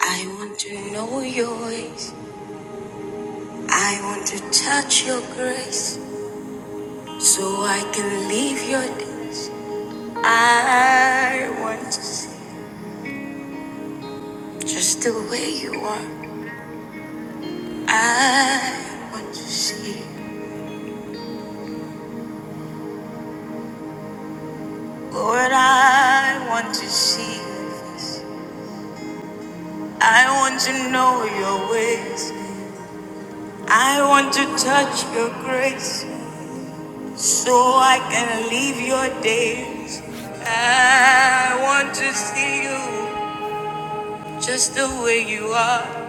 I want to know your ways. I want to touch your grace so I can live your days. I want to see just the way you are. I want to see, you. Lord, I want to see your face. I want to know your ways. I want to touch your grace so I can live your days. I want to see you. Just the way you are,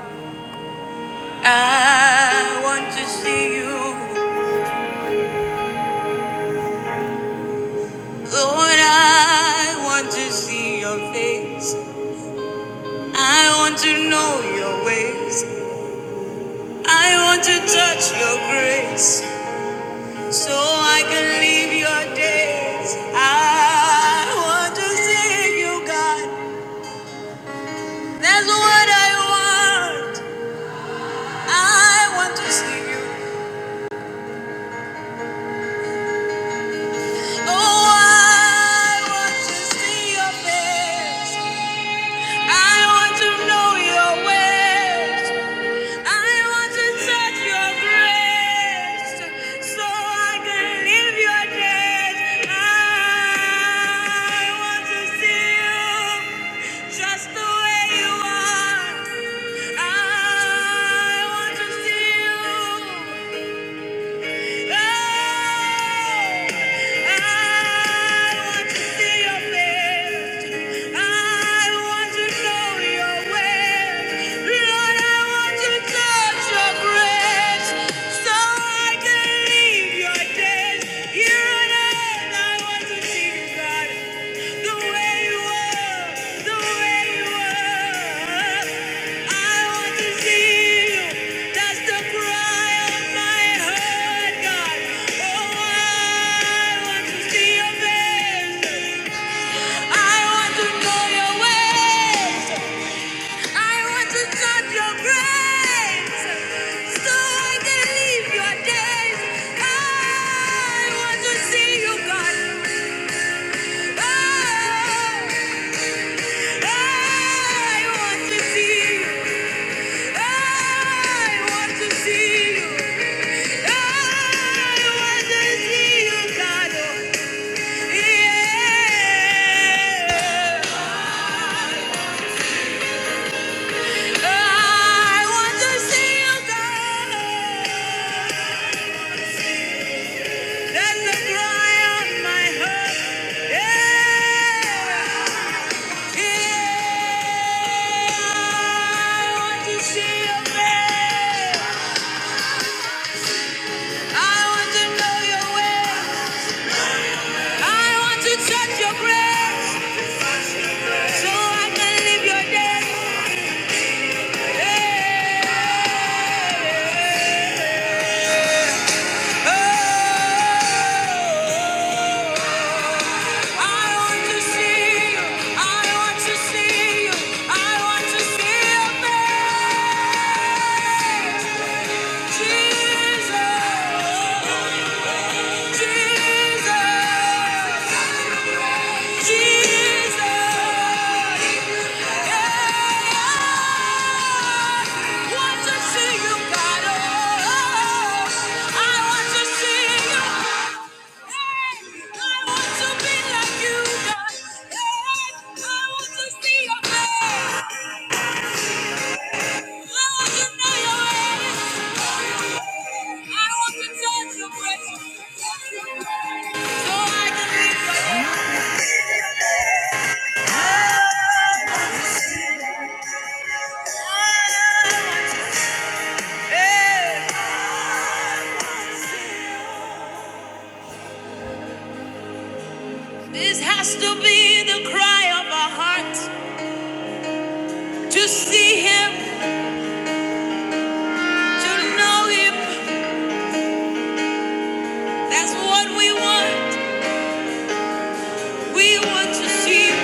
I want to see you. Lord, I want to see your face. I want to know your ways. I want to touch your grace so I can live your days. I want to see you, God. That's what I want. I want to see you. Oh, I want to see your face. I want to know your ways. I want to touch your grace so I can live your days. I want to see you just the way you are. I want to see you. God. The way you were, the way you were. I want to see you. That's the cry of my heart, God. Oh, I want to see your face. I want to know your ways. I want to touch your grace, so I can live your days. I want to see you, God. I, I want to see you. I want to see you. Touch your grace so I can live your day. Hey. I want to be like you, God. Hey, I want to see your face. I want to know your ways. I want to touch your presence. So I can live. This has to be the cry of our heart to see Him, to know Him. That's what we want. We want to see you.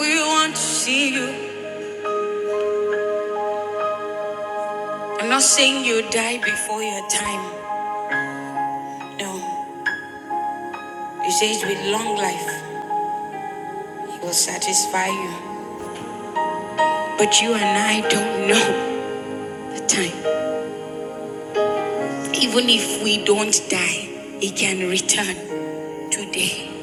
We want to see you. I'm not saying you die before your time. No. He says with long life, He will satisfy you. But you and I don't know the time. Even if we don't die, it can return today.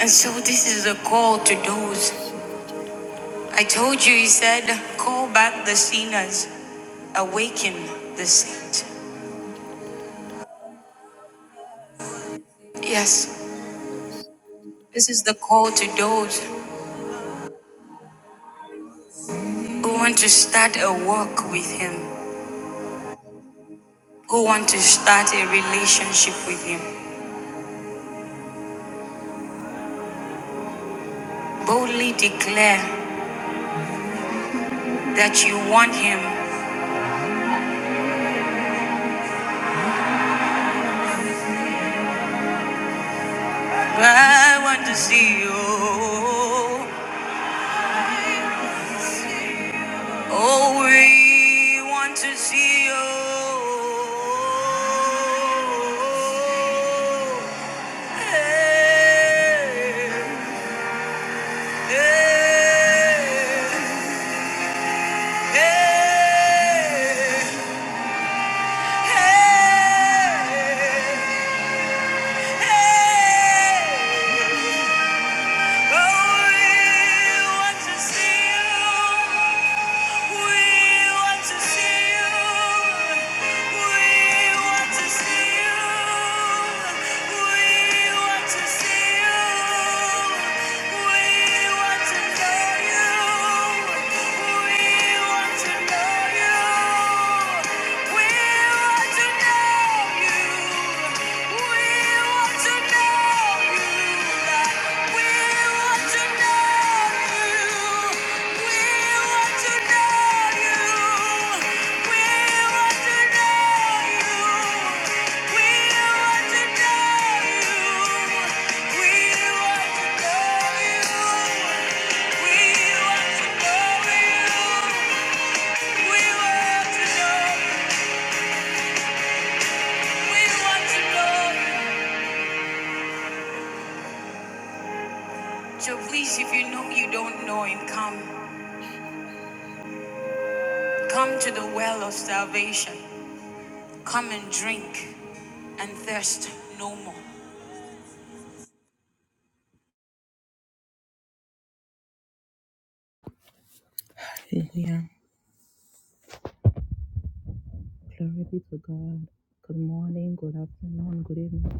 And so this is a call to those. I told you, he said, call back the sinners, awaken the saint. Yes, this is the call to those who want to start a walk with him, who want to start a relationship with him. Boldly declare that you want him. I want to see you. Oh, we want to see you. Hey, hey, hey, hey, hey. Oh, we want to see you. you you. So please, if you know you don't know him, come. Come to the well of salvation. Come and drink and thirst no more. Hallelujah. Glory be to God. Good morning, good afternoon, good evening.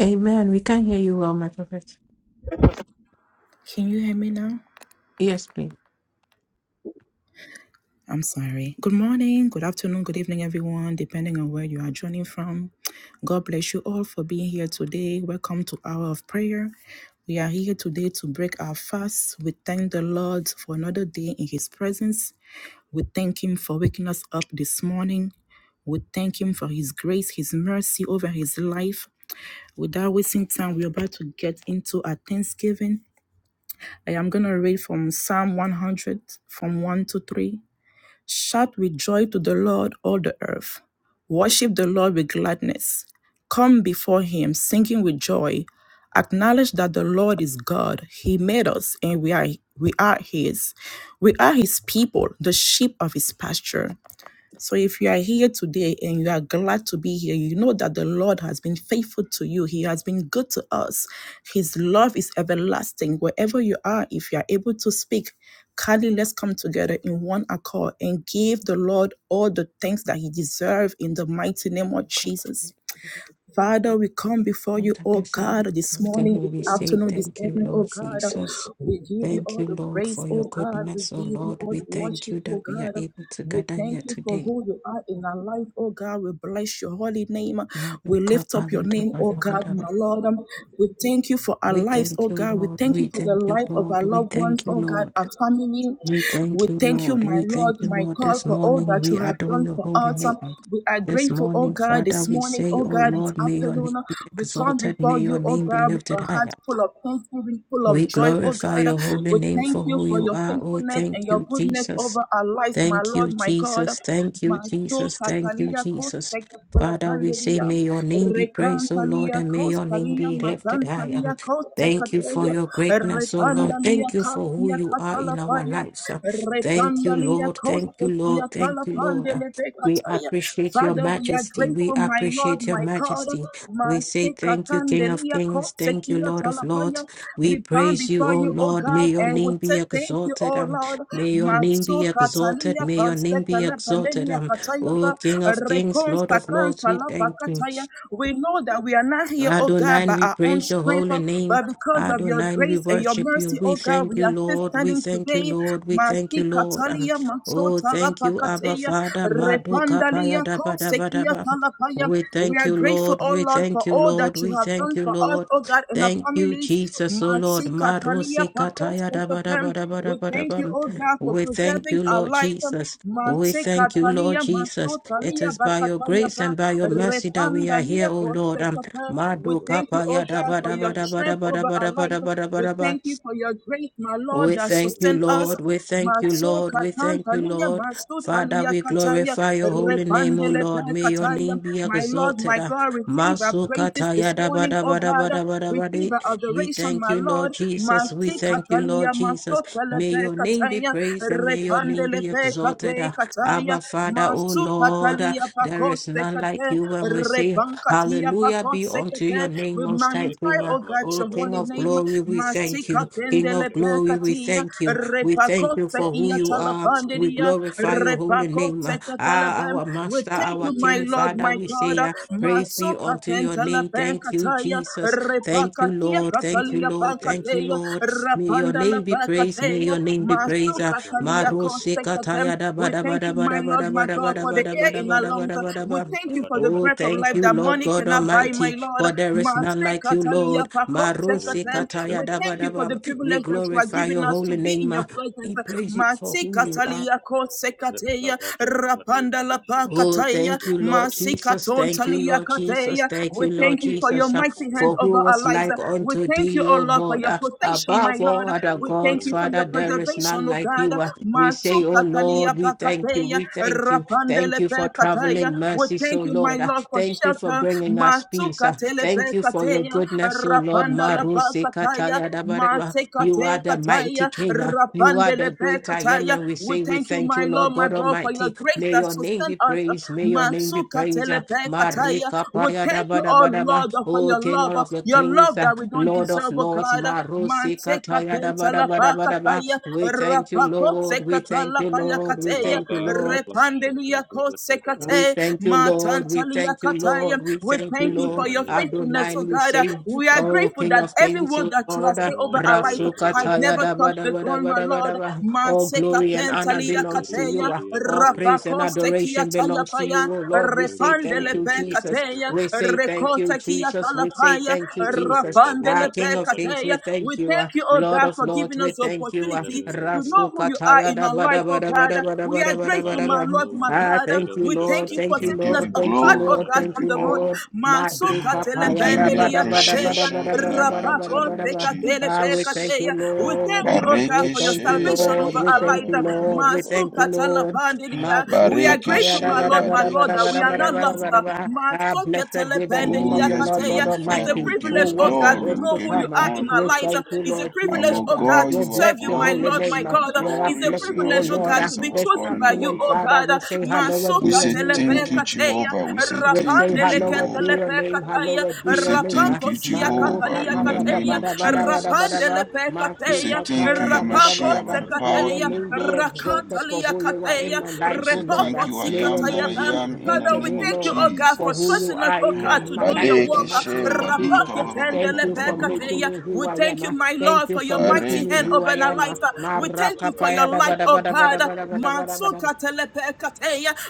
Amen. We can hear you well, my prophet. Can you hear me now? Yes, please. I'm sorry. Good morning, good afternoon, good evening, everyone, depending on where you are joining from. God bless you all for being here today. Welcome to Hour of Prayer. We are here today to break our fast. We thank the Lord for another day in His presence. We thank Him for waking us up this morning. We thank Him for His grace, His mercy over His life. Without wasting time, we're about to get into our Thanksgiving. I am going to read from Psalm 100, from 1 to 3. Shout with joy to the Lord, all the earth. Worship the Lord with gladness. Come before him singing with joy. Acknowledge that the Lord is God. He made us and we are we are his. We are his people, the sheep of his pasture. So if you are here today and you are glad to be here, you know that the Lord has been faithful to you. He has been good to us. His love is everlasting. Wherever you are, if you are able to speak, kindly let's come together in one accord and give the Lord all the thanks that he deserves in the mighty name of God, Jesus. Father, we come before you, that oh is God, this morning, everything this we say. afternoon, this Thank you, evening, oh Lord God. Jesus. We give you Thank all you, the Lord, praise, for your oh God. We goodness. Oh, give you Lord, all we the thank worship, you that oh we are God. able to We gather thank here you for today. who you are in our life, oh God. We bless your holy name. We lift up your name, oh God, my Lord. We thank you for our We lives, thank oh you, God. We Lord. thank We you for the thank you, life of Lord. our We loved ones, thank you, oh God, Lord. our family. We We thank you, thank you, Lord. my We Lord, thank you, my Lord. God, This for all morning that you we have adore done your for holy us. name. We are This grateful, oh morning, God, Father, This this we morning, say, oh O God, this Lord, may your name afternoon. be We come exalted, before may your you, oh name be God, with lifted our higher. hearts full of thanksgiving, full of We joy, oh glorify God. your holy We name thank for you who for you your are. Oh, faithfulness thank and your you, goodness Jesus. over our lives, my Thank Lord, you, my God. Jesus. Thank My you, Mato Jesus. Thank you, katalia Jesus. kostek Father, we say, balapandelia, may your name be praised, O Lord, rekantalia and may your name kostalia be lifted high. Um, matantalia Thank you for kostekatelia, your greatness, O Lord. repandalia Thank you for who katia you are in our katalapaya, lives. Uh, Thank you, repandalia Lord. Thank you, Lord. kostekia Thank you, Lord. Uh, We talapandelebekataya. appreciate your Father, Father, we are majesty. We grateful, my Lord, appreciate your my God. majesty. We say Mantika thank you, King of kandelia Kings. Thank you, kotsekia Lord of Lords. talapaya. We We bow praise you, before O you, O Lord. May God, your and we name say be thank you, exalted. O Um, Lord. may your name Matso be exalted. katalia May your name be pastekele exalted. pandenia Um, O katayaba. King of Kings, Lord Rekonsta of Lords, we kantalapa thank you. kataya. We know that we are not here, O God, Adonai, by we our own praise your strength, holy name. but because of your Adonai, we grace and your worship you. mercy, We O God, thank we you, are still Lord. We standing thank you, today. Lord. We thank you, Masi Lord. Um, katalia matso oh, thank talapa you, Abba kataya. Father. Madoka paya Mandalia da ba da ba da Kosekia ba. Talapaya. We We thank are you, grateful, Lord. oh We Lord, for thank you, all that Lord. you We have thank done you, for us, Lord. oh God, and our Thank you, families. Jesus, oh Lord. Masi Katalia Marosi Pakos kataya da ba da ba Kekapem. da ba da We ba da thank you, ba. oh God, for We thank preserving you, our Lord life. Jesus. We Masi thank you, Lord Katalia Jesus. It Masotalia is by your Bakataya grace Pa. and by your mercy that we are here, Repandalia O Lord. Um, Kosekapa. Make it We Madu thank kapa you, oh ya da God, ba for da a ba your da ba da strength ba da over ba our da ba da life. ba da ba We thank you for your grace, my Lord, we that thank you, sustain us. Lord. We thank you, Maso Lord. We Katan thank you, Talia Lord. Masotalia Father, Maria we kataya, glorify your holy name, O repandele Lord. May your kataya. name be My Lord, exalted. my Ah, God, receive our praises Masukata this yada morning, bada oh bada God. bada bada Receive bada. our We adoration, thank my you, Lord. Lord Jesus. We Masi thank you, katalia, Lord Jesus. masotele May pe your name be kataya, praised and may your name repandele be pe exalted. kate Ah, kataya, Abba, Father, O masu Lord, ah, katalia there is pakose none like kate, you when we say, repankatia Hallelujah be pakose unto your kate. name, We Most High magnify, Bringer. oh God, O your King holy of name. glory, we Masi thank you. King kapendele of pe glory, we katia, thank you. We thank you repakose for who you are. kia We Hallelujah. glorify your holy Repako name. Ah, sekatalabem. our We master, thank our you, my king, Lord, father, my we say, God. ah, praise be Matsoka unto your name. pentalabem Thank you, kataya. Jesus. Thank you, Repakatia Lord. Thank you, katalia Lord. Thank you, pankateya. Lord. May your Rapanda la name be praised. May pakateya. your name be man of praised. Ah, Matsoka Shashala talia Maro Brother kosekatem. sekataya da ba We da ba thank da you, ba my da ba Lord, my da ba Rombo God, da for ba the da air ba da in ba our da ba da ba lungs. da ba da We ba. thank you for the Oh, breath of thank life you, that Lord money God cannot buy, my Almighty, Lord. for there is none like you, Lord. Matsekatalia Maro pakosekatem. sekataya We da ba thank da you Shakataba for ba. the We privilege that you are Shadabragata glorify giving your us to holy be in name. Shadabragata your uh, presence. We praise you for who you are. Masikatalia kosekateya, Lekabada Bade rapanda Oh, Shashkata lapakataya, thank you, Lord Jalabragata Jesus. Thank you, masikatontalia Lord Jesus. kateya. Thank We you, Lord thank you Yakata for your Jesus. Uh, Baba mighty Bada hand For Bada over who Bada our was Bada lives. like Bada We unto thank you, thee, oh O Lord, for Lord? your Uh, protection, my Above all Lord. other We thank gods, you for Cerebranca Father, your Bada there is Bada preservation, none oh like Bada God. Bada you. Uh, We say, O Lord, Masukatalia we thank you. pakateya, We thank you. rapanda Thank you for lepekataya. traveling We mercies, O thank you, my Lord. Uh, Lord, for Thank you for shelter. bringing us peace. Uh, Masukatele Thank you for your pekateya, goodness, O Lord. rapanda Maru lapakataya, sekataya dabareba. You are matekate the mighty King. Uh, kataya, You are Rapandele the great I am. And we We say, We thank you, thank my you, Lord Lord, my God God, for your Almighty. grace May that your name sustain be us. praised. May your name be Masuka praised. Ah, telepekataya. Marika We paya da thank ba you, da oh ba da ba. Lord, for O your King love, of the your Kings, love ah, that we don't Lord of deserve, oh Lords, God. Marosi Maseka kataya da ba da ba da ba da ba. tentalapakataya. We thank you, Rapako Lord. We thank you, Lord. We sekatalapayakataya. Bada thank you, Baba Lord. Rabba Repandelia Shatabragata Bada We kosekate. Bada thank you, Lord. We thank you, Matantaliakataya. Lord. We We thank you, thank you Lord. for your Elemania Bada faithfulness, Adonai, oh Bada we God. say, We are Oh, grateful King that of every Kings, word O that you have Lord. said Mina over our life has Shalabragata Rasukataya never da ba touch da the ba da ground, ba my da ba Lord. da ba. All glory and honor Masekatentalia belongs to Meleberia kateya, you. ah. Vadia All Vadia praise Vadia and rapakoste kia adoration belongs to tayapaya, you, O Lord. We say Rebe thank repandele you, Jesus. Shalabragata pekateya, We say thank you, rekota kia Jesus. We say talapaya, Rabba thank you, Jesus. Ah, rapandele King of Kings, pekateya. we We thank you. ah. thank you, oh Lord God, of for Lords, giving we us the thank you. ah. opportunity to know who you are Rasukataya in da our ba life, da ba oh da ba God. da ba da We ba are da ba grateful, da my ba. Lord, my Ah, God. thank you, We thank Lord. you for Thank you, We setting give us Lord. you Thank you, apart, glory. oh We Lord. God, give Thank you from you, the road. honor. Lord. Masoka Maduka We paya give da you the ba telependele da ba da ba da kateya, appreciation ba da in ba the da ba da ba mighty da rapako ba name da of ba. Ah, we thank Jesus. you, we Lord. thank you, oh We God, Bareke for your thank you, she salvation Lord. over We barika our ba- ba- thank ba- life. you, ba- ba- ba- ba- ba- Lord. We ba- ba- ba- Masu thank you, ba. katala Lord. pandelia. We Masuka are Bareke paya grateful, da my ba she da Lord, ba my da ba God, da bareke that ba we da she are ba ba- da not ba- ba ba- da ba- lost. ba- ba ba- da ba- ba- ba. ba. Ah, Masu blessed ketele be the name Oh of pandelia the yes, Lord God Kateya. beloved It's a Father, we Almighty, give who you privilege, oh was God, and to glory. is We know to give who you you are come. in honor. our We lives. thank you, It's a Lord privilege, Our oh Jesus. God, God, to We'll you are serve bless you, your my holy Lord, glorious. my name. You are God. Where I It's a bless glorious in you, all O of privilege, oh your Lord. God, to ways, be our This God chosen and by our you, afternoon, oh Lord. Father, God. we say hello Masu and We do your say name, katele O thank Lord. you, pekateya. Jehovah. We say We thank say, you, Rapandele Hallowed be Jehovah. ketele your name, pekataya. hallowed We be your say name. thank you, Rapankosia Jehovah, Maruka in the paya katalia da name ba kateya, da of ba da ba da ba da Jesus. rapandele ba. pe We say kateya, Masuka thank you, paya da ba da ba da rapako Yamashia, se by ba. the May power your in kateya, the name be blood of exalted for rakantalia Jesus. who you are in kateya, my life, Legendary We O say Jana Lord. thank repoko Branca you, I si May your am Daisha that I name be Shatay am, in the Father, exalted, we O name of thank you, Lord, oh God, for for who Jesus. you trusting us, are oh in your- God, to my do Rabba life your in the Bareke work. Shaka she, mighty badika, name Taba of Jesus. Rapake ba- ba- ba- ba- Bada Thank ba- tendele you pe ba- ba- for Badem ba- ba- ba- ba- Bada ba- making me ba- Badai who We I Bada thank you, am. Bada my Bada Thank Lord, you for for your making mighty me hand bareke, who over I our am. life. Rabba Baba We Bada thank Maraka you for Bada your paya da Bada light, ba da oh ba Bada da ba Bada da God. ba da ba da Bada ba Bada da ba. Mansuka tele pe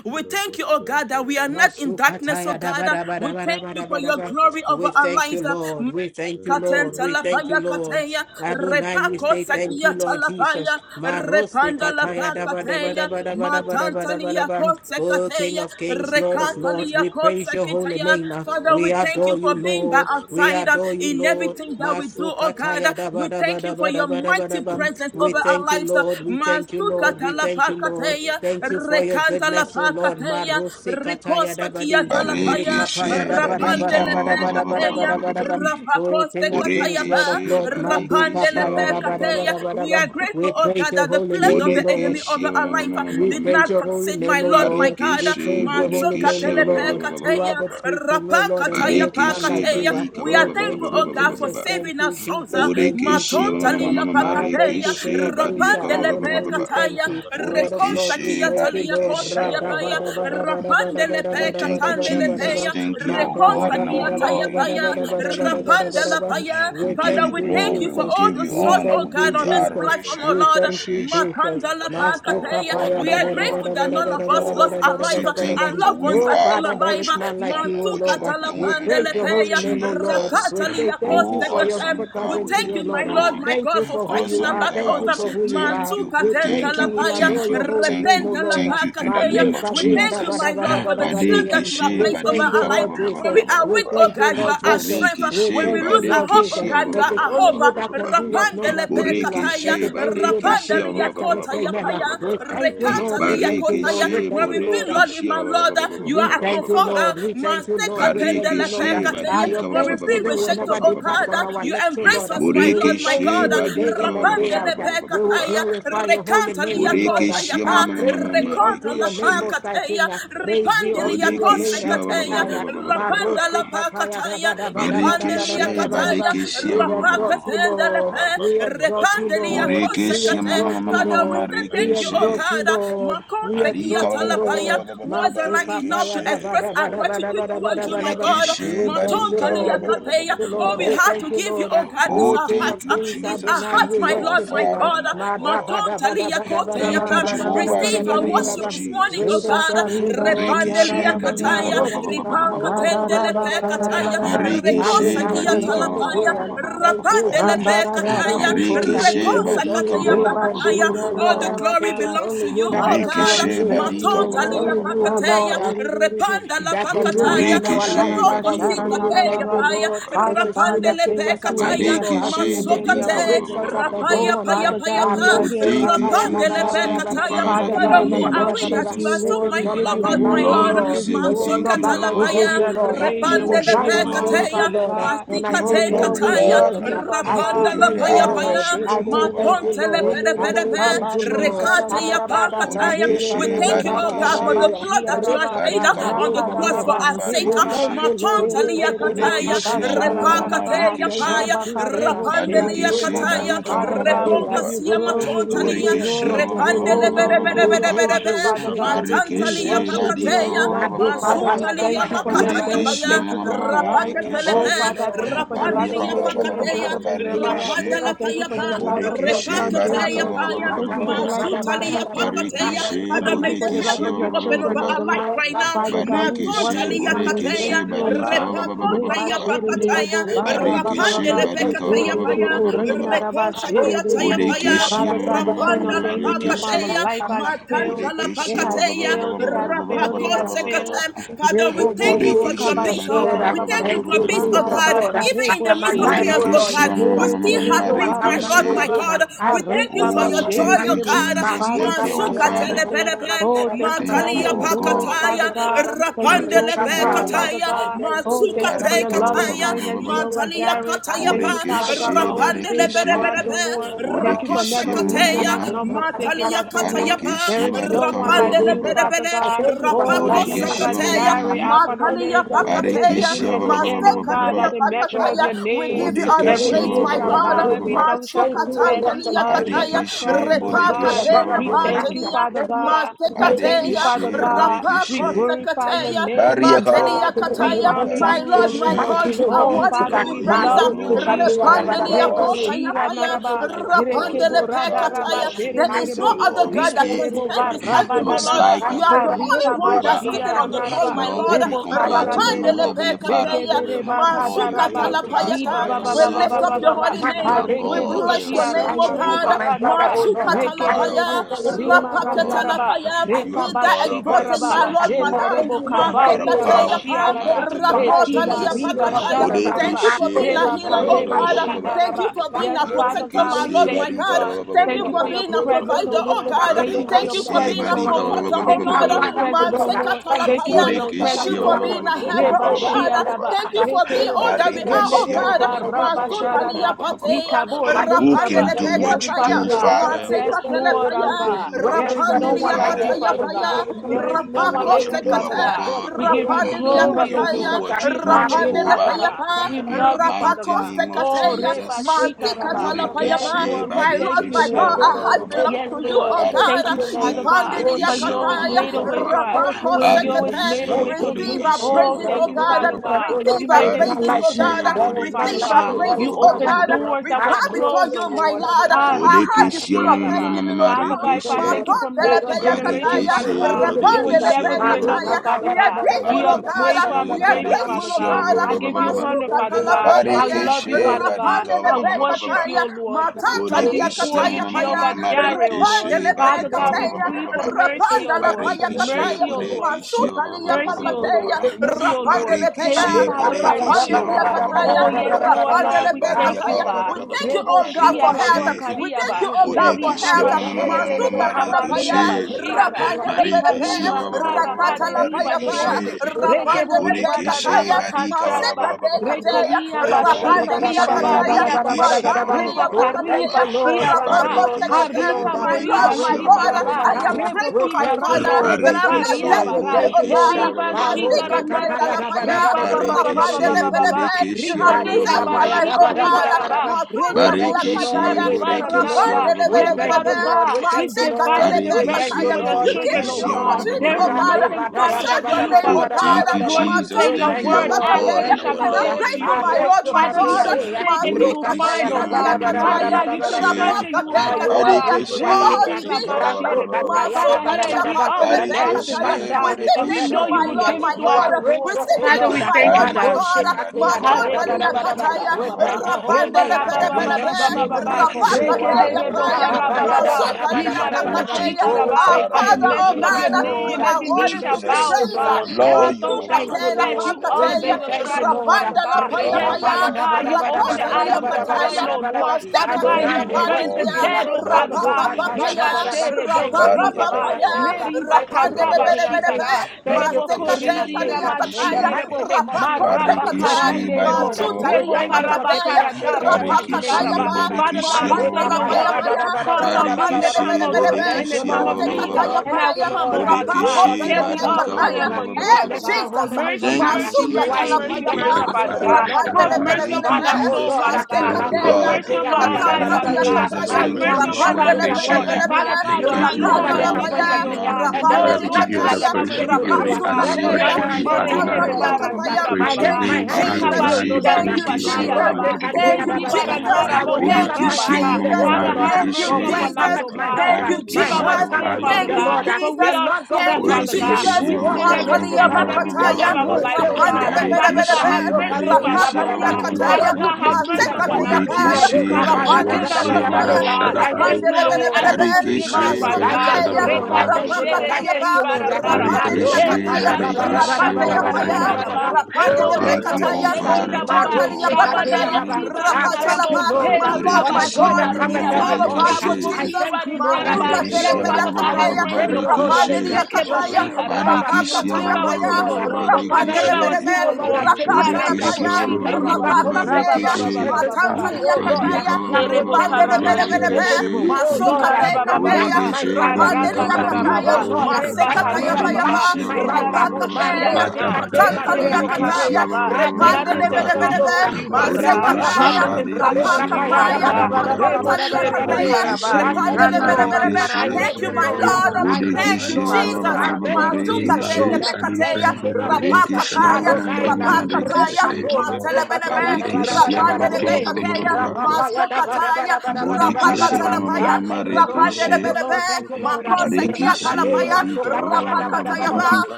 We Rabba thank you, oh God, that Shanta we are Bada not in Sala darkness, oh God. Branca We thank you for your Rasukatayadabadabadabadabadabadaba. Rabba glory We over Shada our thank Bada lives. you, Lord. We thank you, Thank you Katen Lord. Lord We thank you, talapaya Jesus Lord. kateya, Adonai, we repako Thank say you Lord thank you, sakia Lord Jesus Jesus. talapaya, Marose repanda Rabba lapa Shaka Tom kateya, Branca Daisha matantalia katayadabadabadabadabadabadabadabadabadaba. kose Oh, King kateya, of Kings, Thank Lord you of Lord Lords, we rekatalia praise kose Jesus your holy kitaya. name. Father, we We Rabba thank you adore you, for Shaka being by Lord. our bara We side uh, Shaka adore you, in Lord. Ebara everything that we do, Gadaida oh God. Masukataya Bragadashka. We thank you for your mighty Masukatayadabadabadabadabadabadaba. Thank presence you, We over Lord our thank you, lives. Jesus. uh, Lord. We thank you, Masuka Lord. We Rumbo thank you, talapa Shaka Lord. Tava kateya, Thank you Shada for your Bragada rekanta goodness, O Shada lapa Lord. Bragado kateya, Shada Marose Shada. kataya rikosa kia dabadi, Thank you, Lord bareke talapaya, Jesus. she, rekapaya dabada Malaki badika, bada rapandele ba- ba- bada ba- bada ba- ba- ba- bada ba- bada pekateya, ba- ba- ba- bada ba. bam. rapako O King of Kings, boreke Lord of she, Lords, Madu badeke she, Medo kapaya ba- ba- ba- ba- dabada ba- ba- Shasta bada ba- ba- bada Tava ba- we ba- ba- are bam. grateful, We ba- ba. oh praise God, your that the holy plan name, of O the Lord. boreke enemy over she, ma- Lepato our ma- life ma- uh, ma- ma- We ma- ma- Baradero did ma- ma. praise not your Shana holy succeed, my name, O Lord, Bragadashka. my Lord. God. We Barikeshe, praise your Thank holy you, name, Bodekeshe, O Lord ba- ba- ba- ba- Lord. ba- ba- Jesus. You ba- ba- ba- are ba- the true King, O Lord, The and there is none Kabade Barikeshe, like you. Shada ah. Badika, We ba- ba- are Oh, Bragada ba- ba- thank ba- thankful, ba- ba- Isola oh you, ba- ba- God, ba- ba- for Jesus. ba. Bragada. Thank saving our you, souls. Jesus. uh, Thank Menos you, Shala ma- ma- Jesus. ma- ma- ah. ma- Matontalia Bragada ma- ma- Ah, thank pakateya, you, Ibara King Rekeshe, of Kings. Badika, ah. ba- ba- ba- rapandele ba- ba- Adonai, ba- we ba. thank pekataya, you. Lord of Lords, rekosta we Ra-ba-ba-ba-da-ba-da-ba-da-ba-da-ba. Bodekeshe, thank you, Thank kiatalia Lord. you, Lord Barikeshe, ba- kotaya Rada ba- ba- Jesus. paya, ba- bada ba- ba- ba- bada ba. bada bada bada rapandele bada Oh, bada thank you, Ra-ba-sa-ba-da-ba, bada pekatandele bada Jesus. bada. peya, Thank you, sa-da-bra-ga-da-ba. our Mada God rekosta bada and our kia bada kiataya Lord, bada in the bada bada bada name of paya, bada rapan Ra-ma-ta-ba, bada Jesus. bada ra-ma-ta-ba, bada. We We give Father, thank you sa-la-bra-ga-da, we you, thank you glory. for We Jesus. all give the sa-da-bra-ga-da-sha. you We souls, honor. oh thank We you, God, give you on this Jesus. platform, adoration oh and We Lord. thank you, appreciation. Ra-ba-ba-ba-ba-ba-ba-ba-ba, Jesus. Oh, Our God and We are our Lord, grateful we that give you none sa-la-ba-da-ba-da-ba-da-ba-da-ba-da-ba-da-ba-da-ba. the of us lost glory. our We say life. thank you Our for loved who ones you are still are, Father, for there alive. what is you none have like done, and you, O what you Ra-ba-ba-ba-ba-ba-ba-da-ba-da-ba-da-ba-da-ba-da-ba-da-ba. are Lord. We doing in the praise your name of holy name, O Lord. Ra-ba-ba-ba-ba-ba, Jesus. We say thank you Oh, for your sa-ga-da-ba-da-ba-da. awesome We God, we sovereignty, thank give Thank O you, you you, my Lord. Lord Um, Lord, my glory. Jesus. Thank you God, for for who fighting you our Awesome are. Thank God, battles. you we Ra-ba-ba-ba-ba-ba, for say who you thank are. you, we We sa-da-ba-da-ba, praise thank you, and we we thank adore you, your sa-da-bra-ga-da. we holy thank name, you, O we Lord. Uh, thank you in Ma the de name of ka We de ya thank da you, ba Jesus. my da ba da Lord, ba for the da ba Elempadoshadabragadashka. de, strength um, that you have Badekeshe, We Thank placed you, over thank Lord you, our badika, ba, life. Lord ba, ba, ba, Jesus. When ba, Jesus. we ba, ba, are We ba, ba, weak, oh ba. thank you, God, you Thank Lord are you, our Lord Jesus. strength. Bareke Jesus. We When when she we thank you, lose our Lord bareke hope, oh Jesus. she ba- God, you ba- It are ba- is Ramene ba- our ba- ba- only hope. ba- you ah. ba- ba- ba- that ba- can do Imperatero what ba. no Rapandele man can Shakata do. Boreke pekataya, It she is Idanaro only you Dosha bareke that she says ba- rapandele ba- yes Shakasa. ba- ba- and ba- yakota ba- say ba- ba- ba- amen. ba- ba- yapaya, We ba. thank you, Robodoza Lord. de We rekantale thank Gadin you, Bareke yakotaya. Lord. We she When Bragadeja thank you, we La Lord. feel boreke lonely, she Brancata my ba- ba- ba- ba- Lord, uh, ba- ba- Idalairo you ba- We are ba- a ba- ba- ba- thank ba- you, Shaprakira ba. comforter. Lord. We thank Arakira. you, Lord. We thank Bareke you, Mastekatendele Lord. she Thank Ah, you, your pekataya. badika Lord When ba- we ba- ba- ba- feel Jesus. ba- thanksgiving ba- will ba- rejected, ba- ba- never ba- oh ba- ba- depart ba- God, ba. from uh, our Robo you lips, O embrace Lord. Shanta us, my We Boreke will Lord, my thank Barakadeja she God. La ah. you Bronga day badika in ba- and ba- ba- day Doja ba- ba- out. Rapandele ba- ba- ba- Shakata. ba- We ba- will ba. pekataya, glorify your Rabba holy Baba rekantale name, O Baba Boreke yakota Lord. she ma Ah, yapa, Shakata ma ma ma ma praise ma be ma Ibaramba unto reke your rekantala name, Barabada. she. most high pakataya, King. Praise be Yarabada, ripandele unto your Boreke name, she Shadabragata, ba- El ba- ba- ba- yakosekataya, ba- Shaddai. ba- ba- ba- ba- Shadabranta, ba- ba. Marose rapandala Tabashka, Kataya pakataya, Daba Daba Daba ipandele Daba rekandelia Daba Barikeshe, Daba Rababababababa, kataya, Daba. Badekeshe, We Shadabragataba, exalt you, rapakatendele Lord. We pe, exalt you, Rababababababa, rekandelia Lord. We Borekeshe, kosekate. exalt you, Shadabragataba. Father, we Lord. say Thank We thank you, Marekeshe, you, oh Lord exalt you, God. Jesus. Lord. We Thank you, Makotekia Badika, Lord exalt you, Jesus. talapaya Lord. wasn't Masu I enough Kapaya to Barikeshe, Daba express our Daba Daba Daba gratitude Daba towards you, Daba my Shalabankatabada, Daba. God. Borekeshe, We thank you, Badika. Rabibede, Lord. Matontalia We kateya. Oh Shanamani, All Lord, we we have thank to you, give you, Kataibaras, Lord. oh Uh, God, is Oh Oh, Sakataba, our King of thank heart. you, Kings, It's our Jesus. Abraham, heart, Thank we you, Rababadaba, my our Lord, worship my you. Father One, God. and our Shadabragataba. God. Thank Matontalia you, Lord koteya Thank you, tam. Jesus. Jehovah, in Receive the our name of worship this Rambe morning, pete we oh Jesus. say God. ijada thank you, bronko to Lord. Repandelia Borekeshe, ujashkata My Badika, kataya, ijada rose, bronko Abraham, to Abraham, Abraham, ujada ripankatendele Abraham, Abraham, pe Abraham, kataya, Abraham. Bareke Rekos she Lekomben Abraham, we sakia badika ba- tabadia worship ba- you. talapaya, ba- ba- One, ba- ba- kapara ba- ba- da Reba ba- ba- thank ba- you, ba. rapande pravadasya. Jesus, thank you, lepekataya, Thank you, Jesus. Bareke Lord Uh, she It is Jesus. rekosa only badika ba- kataya you ba- ba- that ba- ba- can ba- do Thank ba- pakataya. this, ba- ba- you, O ba- ba- Lord ba- All Lord. the And Jesus. ba. glory it is belongs only to you you, that oh can Father Boreke see God. God, us we she through. One, thank badika you, it O Maton ba- ba- Meneshelevada is ba- ba- talia only Lord. ida ba- ba- you, ba- oh ba- ba- ba- Rabba labravada. pakateya, Lord ba. shiriririribu. repanda la that can Ambekata do this pakataya, in Boreke our Vinarabaka she shadabranta life, rabba repoko Father. tabadia We badika say ba- ba- we badabada ba- ba- ba- thank sikateya ba- ba- you, sharanarababa. ba- ba- paya, ba- Lord. ba. badabada. It Father is you God, rapande you that say keeps Thank where us you two or for alive, oh three lepekataya, are life. Bareke Lord. gathered she in your It is name, you your Thank badika that ba- you ba- masokate, for wakes ba- present. ba- us ba- up ba- ba- strength. ba- every rapaya Oh, ba. morning. paya Father Thank you paya God, Ah, for we pa, are life. Oh, here Roxy, in thank your you, Kataya, name, Thank da, rapande O you ba, da, for Jesus. ba, God. da, Thank ba, you, da, strength. ba, lepekataya. da, ba, Father, Father da, in the God, Father, Thank who ba, we da, ba, da, name ba, are you of da, we for da, worship that how you you, are Jesus. far so It is Lord. you We not mindful brought give by of you us. my us, my might, oh glory. Lord? Lord, We we Thank Lord. give you say you we for It is your thank not glory. you, by Masokata increased la my We Lord. grace. give strength, you paya, oh Lord. We Thank It adoration. you repande We is for give worship by your you you, your mighty honor, spirit, Lord. oh lepekateya, hand of Father Lord. God. We And protection. Mastika I give Oh, you say teka thank Lord, glory, we you, taya, Lord. love Lakombe Jesus. you, Father I We say God. rapanda nagatoja give la you thank the you, paya dagada, Rabba Lord. paya, adoration, I say Jehovah, shiriririribu. thank you, matonte nenegada le Lord. Lord. jada pere in I the pere Venerable say bragada, pe, name thank of you, Kabash Di Lord. Jesus. rekate ya Abba rabababa Karanaraba. pa Father, shada kataya. Here, Rasika We bragada, Bodekeshe, Kaya thank you, Daba oh God, Daba for Badekeshe, the Dia, ajabedemba blood that you have Herederebakarabashiaraba, rababa shed Rikapa regada on the Maduka regada cross for Rakadaraba, Badika, our Diadam. bragada, sake. We Renaraba, thank Barekeshe. you, Lord. Matonte We liya thank you, Herederebo Lord. eregada, kataya, We Bodekeshi thank you, Lord. mama jabada, Kabasharanaraba, repakate I ya thank rekeshe you, paya, Jesus. rababada, Rabakarebo rapande liya Badekeshe Rasika nerebo. kataya, Kaya badika rabashambada, Daba ba Father ba ba Daba ba God, ba we ba ba Dia. repoka ba, give you We siya thank glory, you, we matonte Lord. give rabashakata, liya, you We Bodekeshe exalt glory. ba your ba ba ba holy repande ba Oh ba le name. ba and Lord, bere we bere ba give We you rambashakata, ba ba bere ba praise bere honor, you. We Father be, praise you. God. We We matanta praise you. We liya Bodekeshi Barekeshe praise worship you, badika you. oh ba ba pakateya, ba Lord. Rabadabadabadabashakabrakata, ba ba ba Maduka ba Father, masuta we Kaya liya Daba thank you for Daba Daba this makata ya day. roboshakataba, Daba We Bodekeshi paya, Daba thank you Daba. for my mama life. We rapaka tele. raboshakataba, rekeshe adore Oh you, Father, I are holy, thank you Lord. for the life We Barika of lift rembakataba, Rapandidia your your name children, on Pakateya, high. Joseph and You are Jeremiah. the barekeshe King roboshakataba, I of Rapandala thank you Kings for and the the Payapa, Lord life of of your Lords. Bodekeshe son, rabadevariakata, Now, Badika Repakateya Jaden. go ba- to ba- ba- I ba- Paya, ba- thank ba- you ba- for Pataya, ba. the da, life ba, da, of ba, rabashakataba, my da, ba, Masutalia da, husband. ba. Ah, Pakateya. There is I Barikeshe Father, none thank may like you for the the you. life There Bodekeshe is of heavens ambrakataitadabrakata, ba- be your ba- none ba- ba- like open ba- over ba- children ba. on you. our the life line. Now, right God, now. the Father yinkaradashkata, heavens God, we declare Barikeshe there is worship Matontalia you. none like We you. Bodekeshe thank Kateya, you, oh There is Badika naradaijalabrakata, God. ba- none ba- that ba- can ba- be ba- ba- ba- Reba Repakotaya compared unto shere you. Pakataya, nerebo We ba praise ra you, ba raboshakatabadabadaba, ba ba Lord. ba. We Rapandele praise Badika you, ba- ba- Pekateya Lord. Rede We Paya, praise kebo you, Lord. reina ra rampetaijalabrakata, Now, go shere Rekosakia to Taya nerebo. Paya, Pataya, laliyatai, da, ba, Father da, God, the plan ba, of rapanda the la Rapandala enemy upon our da, life Pakateya, has maraderoshakotobrakata, failed. Matantala It ba, has Pakateya, failed. It has failed. It da, has ba. failed. Rapakosekate. Roboshakataba, Father, we Rebo Oh, bo thank thank you bo you, for bo your kaba Jesus, peace. huh? shia Lord. ra Rambashakataba. We ba thank you Thank for peace you, Thank peace, you oh Rana Jesus, ra for God, ba Lord. strength. even I in the am midst of shia alive, ra chaos, oh Thank oh you Lord, for God, in you. we strength. Yere still In have you kerebo I peace, have my my Thank Lord, barani you whole ra my for being. God. strength. I We thank thank you you, Harika for ba Lord your Oh, God Thank shere you joy, thank for oh you, nerebo. Almighty. God. strength. Jesus. Father, Thank Masuka you, thank our you kaya Masuka for da Thank you Father. for everything. teleperebe, strength. Oh, thank you for Thank you, matalia open our doors, God. Rabadegodogo Father pakataya, Bragata God. Ijala Thank you Thank you, for rapandele open Bragadeshka. door, Jehovah. Father bekataya, I God. thank you, Oh, Emperadero masuka thank Lord. you I for your Bariyaka thank Shakata ba- love ba- ba- you. and ba- tekataya, ba- ba- Baraketa ba- kindness, ba- I ba. Jehovah Ijala thank you, matalia Lord. Bragata. Jireh. I kataya Thank you, pa, glorify Father the God, for Borekeshe, Maratero Holy always Spirit. rapandele being there Shakataba. for us, barekeshe. oh berebe, Lord. Thank you I for Thank you for rakose Bodekeshe, strength, never ma- ma- ma- ma- God. leaving ma- kataya, us ma. thank nor Mado forsaking matalia us, you, oh Lord. kataya Lord. Shoshkataiba. pa, There Barekeshe, is no barika ba- one Rombo ba- ba- like ba- ba- rapandele you, ba. Shakataba. Father berebe, I God. thank you for the Oh, rapako love of my Rabashakata Bodekeshe, Jehovah ma- ma- ma- ma- sekataya, spirit. Brakatava, ma- Jireh, ma- God. ma. Alpha I and thank you matalia for Omega, your Rabadavija grace the de Barekeshe, beginning and ba- Brakatava, the ba- love, ba- pakateya, ba- end, ba- oh ba- ba- ba- God, at ba. the Ramadoja mention de Lord. of your we We Shashkata. give name. you worship all the the Every Bodekeshe, ba- holy praise, Thank knee ba- you name my ba- for of ba- shall ba- God ba- Lord. for ba- bow, strength, ba- who O ba- you every ba. are. God. tongue shall Masuka Thank you, O confess God, you for Labante tantalia are leading them. Bedeve kataya, Jesus Thank Shakate Barekeshe, Christ, you oh for being Brakata, God. the bodekeshe, God repakatena ba- of ba- We ba- your ba- ba. thank you, life. pantalia, Father Thank Rombo you God. for the We Shakatava, thank living. you, masekateya, Father God. Barikishe, Robo God. We Shakatava, Borikishe. glorify your rapakosekataya, Rabba name, oh Barika, Shakatava. ba- God. matelia I thank We you, kataya. Oh, Lord. honor thank I My you, you for O Lord, my Barikishe. strength, thank Lord. O you, God, you God. Lord. I are thank Oh, you, Lord. worthy to I Father, Thank be thank you we Lord, for you praised. your are you, love Lord. love. you, I thank you, glorious. Jesus. Lord, Lord. Thank you you are Repandelia for your Rebo awesome. kotaya mercies. I shira thank paya, naraba, you, Thank Our you for your God, you rekebo are rapandele Holy the God Spirit. who radaraba was, pekataya. who shere There Thank you is is, no for and who nerebo, your will other God always angels. that be. can rikerebo stand Thank you beside varaba you, for Who oh how is Lord. far dadada, like you You unto are brought the us. thee, only harika one that's Jehovah. Rabba Lord. bashia sitting on the Shakata throne, ranaraba, my None Lord. can Brakate. be rebo I thank compared kabara to you, Holy, you, Rapandele nerebo, Lord. Heavenly Father. pekataya, Thank holy, rekedereba my Lord, husband. you are in radaraba, a holy, class all riba by baba we I baba holy yourself. lift are thank up baba you for my children. I thank you you, your for Lord my baba, holy mother. You name. I God are thank God you We for my Almighty. all harekebo by bless your sister. shia name, yourself, I O Rabba thank you God. for Jehovah. my Shakata ranariba brother, oh Lord. You Masuka I are thank God all by you talapaya. Rekederebo, for your yourself, grace our for Rapaka their God. Rabba Rimaranaraba, life. talapaya. I Shanta You are thank Be you Brakata. thou God for all your by grace, exalted, Rekabashikaraba, my Rabba Lord. yourself, I Lord, my Jehovah. Shakata God. thank Renarebo you for By help, the Maseka Kabari oh Rakataba Lord. power in the teyapa. I Abashiarada, thank Shashkata. mighty you name for of help in Rakota the Ekima Jesus. mighty Jelabata name Riba of Ijada liyapakataya. Jesus. Bodeke Brakata. Thank Sharanaraba, you My for she grace being a is Reba barika a healer, Amino ba pain, ba O ba my Karebo God. ba book. ba ba I Shashkata ba ba. Thank have, Ijala you Shidaraba. for being Brakata. Father, a Yes, may Father protector, Bareke God, my we Rabba you she Lord, my thank you, barika God. ba Shakata God. ba ba ba Brakata. Thank when you Thank they you for for say your ba being ba ba ba a presence, O provider, oh Lord. Roboshanta ba ba ba ba. God. Thank you for Bareke Thank your Brakatashka, you for she being presence, a O barika ba Lord. ba ba comforter, ba oh ba ba ba ba Lavadoza Thank you for Lord. your ba ba ba ba ba presence, Labrakataisa O da ba. Maseka Lord. Broshashka, Thank you talapaya. for there your is Bodeke Thank above presence, she you the ba O ba for ba ba land, Lord. being Paradero ba a ba this ba is ba helper, ba Reba true, oh ba ba there ba Shakatabana. is a ba ba God ba. little Shiaraba, thank you above. Thank for you, They being O thank all Hekerebo, that you, we God, Bareke are, Lord, for they oh she ba good ba Renerebo thank God. you, ba ba ba Lord, ba they health. ba ba Baraba ba thank ba you, ba Lord. ba Masutalia ba Sharada, Thank ba you, ba ba. O ba. patea, God, for I Rikabori just Who thank success. you, Nidaba. can rapandele do thank you, Yes, we what you pekataya, Father thank do, you, Thank we you God. for Father? thank your you, we Yes, thank masekatele prosperous you, we Lord, life. Who our paya, thank can you. God. do When they what There you is Lata said no no do, Koto rapandelia one one like died, Father? you, Brakata, they kataya Father praised the paya, God. holy Who name. There is can no do Meno Father, one rapako may what like you your you, do, name Shakataba, Father be sekata, our God. God? exalted, We may give your you name be rapandelia Who Raboshanta glory, O can exalted, do kataya, Brakata, Lord. Jesus. what you We do, Now, honor we you, Romo rapandele thank Father Jehovah? God. payapa, Shakata We Brakata, In the love you, Father mighty rapako God. name Robo of Oh, sekataya, Reba Shakatabana. Jesus. you, Shika Rabba. masikatala Lord. we Majalobada, Yes, payapa. thank you, Borekeshe, Lord, we My thank Lord, you, There is my Badekeshe, God, Majakatei Lord. none ba- our ba- ba- Bata, ba- ba- heart ba- ba. belongs Yes, to you, Lord. oh Rombo God. Thank you, Father Barikeshe, God, Ipandelia for you Bodekeshe, ba- Rabo always ba- ba- ba- kataya, ba- made a ba- way ba- ba. for Shekateva us. Dabata, rapako For you always sekata, made a Barikeshe, Mano way for me. receive our Shakataba, Bodekeshe, ba- Oh, ba- ba- praises, ba- thank oh you, ba- ba- Father Zoom God. God. You Receive Kadagataka, our made the praises, like oh impossible you. God. Barikeshe, Megata There is is possible, a none Father Receive like Bodekeshe, our God. you. labragatash, There praises, You is oh none like opened God. you. doors We Rabba that were I bow Baba know before closed, you, this. oh my I Shekateva Lord. love you, Lord. but Ha I'm Our Shadabragata, Rika heart is Bodekeshe, full Shia of ma- ma- ma- Rabba. ma- thanksgiving, ma- Rombo oh ma- Father God. God, Shakata if the I Rekeshe. thank Brigata, you Lord. from We now to don't need to Rabbe, generation, praise. We Father don't Barikeshe, God, need to it Rabbe, will praise. never be My Lord, enough, oh Bodekeshe, Rabbe, I Father We love are God. grateful, We Rabbe, are oh you. God. grateful. Barikishe, We I'm are Rabba grateful, grateful, Father oh Borikishe, God. Thank Shakataba, God. ba- ba- ba- I ba- you. ba- give ba- for ba- you ba. doing this, honor, Rombo Thank you, Father Lord Kotaba God. of I Masukatalapateya, Lords. love Shashkataba, you, Yeah, Barikishe, Father God. Barika, Robo ba- I ba- ba- repondelepeya ba- ba- ba- worship ba. Shakataba, you, kataya. O Lord. I Robo come yeah. Borikishe, before Shakataba, ma- you, kataya ma- ma- ma- paya, ma- Jehovah ma- Jireh, Rompa O Lord. Kate Marikishe, is repondelepeya Father Barika, God, ba- we ba- ba- kataya, ba- a ba- plead ba- We for ba. thank mercy, you O for the Lord. repondelepeya Impreda Barikishe, kataya. Mercy, O Shakataba, Lord. confirmation. Borikishe, ba- ba- ba- Masukaliya ba- Roboto ba- ba- Mercy, Thank ba- O ba- ba- ba. Lord. Jadabade Mercy, O Lord. Variakapa, Thank Barikishe, you, Father, Robo for everything, Rapande Borikishe, O ba- Shakataba, ba- God. ba- ba- ba- ba- Kataya, ba- Oh, ba- ba- yes, Rabem ba. Lord, Rapande Lord, we Pampadiata, thank Bariaka, you, Kataya. ba- ba- ba- God. We ba- ba- ba- thank you, ba- Ragataba ba- Rebo oh God, shia for Barikishe, health. rabo Shakatabragateshka. We thank kariaba. you, oh Thank God, you for for Herika Borikishe, health. how ma- ma- ma- far ma- ma- mashere ma- you ma- de brought ma- rebo Masuka us. Talapaya, kabariaba Marikishe, Yade shiara. Rapande Leperepe, Hikari Barikishe, ba- ba- ba- ba- ba- Roboshantabada, ba- ba- makaraba Rakata ba- de riba Lapayapa, shere Barikishe. de. Roboshakotoba, Rapande Rekebo riba da da Bodekeshe Kataya, ba Rebakata, Barika you. ba- ba- ba- Maseka pasharaba. ba- ba- ba- ba- ba- ba. Rebakata, Oh, Kataya, Rekania Rapande bashika Rebekata, riba Barikeshe Kataya, baria bare Bodekeshe Rebekapa, ba- ba- ba- ba- Matantalia reba ba- ba- ba- ba- ba- thank ba. Rebeka Pakateya, you, kariba Baka, Lord. Thank you, shiarana Rapako Lord. Thank Rebekapa, you, Sekate. Barikeshe Lord. harika My Lord, I boriba will Bodekeshe my ba- Rebekapa, lift ba- shika God, ba- your ba- ba- name raba. ba- on I ba- ba- ba- high. am Uh, ba- ba- ba. Rebekapa, grateful, We my Rebokima praise you, Father, randa Lord. We that I'm praise Rebekapa, you, not rebokaria dead Lord. Barikeshe We today, bara. praise Bodekeshe oh you, Lord. God. Rompakata, ba- ba- Heriba ba- ba- ba- ba- ba- ba- ba- ba- Masika shikara ba- Robokoto narabo. ba. Brakata, Talapaya, Reba ba ba ba ba ba ba Baroshekataya, Rapandele Barikeshe ba ba Robokoto ba. Pedepe, Brakata, you Bodekeshe have ra ba- ba- de ba- ba- Rikadira ba- ka preserved ba ba- my ba- pa ba- ba- ba- life, da Rebekata, ba- oh ba da shikari ba- ba ba- God. da ba- ba ba. da maraba. ba We Roboshakataba, Retabo thank Matontalia you, Barikeshe Lord. Kataya, shikari We thank bara you, Bodekeshe Rompakataba, Lord. naraba. Rapandele We Yes, thank you, Father Pedepe, Lord. God, We Rompakatakata, you thank you, Maseka Lord. divided the Telepe We Red thank Sea you, Robodabada, Kataya. for Barikishe, your You Lord. We give children, me thank oh the you, Borikishe, Robo ba- God. ba- Lord. ba- ba- opportunity, There ba- ba- is oh ba- ra ba- God, ba- ba- ba- nothing ba ba- to da ya possible da serve available ba to your ba. da you, ba name, da Rumpakataba, Oh, ba Father oh God. God. da thank ba you, da Lord, ba you say Jesus. in We your Thank thank you, Matantalia Ozolokotombrakata, you, word, our Lord. We ask God and Pakapeya, it and thank you, shall our be and Lord. I'm Lord, given to in Robotozata, the grateful, you, my name Lord. of Lord, arresto my ka Father, pe you God. ya Jesus. say de ya seek and you re will Matuka ka da Velamanekatombrata, find, Borikishe, oh ma- ma- ma- God. Tentalia ma- Robo ma- Father Kataya, God, you say Shakataba, Marikishe, Re-ka-pa-ya-da-ba-da-ba-da-ba-da-ba-da-ba-da-ba. search and Rapaka you will Ah, Ayem find, you oh are God. Tekataya, good, you are Pedagatago Barikishe, oh king. ah. Prakataisha Jesus. Rasu Prakata, kataya Barika, da Father, ba here Masutalia we Mekata, are. Patele We And there is asking, Pekataya. none Father Barikishi, that We God, can be Rumpakataba, say and we thank compared Borikishi, you, know unto you my will thee. ah. Lord, give Robo it my to You us, God. are oh Sakataba, We Lord. gracious, say O thank you. Father, Lord. Thank we you, ah. my thank you, Lord, my God. Rompotobrakata, Marosi God. Barikishi, kataya Barika, da Maton ba da ba Hareke palia Legadeja la boshika kataya, We rababa, praise Rompotobrakata, your holy reba name. rapandele ah. pede rababa Robo We pede lift baba pe, your Barikishi, baba name Shakataba, on baba, high Thank for you, who Borikishi. rapaka you reke Jesus. are. de peya rebo paya, karaba Impeladiataba. Rapapaya da baba, ba da ba Thank masutalia rina you for rebo Oh, strength, thank pakateya. O shika you, Oh, God. we our raba. Our say Father. At the thank Father, Thank you, Thank you you, oh mention for our of your Jesus, God, God, increased in you the Lord. name, Ah, grace, are name O every of God. we knee worthy say shall to be thank Jesus. Thank bow, oh you, you for praised. your God. Lord. We Every Lord, anointing you say tongue are upon shall our thank you, life, O Matukatena confess God. glorious. Lord. you Lord, We are you pakateya, say are Rabba Jesus thank you, Christ, awesome. oh Shakata. Lord. Father rapandela God. paya Yes, Lord, paya, you Menagata. Father Rekapaya are da ba God, da you ba da open ba glorious. the da ba Lord, eye da rakotalia of ba you Manakoto the da are ba da Brakata. kataya, ba blind, da oh awesome. ba da Lord. ba. Father God, Lord, mastekateya Labadoja you Adonai, you we are raise Dabada. the worship God pandelia, you. and you dead, are oh Lord Father in the rapapa God. Nikataja name of Rasukataya da papaya, Reba ba Labrade. da Jesus. ba. shere bo Thank you rapapa for Maria kariba Nagataja ka- keeping ba, ba- ba- us papaya, ba- ba- safe. ba- ba- neri Labrakatashka. ba- ba- ba- Thank ba- ba- you ba- for ba- rapandele ba Rabba ba. pede keeping us safe. shikara Shakataba. Thank you rebo for Rabba keeping us Barikishi, koridi safe. mastekatentalia Shakata In the Brakate. kataya ramashika Bodikishi, mighty rebo name of Jesus, Mekate rapakotekate, we marabakara Brakata. thank Barikishi, you, nerebo Lord. Badika, ba- ba- Robo We ba- ba- rebo ba- thank ba- you Shakata for ba- Brakata. keeping masutaliapakateya, karabakara us safe. In the narebo Rabba mighty name of shikara Shanta Barikishi, ba. rapakatayaba, Jesus, Brakata. Father Bodikishi, God, Ma ba. you de ba- say ka ba- ba- pa your Robo ya da word, uh, matantalabayabaya, da Sokoto ba. da call Brakata. da for da me in the da time Barikishi, of Oh, rapandedebedebedebe, Rabidebe, in, in thank the you, Bodikishi, ba- time Lord. of ba- ba- ba- ba- ba. Thank need, you, uh, Lord. Jalabadu, and Thank I'll you, matekatayabaya, come, Lord. oh Father We God. Zumpariataba, Bodekeshe Here exalt we your are barika holy ba- calling ba- rapakotelepekataya. name. ba- ba- upon ba- you, ba- ba- Eh, We ba- Father ba- lift God. your Lecompantadiata, Jesus, holy ba. name Mercy, on Thank you, high. mercy, masuka You are mercy, Jesus. Rabadagadoborum indeed mercy, Thank the you, masukatalapayaba, King mercy, our Poriata, of Father kings and the God. Father. Lord of Have lords. Zulubata mercy Thank you, upon rapandedebedebedebe, Father, our Imbadiakete, oh soul, Jesus. Lord, Father Thank you, God. our Mikate Have mastekateya, God. mercy Rakukateya upon da our ba da life, ba da Thank Ivanagatashkatashka. ba Father you, God. Jesus. matantaliakataya, Ah, Have Thank you mercy you, Sovereign mercy have upon God, Yeshua never I us, say oh thank Lord. Yamashiach. disappointed you. me. rapandelebedebedebe, Father Thank God, You do you, have Thank not Labo you, look Spirit I of never the over am Lord. that rakatalapaya, I Celebadum iniquity, disappointed oh me. am God. in the Paradia, And there name Father, Oh is of we give Lord, do you nothing all not like the rapandelekataya, a Jesus. look over praise, we Megadaisa mistake give with you all iniquity, you. the oh Bariki honor, God. Labradosa we rapasukate. da Therefore, she Father, worship Brada, Rebo I you, badika say ba- shere thank you. ba- ba- Adonai. Thank Mateya, you, kere ba- ba- Lord ba- ba- ba- bara Jesus. ba- ba- We Uh, Levadosa dira ba I praise ba your lift ba. Vidosa Thank my ba. you, da name, hands to Jesus. the Bariki Bragata. hills, Adonai. oh she We Rekabarida Lord. Thank thank Uh, In you, riba you, badiki you she Lord. is ba- shia ba- Jesus. ba- Marose We ba- life, raba. ba- ba- ba- worship ba- ba- Thank katea you, ba- you, da we ba- ba and the Rekibara Jesus. light magnify ba. I is your will narabo the lift name. Thank up light Bodiki you, my of karaba she eyes ma- ka. to ma- the ma- Jesus. ma- hills, Father, oh ma- Father, we Lord. have Uh, Thank riki bless you, your For mercy she. where name, upon us, Jesus. Lord cometh oh Rabba King my of God. help? Thank Uh, Kings. you, Bariki We Forgive My Jesus. she our ba- help ba- ba- magnify sin, ba- cometh ba- your ba- from Father Thank ba- the name. ba- you, ba- God. ba. Lord, uh, For Rababebedebedebedebe. we Jesus. the are Lord God Thank sinners, you, Oh, Father thank Almighty, uh, God. you, Jesus. Borekeshe, who We was sin Jesus. and every is Thank to Rababedekotobrakatabba. Makalia you, come, second, uh, Lord. every the Thank bakataya, moment you, one of our who Lord. life, Thank still oh is you, God. Lord. rapandele alive, uh, bere Father bere Rabempaparabariyabata. God, bere, have Barekeshe, mercy upon Roko- us, Barekeshe, oh oh rakakalia God. Thank you, the kataya, Father one Father. who God, have Thank you, mercy defeated upon death. us, matekateya uh, Adonai. oh Thank paya, Lord. you, Borekeshe, Father, gracious Rabedeijalabrakate. one. forgive rapandele our Le sin, Mara oh kataya, uh. God. Barekeshe, I Yes, Rabashantebe. thank you, Shadabadosh. rapandele Lord, we bere Lord. Uh, ask bere for bere, Le forgiveness, Barekeshe, Father I Kadabadosh Menoshetebedebe. God. Barika, thank you, masokateya, Lord. I Shadabadabaya. Rekabo thank you, Lord. I Rebede. shereke rapakataya thank pa, you, Lord. ribara naraba. rapandele Rambeketeba. Madoka Borekeshe, Randadabadosh kataya, paya Heriba da ba da Shadabaya. ba da Le ba shikarabo da ba da rakateya ba Kataya, da karida Barekeshe. ba Rabeshenketebedebe. daba. Barakadiyabadosh rapande Oh, Remo Shadabaya. Prince Thank of you, rikabo our pekataya, Peace. Thank ah, you, Robodouzalabrakata. Father. shekira Lord. Thank baba. Thank rikonta you, you, our liya Maroshe God, Jesus. in kateya the Rabadara pakateya, da name of Rabashakateba. kibari I Jesus. thank Thank you, narabo. you, Father, Lord, My for ah, Lord, grace. for Herikaba the my Maneketebedebe. Thank Borekeshe joy you, God, that Father, it for cometh is grace. every shikariaba. all Thank about you morning. ah. you, Marekeshe. for Rabobo I grace. Romparadiroshata. Jesus. thank kibari you, Lord. I naraba. Thank Matuka thank you, you, Yes, Borekeshe Lord. King ah. of telepeya Rabedebedebe. Father God, I Kings. have will Thank you, mercy praise Lord kapeya, your of upon holy us. Lords. rapande Barekeshe. name. ah. Thank you, Rekebo Your Spirit of kataya, the name will Rababababababababababa. Living shikaraba. God. forever be Barekeshe upon Forgive my rapakataya our lips, O paya, sin, Lord. O ah. Lord. Thank For you, Father, rapande Menoshelebedebedebe. Forgive it le Barekeshe. is our Adonai. berebe, you, sin, O O Lord, Thank Lord. you, that takes Robodo me rakata Jesus. out ah, Thank Borekeshe Babadaba Harekebo you, lapaya, and Spirit shika brings me raba. back home Rabete Raba safely. ba ah. ba Thank Barekeshe. ba you, It ba my ba is ba Robo you, ba. Father. O Shakata Thank Lord, you, ah, Badiaka kataya, my that King. Yerebo ripande protects le Rakata me karaba Thank Jala uh, you, shere It Bragada Lord. is derebo. you, Barekeshe. oh Lord, masoka Rina uh, te raba Rapato ba that ba Jala ba kateya, guides ba. my Borekeshe Bragada path. uh, Le Barika Harapa It da is Mino barakadia raba you, kataya, oh ba. bado Shada Lord, Bada uh, Bada Reba that maseka Bada sarabaya. is kaya the kariba ba paya light ba. in my Rina life. Rakate uh, rabo Jala Bragada shia Mata rana. bada Marosikate bada Tantalia bada Rekerebo bada. Rakate Jala Barekeshe madekapayade, Kataya, uh, karaba ba. Bragada I Le thank Repande you, de Nothing's kadabado Jesus, Barekeshe Rakate Bedebedebe, Lord. impossible uh, to Jala you, sarabaya. Father Le God. Bragada Borekeshe, Masekataya, Nothing's Rabababa, Mele impossible barashadabadabaya. Barekeshe, to Bada ba- you, ba- ba- Badia ba- Father Rapankataya, ba- ba- God. ba- ba. Baragado Randele bado Remo Bodobos Matontalia sherebo sarabaya. Kataya, rekapayadabadabadabadabadabadabe, uh, Borekeshe, karaba. Robodo I ma- ma- ma- Repande Jala ma- thank de you, Rana ma- Bragada raba Lord. Karabado Bedebedebe. I karabo Rekeshe, thank Thank you, you, shere my Shadabaya, Rakate Lord. Lord. Jala derebo. Libara I Bragada thank Thank Thank you, Shadabaya, you, you, Borekeshe, ba- Lord. Father ba- ba- ba- Jesus. ba- God. I ba- ba- thank ba- you, Jesus, Rabade Mazukate Rekeshe, Libaru Lord. uh, Sadi Thank you, Nepekataya, Friend King of Nekateva, Kings. Bado uh, Borekeshe, Rapakataya, ma- ma- Shadabaya. ma- ma- Adonai. ma- ma- Thank uh, ma- you, Roboshekateva, Jesus. Rapakataya, Rekeshe, Thank you, Rekapoma Lord. Rabendo Matelebedebe, Brakata, Thank you, Barekeshe, King ba- Rapande ba- of de ba- sokatayadabadabadabadabe, da da ba da ba- ba- Kings. ba- Rabedebedebe, ba- ba- Thank ba- you, Bekataya, ba- Lord ba. of Lords. ba da ba Rabashalebade, Mastokataya, da ba da ba Thank da you, ba Spirit da Borekeshe, of ma- the ma- ba Living. Rapakatalapaya, Ah, Menegadebe, thank Thank you, you. Lord. Rapande de Thank you, Bedebe, Lord. Thank Roboshonto you, Lord. Brakata, Thank you, Makosekia Bishop. Barekeshe, Rakade Talapaya, Roboshokoto Barika, ba- ba- Brakata, masukataya da ba da ba da Thank ba. you,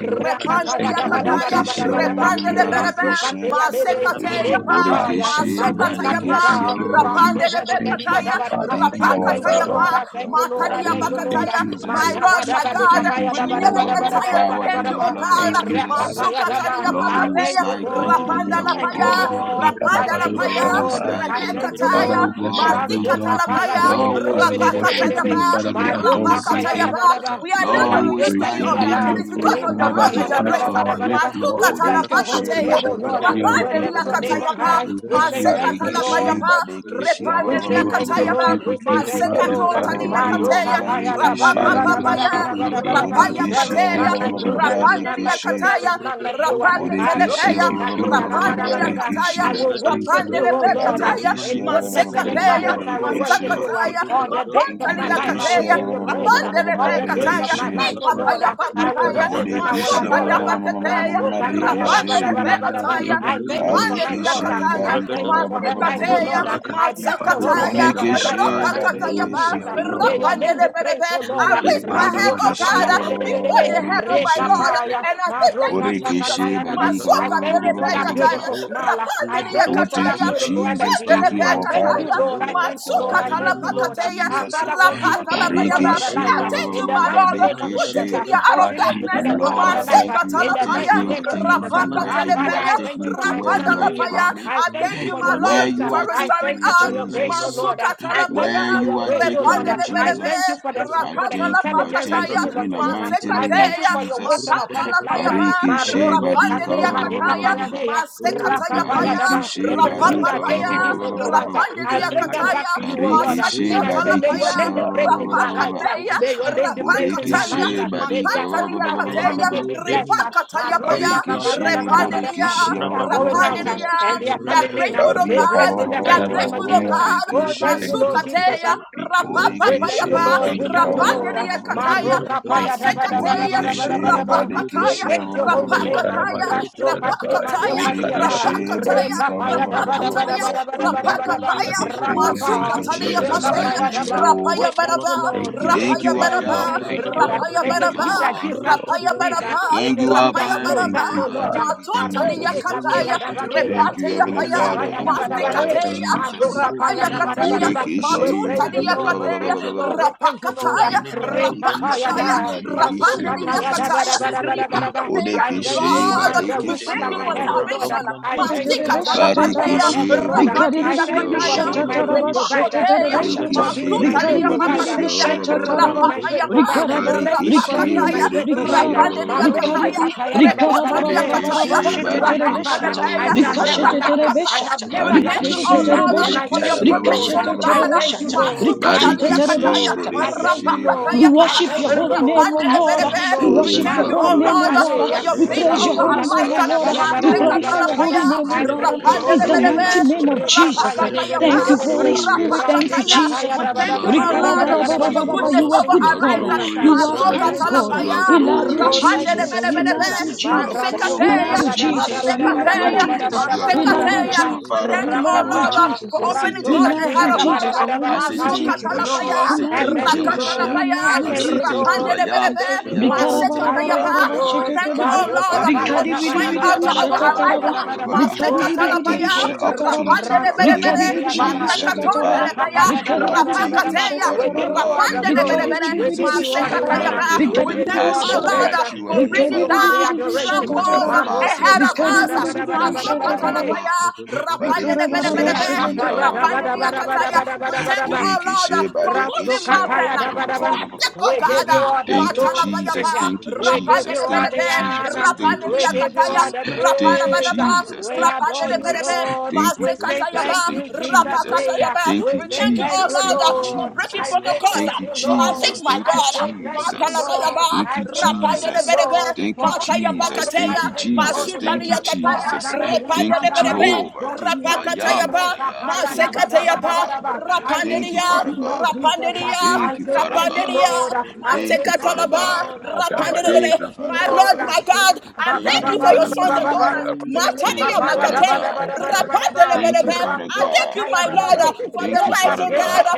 King of Kings. Repande Thank diya da Padeakapa, you, ba kataya. da Lord. ba da Kataya, ba Thank you, da Borekeshe, ba ma- Lord. da ba. Thank you, repandele Adam. berebe, Robobadebedebedebe, Rasukateya bebe. Thank you, masekataya Rabento my pa, Bragata, Father. Rekapaya. Thank you, my Madika masokataya Menagatu King. pa, biya Thank da. you, my Shadabadu, rapandele Rasebe Jesus. de Thank Ozom you, kebiya my da ba da. Prakata, bekataya, Father. Thank Thank you, Ah, you, our my thank you, rapakataya Father. Restorer. pa, Lord. Ozomanakata, I Thank you, thank you, our Lord. I God, matalia in Oh, thank the Rabade, you, name Lord. thank of bakataya. you, Jesus. My Adam. Mada Mekova ba Lord, da my ba Thank de God, you, Thank you, kapaya we da Shashkata, Jesus. will ba da Lord. never ba Jehovah, da get ba by the da Robodo, ba tired da to ba power da ba thank in da you, the oh ba. blood Megidaba, of God. Thank you, Jesus. Father. Rakapaya da Robom ba. Masukataya Lord, Ah, Paradia, who is pakataya, thank you, like Thank unto you, Lord. thee, thank Megadeja rapandala our you, Thank Dabata. you, thank you, paya, God? Lord. Lord. I Robo rapandala thank Nikarabado you, Lord, paya, Shopoto, who is Lord. Shadabara. like I thank unto you, Rabede, thee, Father, repekataya, our we Lord. bless your God? name, Rasu Rebede, Lord. matikatala We kapaya paya, honor de de Lord, de you. Robote, who de de is Father, de we de like de de worship de unto rapakataya you. de. pa, you, Rebecca, Father, we Jehovah Bado adore your holy Nisi? kapaya rapakataya da Rompocoto name. pa. ba da ba. We are not Lord, Father, where we who we is used to Rapeta praise be, like your oh kaya God. name. and Maradeba, unto da. Your It is you, because praise our will of your God never love and Rekapaya and Rabede, your da our depart ba da from Lord? ba da our grace. ba da lips, Lord. Masuta We Romosokoto bless Bodeke your Brakata, she Lord, holy pray we talapatateya. name, O shall barika Lord. ba- Ribete ba- ba- ba- continually We Isola be ba- ba- lift Rapandelia ba- ba- your ba- Brokoto, name ba. acknowledged, on Lord. katayapa. high. We will We say continue Ovemaneko to thank Dom you, barike bless your Brakata, Lord. she Masekatalapayapa. name, barike she Yeton ba- We ba- ba- ba- say continue Repandelia ba- to ba- thank ba- you, ba- Tentadieta, thank katayaba. ba. you, Lord. We say continue to thank you, Lord. barika magnify ba- ba- Rabedebedebedebe, your ba- Masekatontalia ba- name. ba- ba- ba- Madoka kateya. ba- paya barike Father, she we bless Aye, Rapapapapaya. your holy name, Rapaya There Adonai. Murikishia is Kabantabadiabada, kateya. Thank none you, like you. There is Jesus. none Rabedebedebe, Rapandelia like you. Barikishi There kataya. is none like you. Robosonto Brakata, Aroke Murikishia Rapakatelepeya. Thank you, King kakea of Kings. Rapandelia Lebrokotoba, Thank you, kataya. I will Jesus. Thank you, worship you, Lord. Lebedebate, O Rapandelepe Thank you, Lord. Lord. kataya. Barikishi In Barikishia Alumanija goodness and in Thank Debete, you, Masekateya. badness, Lord. I will Thank Barikishi you, worship Lord. you. Thank Masakataya. Robosonkoto you, All Lord. the Brakata, days Thank of you, my Mapantalia Lord. life, I will Murikishia kateya. give Rabade you praise. Brakata, All Rapandelepe the days Thank of kataya. Rabata you, my Barikishi life, Isala precious O one, Lord, Brigada, Ipapaya Lord. I We will pakataya. worship Lebrada and kadabado I will Isala Murikishia Masota adore shadabaya. you. Brigada, labakataya. Kataya, Lebronto Reba Marikishi Rapandele Brigataiva, surianda Beataya, I Rabata thank you bienvenado for Yipandele Bragataba, my shadabaya. daughter. Barikishi Yakataya, I Barika thank you Rabadaba, for her her life, oh Masikataya, Lord. Uh, Reba Rabadaba, I bless your kadiabado holy Masakataya, name for Marabadaba, her life Murikishi in the shadabadabaya. mighty name Rapakataya, Oh, of Robosum Jesus. thank Barikishia Murikishia Uh, Ponto you, Lord. May Bragata, your name Rapandele be Bedebe. praised, oh Lord. I Uh, Menuje, raise my hand, oh God, Rasokataya Imadabadabadaba, Vigade, before debedebedebe, the head of my Rabenta Lord, Rekapaya, Brugotoba, and I say thank you, Jesus. Barikishi Roboshonto Murikishi Marokasakataya daba. Brakata, I thank Masokatele you for that Lebradia Beataya, beautiful Barika Bate, smile. Uh, I Rapandele thank Lebrodo you Oh, for thank that Yakataya, you, Shakataba, beautiful Jesus. energy. Uh, Yipandele Thank Avim you, I our thank Kamania Father. you, Beataya, Thank Lord. Kutu, you, I our thank you, Lord. God. I In Masukatala Jemeni the thank you, name Nunom of Lord. Uh, Pakateya, Padia uh, Jesus. Father, Kutubadi, continue to Rapatala be the God Bayaba. of her Mashadabadaba, Barikeshi, Ribidim life I uh, thank Badaba, in you, the my mighty Lord, name of for Jesus. taking barikeshi. uh, me Menagatagataga, out of Continue to be darkness. the God of Nagatagataga, Lord, I her life Madibarasbadaba, uh, thank you. in I My the thank Aya, Makutuba, mighty you. I name of thank Jesus. you uh. from Rapaka Likanamanama. where Ah, Manishotu you Father, have Telepeya, I taken thank you me for to my where Rapanda you son, have Prada, William. brought me. I I thank thank you you, for Mekim my your And where Lord, grace. Padiyatu, you uh, for are I taking restoring thank me, you for us. your grace, oh Jesus. Lord. Velemeninonom uh, Masuka I thank Padiyatu, you talapaya, Where for you your are grace, oh taking Lord. repande uh, me, I Medidozatu, lebelebe, thank you Jesus. for the I for the Rababada, rakata la thank you. I intelligence that thank you pakataya, you give Rabada, in unto the him. uh, mighty I name Rabada, thank of you masekateya, for your Jesus. wisdom matanta upon Rapato his la life. Bracota, uh, payaba, Maro- Barikeshi, Ledo Kate- barika. rapande Santa Bedagata. liyakataya, Madekapaya Dea, Oh, Thank masekataya you, thank Rakapaya you paya, Bariki Jesus. Daba. for It Thank she the you, is Lord. you light barika of that ba- Thank gave rapapapaya, ba- me you, ba- these ba- ba- ba- understanding Jesus. ba- little ba- Lord. ba- ones. uh, ba. is rapande I Thank bring you, enlightened. them Lord. back liyakataya, to Thank you, you, oh Lord. La Lord. Bariki uh, she And masakia Tomba I say, Thank may bariki you, Nietaba, your talapaya, my she name ba- be ba- Father. ba- praised ba- in ba- Robo Thank ba- their you, ba- ba- ba. lives. Sumbo uh, rapakateya, May Jesus. your Thank name be you, Lord. praised in Bodeki Thank Thank their you you, rapakataya, lives. for she uh, Spirit of the May choosing they barika us. are ba- Living matanta ba- God. ba- going ba- out ba- ba- and ba- Thank ba- you ba- coming for ba. in be Thank blessed. ordaining uh, you, us. liyakataya, Kataya Adonai. Maro- paya, Thank you Bariki for Thank you, Kapaya she Daba appointing Spirit us. of the Daba bodeki Repandia, Daba. Living she ba- They God. ba- are ba- ba- Thank ba- going ba- you, ba- out ba- Rabatepepete, ba- uh, Jesus. ba. Rapandia. and Thank they are you, We Lord. are coming in. uh, grateful, repetepete, oh They Barika God. bless ba- ba- in ba- And the We rukoto ba- are ba- mighty ba- Dadaba. name ba- ba- of brokoto, grateful, ba- oh Jesus. ba- ba. Mm. uh. Bariki God. Oh, thank she repete you, Thank Lord you, jala Jesus. Jesus. Masukateya, uh. brokete, Thank you, Lord. We Thank bodeki you, thank she you, Rapapapayapa, Lord. Lord. Thank We you, barika thank you, Lord. rombariakote, ba- ba- ba- Lord. uh. ba- Rapandia ba- ba- ba. Thank ojolo you, Kataya, Lord. Maroka brokata, Thank paya da you, ba da ba da ojolo Masekateya, Jesus. ba Bodeki da Thank ba menino da she you, ba Lord. nom da ba. bariki We Rapakataya, she ba- praise your ba- ba- ba- ba- holy ba- ba. name. uh. Rapakataya, Likarabado rapampariakete, Rasoka te ma Sarabaya, Rapakataya, doka dia rokodom Bodeki da. Likarabadaka, she brokoteske, Rapakataya, Reka barika ba- ba- paya ba- da ba- ba ba- da ba- ba ba- nerateabe, da ba- Rapakataya, ba ba. da ba da ba da ba da Limaru ba. Rapakataya, roposonto Sadi brokete, Oh, thank Rapapa. you, Trengerebedo Masukatalia repete Jesus. Reka Sharabaya. Thank Pateya, jala you, paya da brodo, ba. Jehovah. Rapaya We thank you, Baraba, rapim Lord. Thank We you, Lord. Thank thank Rapaya you, you, pampadiata, I Thank Lord. you, We Baraba, am Lord. thank that you, Thank you, Lord. I Rubodom uh. Lord. am. Rapaya It Thank Thank you, is you, Padiata, my Baraba, you Lord. that God. Thank gives you, us Lord. food Rupoto Rapaya to eat. uh. Brukoto, It Thank Baraba, is you, you Alpha rapaya that and Ramperemba clothes Remba Thank baraba, us, you, oh Omega. Lord. Father. Pariatapa, uh. Thank you, Thank you, matontalia King Arete Jesus. of Rubotoza kataya, kapaya Kings. la da Thank you, Brigadier, badea, Lord Thank of you, repateya Heavenly Lords. paya, reta Father, Vilamini paya da in non the to blood badabadale, of Brangata, Thank mastekateya, you, mando Jesus. Jesus. Rubo kapaya rapaya da Thank you, kateya, Spirit badabadaba. of Shankataba, the We Lord. Borekeshe praise you, Thank matontalia you. barika Lord, Rubodom ba- we ba- ba- ba- kateya, ba- praise you, ba- ba- Badashata, Lord, ba- we ba. praise you, Lord. rapakataya, Thank Vilamini you, non to Reta Jesus. paya Brangata, Thank rapakataya, Barekeshe you, da, Jesus. masto Rupoto barekeshe Thank ba- you, rapandelia Brigate, ba- ba- kataya da kataya, Jesus. ba- ba- ba- Rubodo ba. badabadabadabadaba. Brukoto, ripakateya. I thank you Borekeshe for Rubetiza my Lord, la the we roof Brigade, thank under you my for head, O Lord. salvation. Rakamban I Ricochet, thank you for Tadiata, the roof under my Mastikatalapateya, Rukotom head, O Lord. Brangatanda, I rapandelia barekeshe thank you ba- ba- ba- for ba- kataya, ba- ba- being Rubodom ba- my ba- ba. good Brigatida, provider. ripakoteya, Uzulu Thank you for Thank Gadimba you, being Lord. Barikishe, my good Thank matontalia Dagadimba you, Lord. thank provider provider. Borikishia, Diatata. pakateya, Thank you for Barikishe, being Borikishia, my Rabadom rapataya great pa, provider. Bragataja Thank you Labradia, for Barikishi, being rapakataya, my great Borikishi, provider. ba- ba- Hovaro ba- rapandelia ba- ba- ba- Maros kataya. ba- de ba- Shakatova, Kataya, ba- katayada Robo bada bada Rekotalia bada. Shakatova, Kataya, Borikishi, Because you Robo are Sharabaya, my Barikishi, Shakatova, father, ba- ba- I Rapapalepeya, ba- ba- ba- shall ba- ba- never ba- Robodo ba- lack. Shata, I Rapakataya. have We never lacked thank you, Velamanino oh anything. Barikishi, Lord, Shashkata, And I for your Borikishi, thank you, Mantarabado Lord. Robotom protection, oh Sharabaya. Bragata, I God. thank you, Lord. Rabido I Masukatalia thank you, Talabadia, Barikishe, Kataya, Lord. I thank Robodo you, Bodekishe, we Lord. Rapakataya, Bragatashka. Barika. I ba- worship ba- your thank ba- you, ba- Thank ba- holy you ba- for Lord. name, O ba. I Lord. thank Rapandelebelebe. you, peace. We Lord. We Oh, worship Thank your you thank you you, are for holy oh Maroka name, O Lord, rest. glorious, Lord. for paye. Father. your We You Thank are you favor praise for your over Rato our holy favor. glorious, name, lives. O Father. katayada Lord. You are bada Thank We bada you for bada glorify glorious, bada your blessings. Thank Masekatalapaya, holy bada. you, name, O Jesus. I Lebo Lord. Jesus. praise You Thank your are In you, holy the shontor Lord. tia name. Rapandelebelebe, mighty Thank glorious, kopa. name of you, Jesus. Jesus. Rekapaya Vile de Rapakataya, bere You menino Thank are bere you, bere monto Holy bere. betem glorious, Spirit. patia Thank you, te. Rapakataya. Jesus. Jesus. Rasekapaya We da ba You da thank you, are ba Yekote. da oh ba da ba Lord, da ba glorious, da for ba. your Rikarabarabaraba. Oh, goodness You are Rabababam Jesus. over Thank You good you, our are God. lives. papapa. Jesus. You glorious, are Oh, kind Rabadam thank Jesus. you, God. You Masokatalapaya, are rakataba. We Jesus. love you, Oh, glorious, thank Lebedebe Jesus. you, Rapandele We shule Jesus. Jesus. love you, bregede. You are Jesus. Marasyo We love glorious, you, kataya da ba Jesus. da We Jesus. ba You da are ba Legatei da love ba you, da ba da Jesus. ba glorious. da You ba are Lebedo da We ba da love ba you, da glorious, ba. my Telebrakata, we Jesus. Father thank and We you, my oh love you, God. Lord, uh, Rakapa, Minamento Jesus. for di I say opening rasyo Debiate We doors thank you, love ahead kataya you, of da ba us. Kadakata, Jehovah. da Jesus. uh, ba da We ba. I love say you, I thank thank you, Jesus. you, Atempoba, Masokatalapaya, Yeshua. I Lord. We say love I thank you, Zompa you, thank you, Jesus. Lord. Beakata, We Yamashia. Rakatalapaya, love I you, I thank say you, Jesus. Rapidom thank you, I Lord. Bragada, I am Rapandelebelebe, that thank I you, am. I say Rebede Rikara Lord. bara I thank Baria you, bara thank Masekatayapa. Alpha you, bara bara, and Poroborobo, We Lord. thank you, Omega. oh Lord, Baruka Rapem uh, for paya Rikari Rikari Paraba, da ba da ba da destroying Barikishi, Rikari ba da ba altar da barika, over ba Ne, our ba, ba, da lives. ba, ba, ba Rikari Rikari uh, da ba, bidi bidi ba ba, da bi ba, ba. ba. Rebeye, Oh, I thank you, thank you Masekatalapaya, for the shata Jesus. Rubeye, taraba. opportunity you have Rebeye, given Rasoka me, Rapandelebelebele, Rikari the bidi, paya da bidi bi chance, ba. Rebede, shata Heavenly taraba. Father. Raka Masekatondelebaya, Robo paya da Rikari Oh, ba Solo da I bidi ba da ba bidi, thank Bragata, da you, bi ba. my Rapakateya, shata God and We my taraba. give you Lord, Rumporo all in do the the name Rikari Bragata, of glory. Rapandelebelebele, bidi We bidi give bi Jesus. you all shata Ribete the taraba. None of Masekatayapa. honor. this Valabre, would have We We been give you thank you, all the oh possible Otobre, Lord, praise. uh, without you, for We bringing Heavenly give Rikari you bringing Zebragata, all Father. bidi, down the bidi bi You adoration. shata Lebron made it to strongholds all taraba. Bragata, possible. Rikari bidi bidi, Rikarabarabaraba shetetelebe. Rikaribiribiribi shatataraba. bidi bidi, Rikaribiribiribi shatataraba. Rikaribiribiribi shatataraba. bidi bidi, Rikaribiribiribi shatataraba. ahead Marosika It's of all paya us. da because ba of da Lebanon ba you, for da Rikaribiribiribi shatataraba. Rikaribiribiribi ba my me da at ba the God da and ba bear, my shatataraba. da. Lord. Masokatalapaya, Jolovanamani Bariki, Rikarabaraba she, rapandedebedebedebe, Companta Raka Shalabhi, theatre, shetete. paya barika, da ba, ba, ba ba, ba, da ba, ba, ba ba, da ba ba, da rapandediakataya. ba. ba We da ba da thank you, ba. oh Lord, Borekeshe, for moving Badekeshe, ba- ba- mountain, Rasukataya ba- ba- ba- ba- ba- for Dabadaba. our ba- ba- sake, oh We ba- give God. you ba. all the Thank you, glory. Matalapayapa, Jesus. Thank you, We give Jesus. you all Thank you, rapandedebedebe, the Jesus. honor. Thank you, We give you rapandediakataya, all Jesus. the Thank you, praise. Jesus. We Thank you, adore you, Jesus. Lord. Thank you, We say Jesus. thank Thank you, you, Jesus. Jesus. eh. Thank We you, We say thank Rabba you, thank oh Jesus. you, Thank you, Lord, for Lord. Rumpum breaking I Jesus. say Pariata, protocols, Thank thank you, you, for Mushke our sake, Lord. Jesus. my Thank you, I God. say thank Brigada, you, Jesus. Lord. Thank I you, Matalapayaba, say thank you, Jesus. rapandedebedebe, Lord. berebe, Alempaniata, Thank For you, all mataya that Jesus. I Roboto am, I Thank Udale you, pakateya, praise your Pragadeva, Jesus. holy masuta Thank name. you, Jolo For I say liyakataya, Grande Jesus. repande Pragadevada, Thank you, de berebe, thank you, Jehovah. Thank Rabam you, I rapakataya am Variadeva, that pa, I am. Robo Thank you, Robo masekateya Father Rabo pa, Robo God. Robo Robo rapande Thank you, Roboto diya, Father Roboto. Lord God. rapande Jesus. Thank you diya, for I Thank a you, gift. say Father thank rapande you, God. Thank diya, Lord. you for a I gift. Thank say you, thank masekatala Father you, ba, God. Lord. Nekata, I rapande de say Thank Adabadabada, you, thank Manata, you, Father My Lord. Lord, God. Ba, my Nakate. God, I ba, ba, Thank thank you, ba, you for ba, your Father sons ba, Ekadabado, and ba, God. ba. daughters. Shalabha, Ee Thank Kabadum Mataniya you, Vimpabu, Rekapaya Father da ba Sadi, makateya, da ba God. Variatava, da ba da ba Vaipkadabha, da rapande de ba. Thank Megadi you, berebe. Jolo Father I Rakro Roboto, thank God. you, my Lord, uh, Mandiri, Rigada, for the Thank Vidu, you, life, Father oh Ekada, God. uh, God.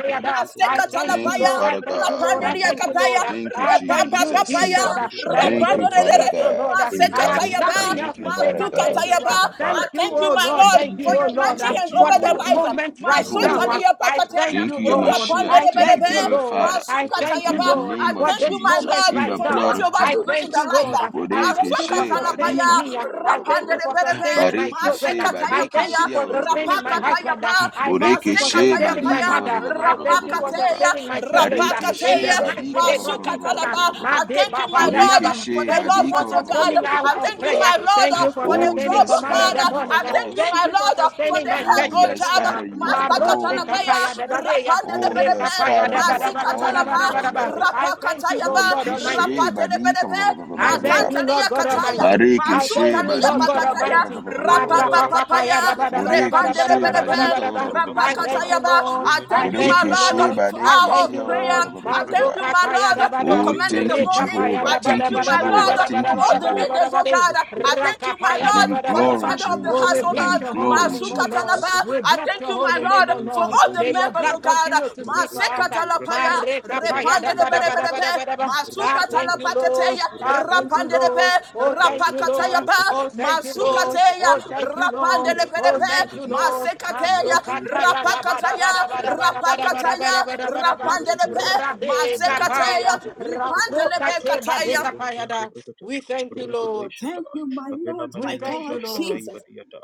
I Masekatala thank you, Thank you, paya, Lord. I Father thank you, God. Lord. rapande I diya Meruko thank you, Mandama, Lord. kataya, Brogodo, Shalabha, Thank you, I thank you, Jabrogodo, Jesus. Jesus. rapapapapaya, Vipa, Uh, Rebida, Thank rapande Thank you, Shalabhado, you, Father Rebida, Jesus, oh God. Lord. Uh, I have Vipabu, Oshkebrogodo, Masekatayaba, nothing Sadi, Thank else you, to Jabredia, say Father but God. thank Vaipkadabhado, you. Uh, Masukatayaba. Rebera, I Thank Shalabhaya. you, thank you, oh my Lord. Roboroba, Thank Lord, Thank you, you, for oh your Jesus. Lord, Thank mighty Uh, Thank you, Rebero hands you, for over Lord. their this Papariaba, Jehovah. lives. Thank moment you, right now. Roboroba, uh, Jehovah. I Masotaliapakateria, thank you, Thank Rebaraba, you, Lord. Yamashia. Rebo I Thank you, thank Rapanderebelebe, Shobodo you, beloved Bregato, Lord. Father. I thank you, In Jabrogodo, the Masukatayaba. Lord, I name for of thank Rebo you, this my Sholo moment Jesus, Lord, in right the Bregato, for now. what blood uh, you're of about I to do in thank Nebrogodo, their you, Jesus. lives. Lord. Uh, I Jabrogodo, thank Bodeke you for she Yakato sustaining barika Masukatalapaya, me. Madia, uh, I thank you for Jabedin Madia Rapanderebelebe, sustaining my Daba, bareke children. uh, she I bareke thank you Masekatayapaya, she Yabedegade, you for Bedegadabadi, sustaining Brogodo, my husband. uh, Brogodo, I Brogodo, thank you boreke Bregadia, for she Brogodo, sustaining my Rapakatayaba, Bregadia, mother. Masekatayapaya, I Rabo thank you for Shobodo barika Rapakateya, sustaining Bregato, my siblings. uh, bareke In she the Rapakateya, mighty barika name Raboshankarabrakate, of Jesus. uh, Masukatalaba. I Made thank you, Baba my Roboshantabrakateshka, boreke Lord, Yadaba. for she the Thank you loved for barika ones, oh God. Robosontabrakata, sustaining hour I of thank you, prayer. my Lord, Thank uh, you for Robosokotobrakata, for the Oh sustaining job, yes, oh command Levade, in God. Father, the you are morning. I uh, Yade, thank you, Thank my awesome. you for Lord, uh, for sustaining the Oshem my help, Oh church oh 3 yes, job. p.m. uh, Father, Papiamakonta, you are Marose Masakatalapaya, Kataya glorious. Regadejalabrakatoshka, Dadadeya. Oh rapandelebelebe, yes, Rekapaya Father, you are Roboshankotobrakatoshka, God and masikatalapa, you are Dabadabadabadabadabadaba. Rapatem love. I thank you, rapakatayaba, Lord God Almighty. Rakata, Borekeshe badika ba- rapatenebelebe, ba- ba- ba- ba- ba- I ba- ba- Menede, thank ba. you, Lord God matantaliyakataya, Jobede, Almighty. I thank Barekeshe you, Repenta Lord badika God Bragata, ba- ba- ba- masutaliyapakataya, ba- Almighty. ba- ba- ba- ba- ba- O ba. Barasanta rapapapapaya, Bragatia, Borekeshe Rumbo repandelebelebe, badika Dobo ba- ba- Marapapapayadabadabadabadabadabadabadabadaba. ba- ba- Santa ba- I ba- ba- ba- thank ba. Bragata, you, rapakatayaba. Lord. I I thank you, thank my you, Yemenigadinda Lord, Borekeshe Lord. Diata, for I our thank badekeshe you, ba- prayer. ba- ba- Lord. ba- ba- ba- Robosonto ba- I ba- ba. thank you, Bradesia, my Lord, Tenta for Masukatayadabada. Oh, Tente commanding the thank you, Tente, morning. Jehovah. I thank Thank you, you, you, thank my you for Jehovah. Lord, Thank for you, appointed. all the Jehovah. leaders, oh Rekapayadabadabadabadabadabadabadabadabadabadabadi. God. I Ashoto thank you, my I Brashata, give Lord, you for the glory, Rakapayadabadabadaba. father of the Mekitoza Oh, Jesus. de house, we I oh give Brada, bless you Lord, your holy glory, name, oh Lord. Roboshonto Jesus. Masukatalaba. We I Bragataba, bless thank your you, my holy name, Lord, oh for Mekidoza de Lord. all the May Brangata your members, oh blood Bragata, God. continue to speak for us. Roboshonto Bragataba, Masekatalapaya, Mareka paya repande da de ba Robodoja da de ba da ba da Berebebe, ba Bragataba, da ba. Ah, Robodom thank you, Bragataba, Lord. Masukatalapakateya, Ah, thank you, Roboshokoto rapande de Lord. Bragataba, Be, Oh, thank you, Robodo Rapakataya Lord. Brogoto Ba, Oh, Bragataba, thank you, Lord. Masukateya, Oh, Roboshokoto thank you, Bragataba, rapande Lord. de Oh, Berebe, Repetasia thank de you, Bragata, Lord. Masekateya, Masoka Marodoja de paya da ba Bragatash, da Rapakataya, ba da ba da ba da ba Romosokoto da ba da ba da ba Bragata, Rapakataya, da ba da ba. rapande de Zebrokoto Bragata, Be, Brabe kapaya. Menekatekato Masekateya, Ripande de Bragata, Rasoka Be te ma de Kataya. kapaya Robosanto da. Brigada, We thank you, Lord. Rapideshata, Thank you, my Avila Lord, We my Menino thank you, God, Lord. Shashkata Jesus. Ibadiata.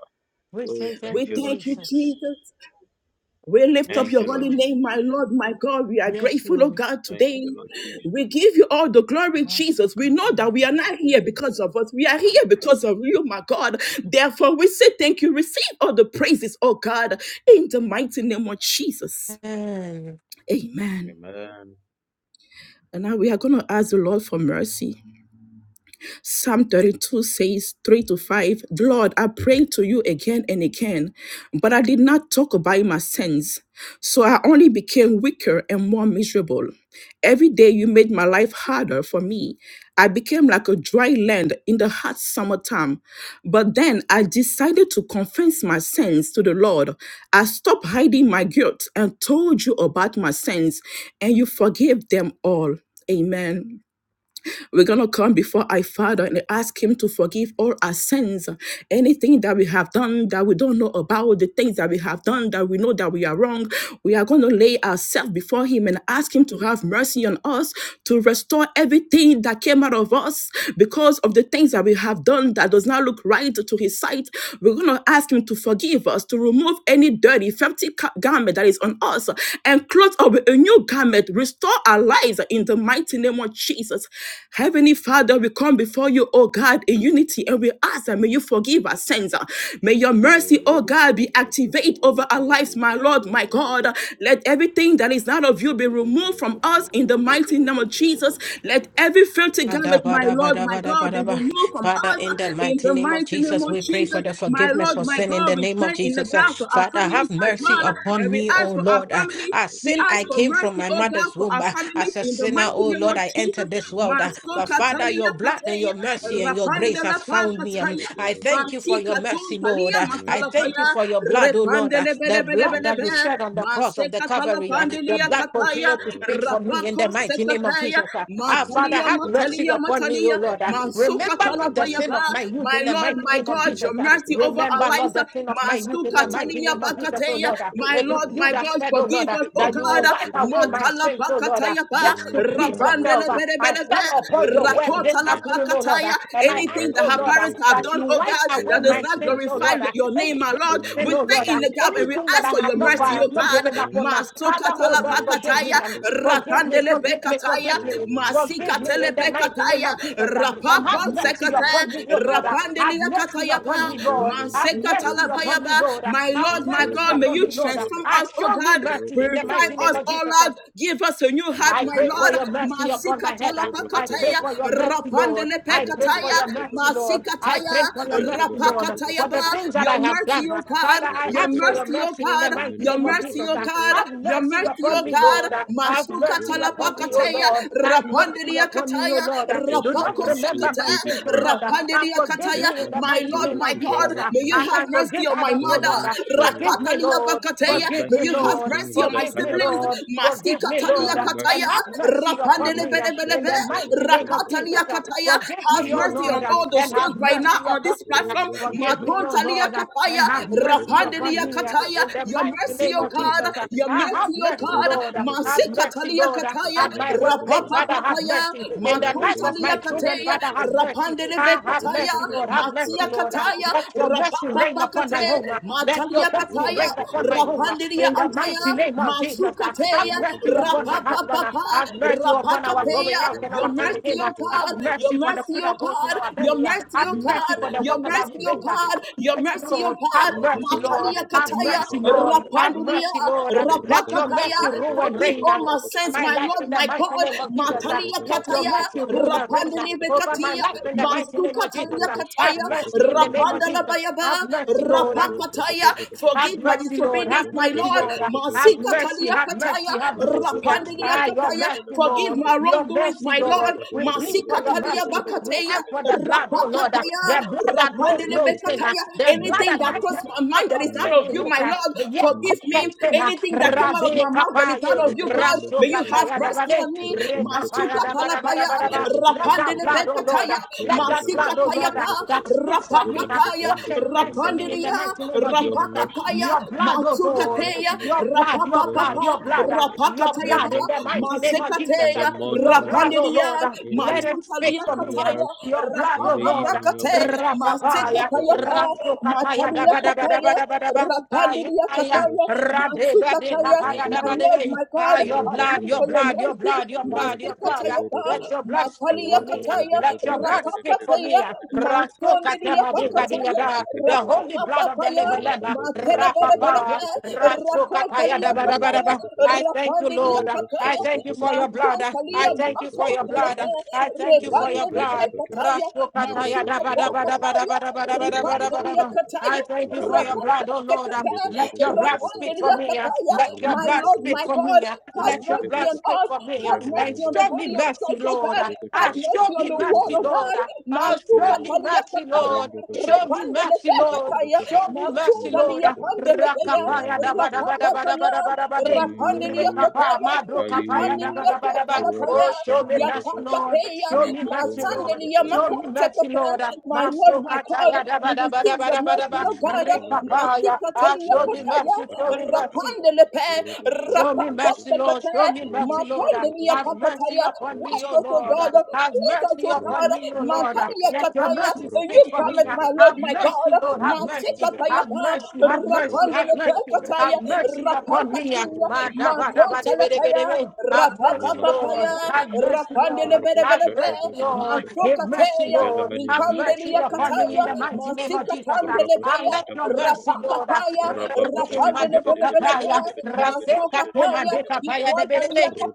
We Oh, say thank We thank you, you, Lord thank you, Jesus. Jesus. Jesus. We lift up Thank Yes, your you, Lord holy Lord. name, Jesus. my Lord, my God. We are Yes, grateful, oh Lord. God, Thank today. you, Lord Jesus. We give you all the glory, Jesus. We Masuka know that we Panada. are not here because of us. We are here because of you, my God. Therefore, we say thank you. Receive all the praises, oh God, in the mighty name of Jesus. Amen. Amen. And now we are going to ask the Lord for mercy. Psalm 32 says 3 to 5, "The Lord, I prayed to you again and again, but I did not talk about my sins. So I only became weaker and more miserable. Every day you made my life harder for me. I became like a dry land in the hot summertime. But then I decided to confess my sins to the Lord. I stopped hiding my guilt and told you about my sins, and you forgave them all. Amen. We're going to come before our Father and ask Him to forgive all our sins, anything that we have done that we don't know about, the things that we have done that we know that we are wrong. We are going to lay ourselves before Him and ask Him to have mercy on us, to restore everything that came out of us because of the things that we have done that does not look right to His sight. We're going to ask Him to forgive us, to remove any dirty, filthy ca- garment that is on us, and clothe us with a new garment. Restore our lives in the mighty name of Jesus. Heavenly Father, we come before you, oh God, in unity, and we ask that may you forgive our sins. May your Oh, mercy, oh God, be Barasata Brigada, activated over our lives, Ibaradira my Lord, Shada my Brigada, God. Let everything that is not of you be Rabasanta removed from Badia us in the mighty name Barabasata of Jesus. Brigada, Let every filthy Romo garment, my Lord, my Celebranta God, be Adabadabadabadabadaba. Bradio removed from Shakata Father, us in the Brigada, in mighty the name of mighty name Jesus, of we pray for Jesus. Ayaminino the My forgiveness Lord, of my sin Celebrigada, in God, the we name of stand in the Jesus. Uh, gap for Vente our Father, tiro families have as solo mercy well, vente and upon we me, tiro O ask for our Lord. sopra Uh, nero families. As We sopra sin, ask I for tiro came from mercy, my secete oh God, mother's for womb. our Uh, brigidesca. As families a in the mighty sinner, mighty O name Lord, Nomino of I entered Jesus. this someno world. Uh, sopra But Masota mio Father, your talia nosce. blood and kateya, your mercy and Gende your gigio grace rapanda la has sopra na found me. Um, povra pakataya, I dero thank you sopra for your batika tesca. ton mercy, Lord. talia Uh, I Messi o thank you matalapaya, God, for your blood, O Lord. repande Uh, le The bede bede blood that Messi be, we o shed God, on the cross of the maseka Calvary, uh, the talapandelia Messi o blood God. kataya, continues to Varo speak for sopra me in the rapako brocotoga. mighty name of sekataya, Jesus. Ah, Ah, Meno Father, matalia have potobra mercy diera. matalia upon me, O matalia, Lord. Ah, Jebede masuka Remember not the goparone talapaya sin ba, of my yokopedo. youth my in the Lord, mighty my name of God, Jesus. your Meno Ah, mercy sokoto over Remember brocotova. not the Eliza, sin of my youth in the masuka Robot mighty talia name of soto Jesus, O bakateya, bradiro Lord. Ah, my It sokoto is Lord, you my that brocotosca. God, said, O Lord, forgive ah, us, oh Your that you God, will wipe mercy that away my matala sins, cleanses. O Lord, bakataya. ah, Your Katayapa, just to mercy please that makes yourself. Rapandele Ah, whole. I Belebelebe, stand Your upon your word mercy that this Rakota La cleanses. afternoon, O Lord, Pakataya, ah, and Your I ask, anything that O mercy her that Lord, ah, parents makes have whole. that done, you oh wipe God, Your away that does my not mercy that sins, O glorify Lord. ah, cleanses. your name, my Any Your Lord. We sin, oh mercy that Lord. stay in uh, the makes gap and pure. we Anything that ask I for have your Your not, I mercy, have oh mercy not that God. given up on. cleanses. uh, Father, Masokata oh La Lord, forgive me. Pakataya, um, Forgive me, Rapandele forgive me, Bekataya, forgive me. Forgive me in Masikatele the mighty name Bekataya, of Jesus. uh, I And have come Rapapon mercy boldly Sekata, unto upon me, your oh Lord. throne, O uh, God. Rapandele Have mercy I upon me, come Katayapa, boldly Lord. unto Have your throne, mercy O God. upon me, Masekatalabayaba, Lord. uh, my I Have Lord, come my mercy boldly God, may unto upon you your me, Lord. uh, throne, O transform uh, us, God. oh Show me God, mercy in the Rebokoto purify mighty name us, of brekata. Jesus. oh Uh, Lord, Give us a new heart, I my Nakoto pray for Lord. your brekata. mercy upon my head. I Jebrokoto pray Masikatalapakataya, for your mercy, Lord. I pray for rapandelepekataya, your mercy, brekata. Lord. I pray for your masikataya, mercy, Jabragada Lord. Bragada For rapakataya ba. the Bragadi things that Your I have Bragada mercy, done, O God. Father, Bragada I Your ask for Jalabada your mercy, O mercy in the God. Women mighty of Your name of Home mercy, Jesus. O Badiata God. Have Your mercy mercy, upon O me, God. Lord. Ushkabadiata Have mercy Jalabada upon Bada me, O Bada Masukatalapakataya, Bada Lord. Have mercy Shankata Bada upon Bada me, O sekata, Lord. Just Do like not you showed remember rapakosekata, my David sins, O Lord. mercy, Forgive rapandeliakataya. just me in like the you My mighty showed Lord, name the my of Jesus. God, Jesus. uh, Israelites may you As have I mercy, forgive mercy on my others, oh mother. Lord, Father uh, show me forgive me, mercy. Lord. Rakataliabakateya, Just Forgive like May me, you you showed have Lord. King mercy on my Forgive me, Hezekiah siblings things. Lord. mercy, Masti Forgive me, show katalia Lord. me uh, And kataya, mercy, O have God. mercy upon rapandele me Lebo uh, bele bele in the Shapam mighty name Badakatai of rakatalia Jesus. uh, Badaboshka kataya. Forgive Have me, oh mercy Lord, on Lebadum uh, all the and Brakatai have souls right Chaska mercy now on upon me. this uh, platform. Rombo Forgive Zopoto me, O Brakata Matontalia Lord, uh, and kataya, have mercy Jepondo upon rapandelia me uh, Vishalakata kataya. in the Your mighty mercy, name O of Vekotom Jesus. God. uh, Brakata, Your I have mercy, O mercy, God. Robot Lord. uh, Sokoto Masi Have Brakata, mercy, katalia Lord. Lord, uh, kataya, at my workplace, Vilamanakotom rapapa Father, have Brakata, kataya. mercy. In the life Rabadei of matontalia my Barodo children, kataya, Zata Father, have Brakatia, mercy. rapandele I have kataya, Zokoto mercy, Lord, have Brakata, mercy, matia Lord. Baronto uh, kataya, Brakata, Let your mercy rapapa reign upon pakate, my home. Lebeda, uh, Let your matalia mercy kataya, reign upon Zomenekatoi my home. Baros uh, rapandelia In the Sakate antaya. mighty Brakata, name of Jesus, uh, have Masukateya, mercy Jelebede upon Izala my husband. uh, Rapapapa, Brakatasha, Have mercy upon our going Rapakateya, out and Meroshente your our mercy, coming Brakata in. uh, Your Izala God, Have your mercy for Brakatasha, the mercy, food Your that goes in God, our your belly. uh, mercy, Have Your mercy God, for Minashela the your water Brado that mercy, we Your Sata drink. uh, God, Brakatasha, your mercy, mercy, O Lord. Have God, mercy, Rabado Lord. Matalia Zala Have Brakata Kataya, mercy, Izala Lord. Have Brakatasha, Rapandulia, mercy, Lord. uh, Let your Rababa Rapakataya, mercy Debede rule Bede and Bede forgive reign. Bede uh, all my Bede sins, Bede my my Bede life Bede Lord, in the my mighty God, name of Jesus. uh, Rabba Matalia Let your Rabadum Kataya, mercy rule and reign uh, Rapandele over my Bekatia, life in the mighty name of Jesus. Masukatalia uh, Have Kataya, mercy in the name of Rapandala Jesus. Have Bayaba, mercy, Lord. uh, Brokoto Rapakataya, Brokota, Have forgive my mercy, Lord. disobedience, Have Rabba my my mercy, Lord. Shente Lord. uh, Brokoto Have Masika Brokotoshka, mercy. talia Have kataya, mercy. Have mercy. uh, Robodo rapandilia Ah, Mbedekata your kataya. Izana mercy, Forgive Lord. my Brokoto Your wrongdoings, mercy, my your Lord. Lord. We plead for Masika your talia mercy. We bakateya, ask for the blood, oh Lord. uh, rapakataya, The blood that knows rapandele no sin. uh, bekataya. The blood Anything that mercy, that O has no crossed God. my thought mind Your that of is not sin of mercy, in you, O it. my God. uh, Lord, The Your yet forgive mercy, me. O Ketena, Anything that came out of Rabe my mouth that is not Kapaye, of you, God, Rasho may you have Kataya mercy Dabade, on me. Rekapaya Masuka talapaya, Dabadabadabadaba. Let that rapandele blood, oh Lord, uh, bekataya, let that masika blood, oh Lord, uh, tayapa, that speaks of me, uh, rapakataya, what can place in me in the rapandilia, mighty name of Jesus. uh, rapakataya. Your blood, oh God, Matsukateya, your God. blood, your blood, Rapapapa, your blood, uh, your Rapakataya, Your blood in the mercy, O mighty name God. of In Jesus. the uh, Masekateya, morning, Your your blood, mercy. oh Rapandia, Lord, uh, In let the it speak Matuntalia for afternoon, your me. uh, Kataya, mercy. Your blood, In oh the Lord, evening, your Rapapakate, mercy. Rapapaya, Merciful Masekataya, brother. Rasukapaya, Matalia Daba Merciful Daba Daba Father. Kataya, Daba Daba, Rapandia Show Ayaya, Kataya, us mercy. Rabe Bade Matsukataya, Kapaya my Daba Adabede, Lord, Debe, my Ah, God, your I blood, pray your for your rabatakataba, blood, your mercy, blood, your blood, your blood, ah. Masekataya, rabakekebedebe, let your blood speak Matalia for me, ah. Kataya, let your blood speak for me, Rapapataya, ah. rababadebedebedebedebedebedebedebedebedebede, Matondia Rasukatema Bika Pakataya, Diada, the holy rabosakatebrakadoske, blood of the living Rapapapaya, lamb, ah. Matele bele bele Rapapa, bele. rabababademperadosakatebrakata, Rakotalia Rasukataya kataya. marodobrokotoba, I thank you, Rapandilia Lord. I kataya. thank you for robosokotobrakata, your blood. I Matotalia thank you for your maatotele robosokotobrakata, blood. bele. I thank you for your Repandele blood. bele rabeteimbrakata, kataya. Matiko robosokotobrakata, kataya. Rombo Ripandilia Rasukatayadabadabadabadabadabadabadabadabadabadaba. Dobrokata, I kataya. thank you for your blood, Zalobrakata, oh Rakote Lord. kataya. Let your blood speak Vedevedekata, for Rapandilia me. kataya. Let your My Rombo blood Lord, speak my for Kotobrakata, God, me. have Let your mercy blood on Rapidebrokoto, speak us. for me. Have And mercy on the show Ramenobodo me body of Shata, mercy, Christ, oh Lord. God. Ah, Have Zekatu, mercy show on me the world, mercy, oh Zubedeka, Lord. God. Oh, Matuka show me Eskilabeta, palia mercy, kataya. Lord. Rombo Show Dobrokata, me Repandele mercy, bele Lord. Zokoto kataya. Show Brakata, me mercy, Lord. Matungalia Mikatera, Pandelea, Rakapaya da ba da Zolamanikotum ba da ba da Bedakata, ba Rapapaya, da ba da ba de. Rapandelia Aye, Rekapa Kotaya, madro kapaya da Aye, ba Ipandelia da ba da ba. Kotalapaya, Oh, show me Rabashanta mercy, Vesesta, Lord. Yapakateya, Show me mercy, Yekotom Lord. Matandelia Show me Zanikoto mercy, Lord. Makotekota, my Lord, Maso my God, kataya da ba you da ba da receive ba the da ba da mercy ba. of God, Menoshala Bradashka, Rekapaya. Ah, Matikatelia show me Kotaya, mercy, show Rebashashkata me mercy. Bragadashka, Rapandelepe, Show Roboshanta me mercy, Bragadashka, Lord. Rapakotekota, Show me mercy, Lord. Uh, Roboshakota Matandelia Have Bragadashka, mercy Pakataya, upon me, wash O us, O Roboshakota Lord. Uh, God, Have Bragadashka, cleanse us, mercy O upon God, me, O Roboshanta Lord. Uh, Matandelia Let Bragadashka, your Kataya, mercy you speak for me. cometh, Roboshanta Uh, my Lord, Have my Bragadashka, God. mercy, Lord. Have mercy. Roboshanta Have Matikatayapa, Bragadashka, mercy. Have mercy. Have mercy. Roboshashkata Izada Rapandelebekataya, Have mercy Bragadashka, upon me. Uh, Rapakatuya, my God, my Romboshakota God, my God, my Bragadashka, God, Makotalapaya, my God. Have mercy, Menashala Rapapapapaya, Lord. Have Gadabashka, mercy, Lord. Have Rapandelebelebelebe, Roboshata mercy, Lord. Bradirashata, Give mercy, Matokateya, Lord. Velamanino Have mercy Shashkata upon me Izada Ripandeliakataya, in the mighty Bragadashka, mighty name of Jesus. uh, I Matikatandelebea, let your mercy, Lord. uh, Rapakataya, Rakete Rapandelebelebelebe, Matokataya,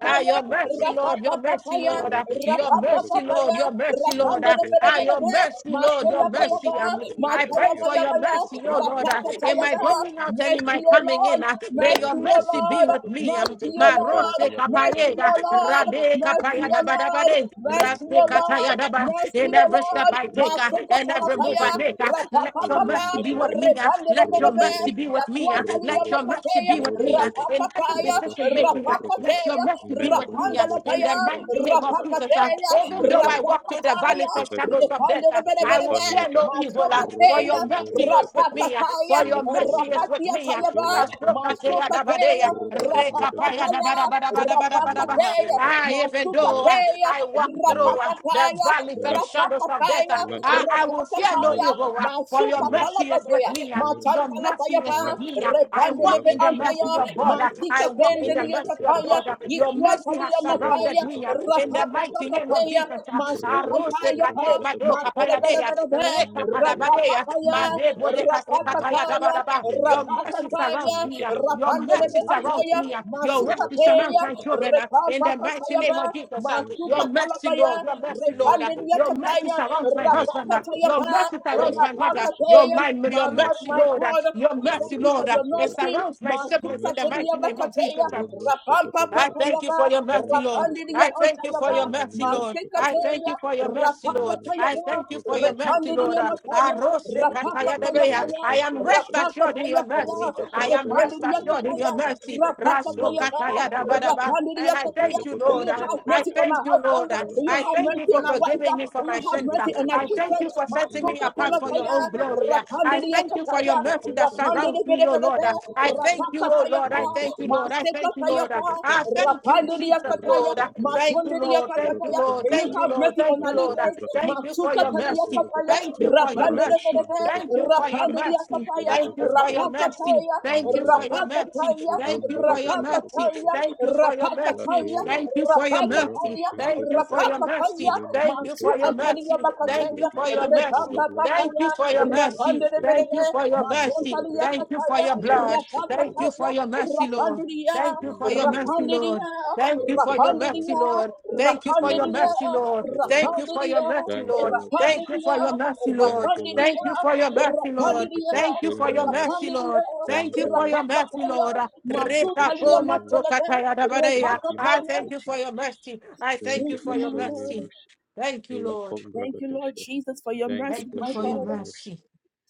Ah, Your mercy, Lord. Your mercy, Lord. uh, Your Rapapapapaya, Rakashakata mercy, Brakatoska, Lord. papaya, Your mercy, Lord. rapande uh, de bele Ah, Rotosnata bele Your be, brakata, mercy, Lord. Your mataya Bajo paya brakata, ba, mercy. um, brakata, I brakata, mataya pray Puria for paya brakata, your paya, brakata, mercy, oh Lord. uh, rapaka In paya Brakatia my ba, brakata, Puria brakata, going Puria out and in mercy my o brakata, coming Lord, in, uh, Rabashakatabrakatoshka. may your mercy o mercy be Lord, with me. Narodozhabrakata. um, mercy o Bajobrakatabrakatabrakatabriya brakotobrakatabrakatiya brakotobriya brakotobriya brakotobrakoshka. Rabababababababababababaya baya Lord, Marose baya brakata, mercy kapaye, baya o baya baya Lord, baya uh, mercy kapaya o da ba shakopeyakata. da ba Lord, de. mercy Rase o Lord, kataya da Aminkobiyakashaba. ba. mercy In o every step Lord, I take, uh, Roboshakotobrakata. mataka and pala every move paya, I make, uh, Bajobedagadaba. let rapapa your papa, mercy be with Rumbabariba. me. uh, repande de Let bele your be, mercy Roboroba. be with me. uh, yakuata liya Let na your Roboroba. mercy pateya, be with me. uh, Roboroba. rapaka In every paya, decision making, uh, rapaka brakata let your teya, mercy be with me. uh, In Menogodombernia Rapandalapaya, the mighty Kataisa name of Jesus. Labrogadashka, uh, Rapakateya, Even though I Yeke walk through the valley Rapakataya, of shadows Uskevedaba, of death, uh, I will Ripandelebelebelebe, fear Vempaniata, no evil. uh, For Masopateya, your mercy Robodomberia is with Potobra, me. uh, Rapakataya, For your mercy is Eyekovaya, with with me. Rapatiatayaba, Velom Rasokateya Panketeva, Masopateya, dabadeya, rekapaya Robodombedagata, Rapakataya, dabadabadabadabadabaha. Rapakateya, Menosodagata, Ah, even though uh, Mercy, Masopateya, I walk through uh, Mercy, the Rapakataya, valley and Mercy, shadows of death, uh, Rapakataya, I, I will fear no Rapakataya, Mercy, evil, uh, for Mercy, your Mercy, mercy is with Masupatalabadea, me. uh, Your Mercy, mercy is Matantalapayaba, with Mercy, me. uh. I walk Repandelebe in the Antaya, mercy of God. uh, Yabashatepeshetepe. I Mantika walk in the Pendelia mercy of Kataya, God. uh. Your Yabashakatepeshetepeshete. mercy has Yikuatalia surrounded Mataya, me uh, in the mighty name of Rapapapapaya, Rabashakatepeshelepeshetepeshete. Jesus. uh. Masku Arose Antaya Pa, kate mado kapayadeya Rabashakotopeshakatepeshetopreshete. Matelebelebelebe, reka Meketeyete. padabadeya Rapapapaya, madebo de Menoshashke. kase kataya Meketebe. Rapapapaya, dabadaba. Your mercy Manoshashke. surrounds Rapakataya, me. uh, Meketebe. Your Rapandelebe mercy surrounds Antaya, me. Ruboshokotobe. uh, Your mercy surrounds Masukataya, my Ruboshokotobrekete. children. uh, In the mighty Repapapataya name Ba, of Jesus, uh, Mercy your of God. mercy, Masukatalabaya, Lord, your mercy, Lord, uh, Mercy of Repandelia God. your mercy Kataya, surrounds my Mercy husband. uh, of God. Rapapataya Your Pa, mercy surrounds my mother. Yekotosata. Your Rapakataya, my my your Lord, mercy, Mercy of my God. Lord, uh, God. God. your We thank mercy, you for Lord, uh, your it mercy. Rabashakatebrekete. surrounds my siblings Masuka in the Mercy of telia mighty God. name of bakateya, Jesus. uh, Robo rapampa I thank you papayaba, for your mercy, Mercy, Lord. O God. rapandidia I thank you for antayaba, your mercy, Velananero Lord. masika I Shokoto thank teya, you Bragata, for your mercy, rapaka Lord. Meno I Shoto tayaba, thank you for your Bradiro mercy, Shokoto Lord. repandidia Bragata, Ah, mataya, Arose Vikoto rapaka kataya Bragata debeya. tayapaya, I Yasonto am rest Brasata, rapaka assured in your tayapaya, mercy. Robo I am Soto rest repandidia Bragata assured in Isola kataya, your Bragata, mercy. rapaka Raso tayaba, Larosha kataya Potobrakata, dabadaba. And rapandidia I kataya. thank you, Avelabete Do Lord. you Ah, Ijala have I mercy on thank our Brakateshka, you, Lord. husband? Ah, Do you I have thank you Labashanta mercy for on our wife? forgiving Kepeteska, me for Do you my have sins. Ah, mercy on Vikoto our I Brakata, thank children? you for setting Matuka me apart Levadoja for de your Pokatalapaya, own Pradira glory. Ah, I Shapatova, thank you for Rapandiriakataya, your mercy Ashkahan that Papaya surrounds Kapa, me, O Lord. Rapandiriakataya, Ah, I Nekapan thank Kapaya, you, O Lord. Rapakatayapa, I Ronko thank thank you, Lord. I Payakapa, thank you, Lord. Masekatayapa, I Ashkabakon thank you, Payakapa, Jesus, Rapandiriakataya, Lord. Robokon Thank you, Payakapa, Lord. Thank you, Matundiriakataya. Robokon Lord. May You Thank you, have Brakaka, Lord. mercy Thank on you, our Lord. Vajokoto leaders. Brakata, Thank you for your Mekoto mercy. Matukataliakataya, Brakotova, Thank you for your mercy. Rabeshante Rapandiriakataya, Thank you for your Brakotopashka, mercy. Rapandiriakataya, Thank you Eskelebaton for your Brakatashka, mercy. Rapakataya, Thank you for Levedeva. your mercy. Rapakataya, Thank you for your mercy. Rapakataya, Thank you Ujombedegedegedegoshkedegede. for your mercy. Lati Rapakataya, Thank you for your mercy. Rapakataya, Thank you for your rabashentebrekete. mercy. Rapakataya, Thank you Mansu for your Meneshetebredia. Antalia mercy. Thank you Bakataya, for Lebledia. your mercy. Repata Ujobledia. Thank Kataya, you for your mercy. Rapande de Thank Berege, you Roboshotobredia. for your mercy. Matontalia Thank Nekotobredia. you for Kataya, your blood. Thank you Rapakataya, for Roboshotobredia. your mercy, Lord. Rapandiria, Thank you for your mercy, Menoshedebredia. Lord. Rapandiria, Thank you for your mercy, Rapandiria, Vikotombreketia. Lord. Thank you for your Rapandiria, mercy, Lord. Thank you Roboshokotobereboshke. for your Rapandiria, mercy, Thank you, Lord. Lord Thank you Jesus. Rapandiria, for your mercy, Lord. Thank you, Lord Thank Rapandiria, you Jesus. for your mercy, Lord. Thank you for Rapandiria, Thank you showing for me your mercy, mercy. Lord. Rapandiria, Thank Thank you you, for Lord your Jesus. mercy, Rapakataya, Lord. Thank Masu you for Reka Talia showing me poma mercy. Matalebe, sokataya dabadeya. Thank you, I Repakataya, thank Lord you for your Jesus. mercy. I Thank thank you you Thank you, for for my your showing me Lord. mercy. mercy. Thank you, Lord. Lakombra Thank you, Lord Katashka. Jesus, for your Thank you mercy, Thank for you my for your showing me Father. mercy. mercy.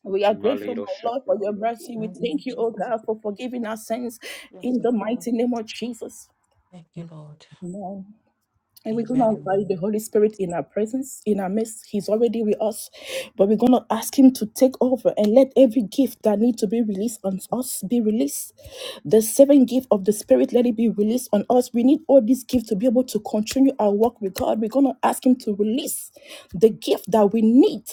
We are grateful, my Maliro Lord, for your Shakratiro. mercy. We Thank you, thank you, oh Jesus. God, for forgiving our sins Yes, in the Lord. mighty name of Jesus. Thank you, Lord. Amen. And we're going to Amen. invite the Holy Spirit in our presence, in our midst. He's already with us, but we're going to ask Him to take over and let every gift that need to be released on us be released. The seven gift of the Spirit, let it be released on us. We need all these gifts to be able to continue our work with God. We're going to ask Him to release the gift that we need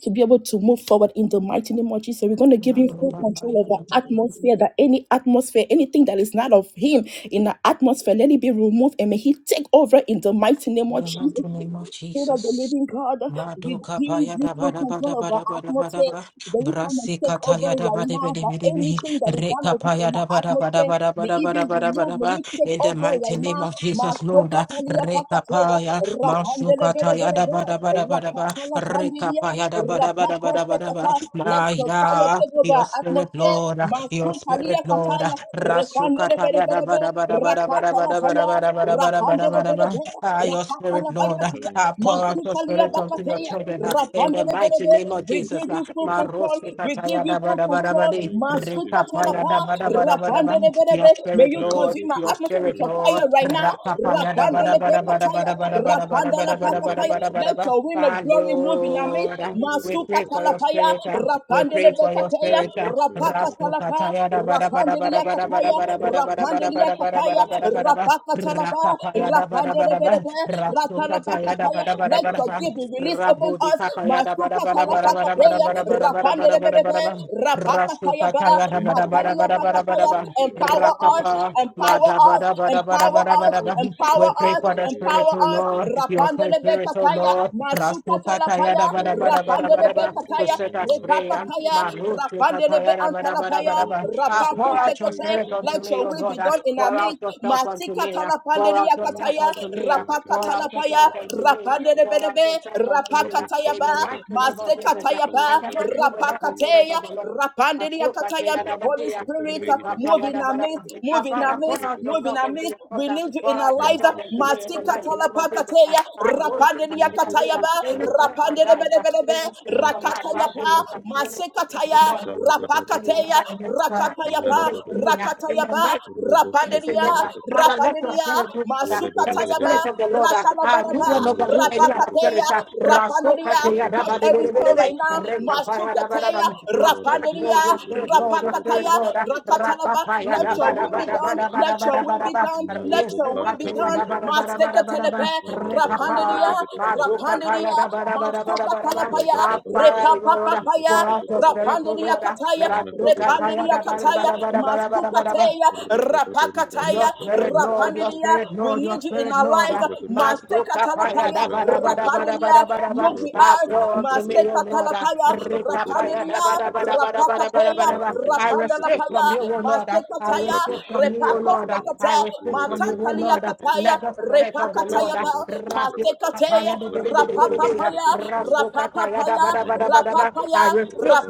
to be able to move forward in the mighty name of Jesus. We're going to In give him full control of our atmosphere, that any atmosphere, anything that is not of him in the atmosphere, let it be removed and may he take over in the mighty name of the Jesus. mighty name of Spirit of the Jesus. living God, we Madoka give paya you da ba full da ba da control ba of our da ba da ba da atmosphere. ba. Then you come and Brasi take over kataya da right ba de be now de that be de be. anything that is not Reka of you paya in the da ba da ba da atmosphere ba da ba may da it ba be da ba da ba da removed. May ba. you take In the over mighty right name now. of Jesus, Lord. Masoka kalia Reka pakateya, paya. rapandele Masuka bere taya bere da bere, ba da ba da ba da ba. rapaka la Reka bandiya, paya da ba da ba da ba rapako da ba da ba. sekata. Let your fire Maya, take over your our spirit, atmosphere. Lord. Your Masun spirit, kalia Lord. kataya, Rasuka repandele bere taya da bere ba bere, da ba da ba da ba da rakaka ba la da ba da paya, ba da ba da ba da rapandele ba da bere ba. bere, Ah, your rakaka spirit, la Lord. baya. Thank Ah, you, pour sweet out your Masutalia spirit Spirit unto of your Bakatea, God. children. ah, In Rapande the de mighty Berebe, name of Thank we you, Jesus. give sweet ah. you full Spirit of control, God. Marosika we give taya you da ba full da ba da ba control, di. Thank you, sweet Masuka Rika paya Spirit Talapa, da of ba God. da ba da ba da Rapande ba. de Your Berebe, may spirit, you Thank Lord. consume you, our Your sweet atmosphere with spirit, Spirit your of Lord. fire God. right now, Rapa paya da Rapande ba da de ba da Shadabade, ba da ba Bekataya, da ba da ba da ba da Rapanda ba la da ba da ba da Pakataya, ba da ba Rubadabadaba, da let ba. your wind of Ah, glory move in our midst, Lord. ah, We Masuka pray for Shadabadabadabadaba, your Talapaya, spirit. ah. We Rapande de pray for your spirit. Bekataya, Spirit. Ribado Rapaka Rasto Shadabrakata, Talapa, Katayada Bada Bada Rapande de Bada Bada Bada Yakataya, Bada Shitabaram Bada Rapande Bada de Paradero Bada Bada Yakataya, Bada Bada Bada Bada Shakatabrakata, Bada Rapaka Talapa, Rakapayada Bada Rapande de Bada Bada Berebe, Rapande Rasto Katayada Bekobado Bada Bada let Bada your Shakabrada, Bada gift be released upon Rabudi us. Kapayada Bada Masuka Bada Bada Bada Bada Vadashala talapakataya. Bada Bradero Bada Bada Shakata Bada Bada Rapandelebelebe. Bada Bada Brigada, Rasto Rapakataya ba. Katayada Bada Bada Lembea Matalia Bada Bada Bada pakataya. Kombakiro Bada Empower Shakata us. Rakapa Brigadasha, Empower Mada us. Bada Bada Bada Empower Bada Bada us. Robo Bada We Empower Shakata pray us. for the Brigadero spirit, Empower O Shala us. Lord, your Bradashada, kind spirit, O Rapandelebekataya. Lord, Masuka Rasukata talapaya. Yada Bada Shia Bada Bada Bada Bada, Shalibante to Rapandelebekataya. set us Kimenino free, and Shanta Repakataya. Marus Brigadeshka, Rapandelebe Katayada Bada Bada antalapaya. Bada Robo Bada. Ah, Shoto Pour out Brigata your Rapakusekete. spirit Yada unto Let me, Brigata your O will be Lord, ah, done Brigatia in our pour out midst. Vadashata, yourself unto Matika me, ah, pour out yourself talapandeliakataya. unto Ataba me, ah, rapakataya Shanta pour Vida out katalapaya, yourself Shakata unto me, ah, Brigadashka, pour out rapandelebelebe, yourself unto me, Robo ah, in Shalo rapakatayaba, the Brigata mighty name of Yada Jesus. ah. Brigata I mastekatayaba, Uzada cannot do Brankata without the spirit rapakateya, of Brigadata, the Lord. Father, rapandeleyakataya. Rabba Holy Spirit, Shakata uh, Yada move in our Brankata midst, move in Brishkata our pour midst, out move in yourself our Ibaragadiroshka, on this midst. We altar. need you Pour in our out lives. Thank yourself you, on sweet today in the spirit mighty of name God. of Jesus. Masikatalapakateya, I rose in Thank you, the sweet rapandeleyakatayaba, Any spirit of spirit God. of doubt, rapandelebelebelebe, any spirit Thank of you, sweet rakatayaba, unrighteousness, spirit of God. masekataya, Shalagadabade, rapakateya, rakatayaba, Meradobeda, in the rakatayaba, mighty Robo and say, rapandelia, Sokoto Lord, uh, Brakato, Father, let your rapandelia, spirit do for that. Let Yelebede the masukatayaba, spirit Bedebe, Raba, of the Lord, uh, uh, you Ratalabaraba, will not Rombo overrule any Sokoto other Rapakateya, Brakato, spirit. uh, Rasoka Rapandia, te ya Robo da touch ba de de every Sokoto de de store right Brakato, de. now, Shoto Reka Brakato, pa ya da ba da ba. Masukateya, Your Robo spirit, Rapandia, Lord, your Sokoto spirit, Brakato, Lord, your Shoto spirit, Rapakataya, Lord. uh, Brakato, Rapa Rakatalaba, pa ya let da ba your da will Yelebrokoto ba be da ba done, Brakato, da ba da let ba your da ba will da be ba. done, let Mayeko your will Resoka be Panta te ya done, Bede, da ba da ba da ba da ba da Masekatelepe, ba. Rabba Reka Bada Rapandia, Bada pa, Bada ma Bada do Bada ka Bada pa ya Rapandia, da Bada Bada, ba da ba da ba da ba da ba. Rabba Masukatalapaya, Ah, Baba Baba Father, Baba, Lord, uh, Shikoto pour Repapapapaya, out your spirit, Brakato O Rapandia Lord. uh, Kataya, Rasuka pa Makotobakata, ya Repandia da ba da ba Kataya, da ba da Shadabrakotobakata, ba da ba da ba. Masukateya, Rababadam Your Param Rapakataya, spirit, Lord, your Kaporokotobrakota, spirit, Rapandia, we Lord, your need you you in spirit, our Lord. lives. Ah, Jebrakata, Maseka Mashuka paya da talapaya, da ba da ba da Zobrankotobrakata, ba da ba da rapandelia, ba. move with Ah, us. Pour unto me, O Maseka Rabashankatobrakata, Lord. Ah, talapaya, Rika Rabibede paya da da rapandelia, ba da Shadabadaba, ba da ba da ba da ba rapakateya, I Rabababa receive rapandalapaya, from you, Shekotobrakata, O Lord. Ah, maseka I taya, receive from you, O repako Lord. Ah, Rabishankobrakata, I sekate, receive from Legata you, O matankalia Lord. Ah, Jadabade kataya, Let the Japa, spirit of the Lord repakataya ah, ba, rapid Jamparakatombrakata, maseka I teya, Vashkabedevan refuse rapapapaya, Takabidiyakata, rapapapaya, Menakata, rapapaya,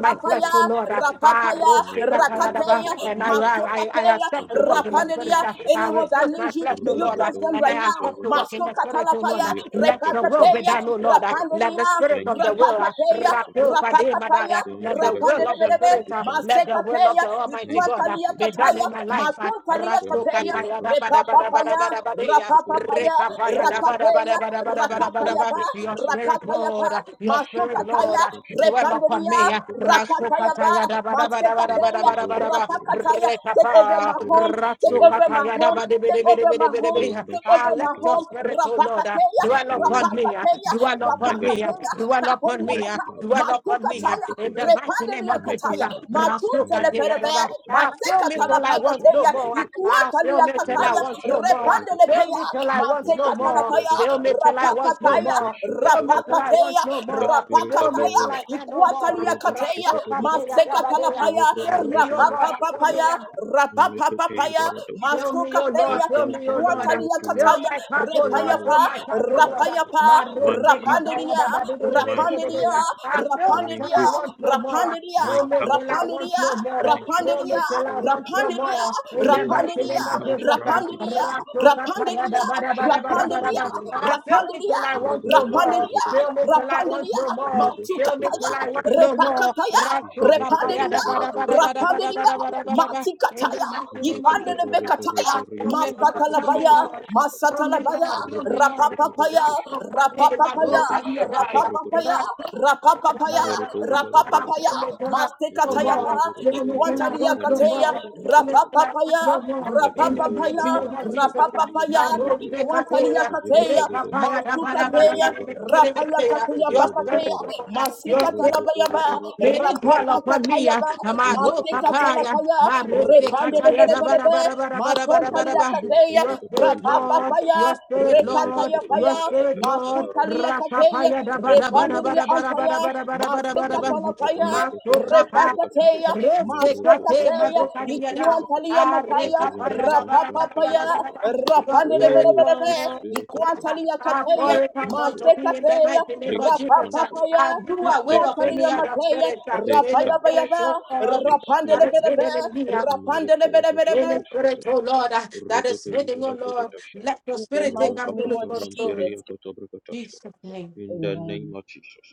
my flesh, O Lord. Ah, rapapaya, Mekobayan rakateya, And I, I, Tokomeyakata, I masekateya, accept to walk walk in the spirit. rapandelia. uh, I Yogazinkarushakata, Anyone that refuse my needs you, flesh, may oh you Lord, touch uh, against them and right I now. accept to walk Rumbodozavijalobata, in Masko the spirit, oh Lord. katalapaya, uh, Let your will be repakateya, done, oh Lord. uh, Yetenteketekesheteketeke. Let the rapandiria, spirit of Thank the you, will, sweet uh, rapakateya, Spirit of rapio God. rapakataya, Thank let you, the the will of the rapandirebe, presence of spirit, the uh, Father. let the will of masekateya, the Almighty Thank God you, uh, ikuantalia sweet be done kataya, Spirit in of my God. life. uh, matuntalia Thank Rasu you, kateya, the kataya da ba da presence ba of da the ba da repapapaya, Father. ba da ba de, uh, Thank you, rapapapaya, sweet rekapaya da Spirit ba of da God. ba da rakateya, ba da ba da ba da Thank ba you, da the rakataya ba. ba, Your presence of the spirit, Father. rakataya ba, Lord, uh, your masko spirit, Lord, kataya, uh, Sheteparakoshka, dwell upon repandiria, me. uh, Rasu rakataya ba, kataya Rumpokoshkashkashka. da ba da ba da ba da ba Thank da maskekateya, you, ba da ba Holy da ba. Spirit. rapakataya, take over Rekapa ah, my Thank home, you, take Spirit over of my Ratsukataya home, daba Divinity. debe take debe over debe my my home, ah. Lado take Ah, over Let my Shakata your home. spirit, oh Lord, ah, Rapakateya, dwell upon Brakata. me, ah, rapakateya, dwell upon me, ah, Megadega, rapakateya, dwell upon me, ah, tapoliakata, Mekitaya, dwell upon me, ah. matukataya, in the Makotobre, mighty name of Jesus. repandeliakataya, ah. Mekiyaba, Ratsukataya matuntelepelebe, daba. Menoshoshkata. Ah, Fill me Thank till I you, want sweet no matekatalapangateya, spirit more. ah. of God. Ah, Fill me till I ikuataliakataya, Lobo want no more. ah. Fill Shokotobrakadoshka, repandelepeya, me till I want the no spirit more. of matekatalapaya, the Fill Father, me till I want no rapakataya, Rabba more. Fill me till Shokotobrakata, I want rapakateya, no the more. spirit Fill of the me rapakataya, till Word, I can no more. Rabba ikuataliakateya, Ratsoka Shokotobrakata, peya gabadea. masekatalapaya, Fill Lebrono me, O Brabido Lord, fill rapapapapaya, Shokotobra, me, Mekete rapapapapaya, Ibaradoshka, Fill me, oh the Lord, masukateya, fill force me, oh Lord. behind Ikwantali all Fill Kataya, creation, my cup, oh Lord, Lalo Repayapa, fill my cup, oh Lord. Shokotobrakata, Rapayapa, My my rope, my teacher, fire, Rapanderia, the body, the body, the my body, the body. Rapanderia, strengthener, I fill me my till Rapanderia, I hope, want no more. Rapanderia, my Fill me till comforter. I want Rapanderia, no more. Thank you, Fill me sweet Rapanderia, till I Spirit of want God. no Rapanderia, more. Rapanderia, In the Oh, mighty Rapanderia, name of extraordinary Jesus. strategies. I Rapanderia, say thank you. Rapanderia, Rakukatayadabadabadabadabadaba. Shakabadevedevede, I fill me Rapanderia, till I want no more. Rapanderia, Robodobrogobrogoda, Fill me till I want Rapanderia, no more. Fill me Matukataya, till I want Robosokotobrogotoshka, no more. Repakataya, Rato Kataya Repanderia, in Rapanderia, the Jelevedevedoboroboriobrogotobrogotoshka, Matikataya, mighty name of Jesus, Ipandele ah, show me, Lord, show me, Masatalabaya, Lord. Rabababarebereberiabrogotobrogotoshka, Show me, Masatalabaya, Lord, show me, Lord. Rapapapaya, Robosokotobrogotoshka, Rasto kape, mado Rapapapaya, kadia daya. Rapapapaya, Rabashakatebrogotoshka, Rasto kape, Rapapapaya, mado kadia Merodozalabrogata, Rapapapaya, daya. No Mastekatayapa, more, show me till I Jelevedevedevedeyabadam, Iquantalia want no Variata Kateya, more, show me till Izadabrogotoshka, I want Rapapapaya, no more. In the Rapapapaya, mighty name of Jesus, Rapapapaya, Ladabadozabantevedevedeyabaporodeya, Marope Iquantalia Katea, Kateya, Zekatebede, Rekapaya, Masukateya, Yebedebedebe, Rapaya Kateya your spirit, Papateya, Obodobodobodo, Lord, uh, your spirit, Rombo Masikatalabaya, Lord, Robo uh, Robo may it Shokoto dwell upon Brokota, me. uh, Rapapapakayaba, my rope, Zobrokoto Brokota, papaya, Masikatalapaya, my wrist, eh, Robo Repande de kataya, Shokoto bara Brokotoshka, bara Bebe, bara bara bara bara. da, Masontalia Rabeshente Kateya, Your Brokota spirit, Izala Brapapa Lord, Brokota, your Paya, spirit, Mevida Lord, Rekataya your Paya, Kotonga spirit, Dagata Lord, Izala Masutalia Rodoshashka, Kateya, rapapaya, bara bara Angelega Repandelia bara bara bara bara Antaya, Shashkatashka, bara bara bara bara bara. ba, da, ba, da, ba, da, da, Masekatana Rababa ba. Paya, Maso Rokoto Brokoto kapa, Brokata, Repatateya, reste Marokoto kate, Masokateya, Shoto maso karia Brokoto da. Brokata, Ikuantalia Are Mapaya, kapaya Ovelemanina Rapapa Shanta Paya, Bedagada. Your Rapandele spirit, Oh, sweet Bebe, Lord. Spirit of God, Ikuantalia I Kateya, pour take it out control, unto me in the Masekateya, mighty name take of Jesus. Rapapa control. Paya, I do away Take of Ikuantalia any control. other Mateya, spirit, uh, Take any Rapaya charge. spirit, oh Bayaba, God, Sweet that Rapandele Spirit is of Bebe, God. hidden in me. uh, Rapandele Maliko Bebe. Any Joshapeshkata. spirit, oh Lord, uh, that is Rebete hidden, oh Lord. Idolabragatashka. Let your In the spirit take mighty Rababa name absolute of control. Jesus. Ramperia Kotobragatashka. Jesus' name. In the name Amen. of Jesus.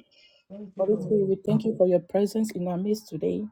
Thank you, Holy Lord. Spirit, we thank you for your presence in our midst today.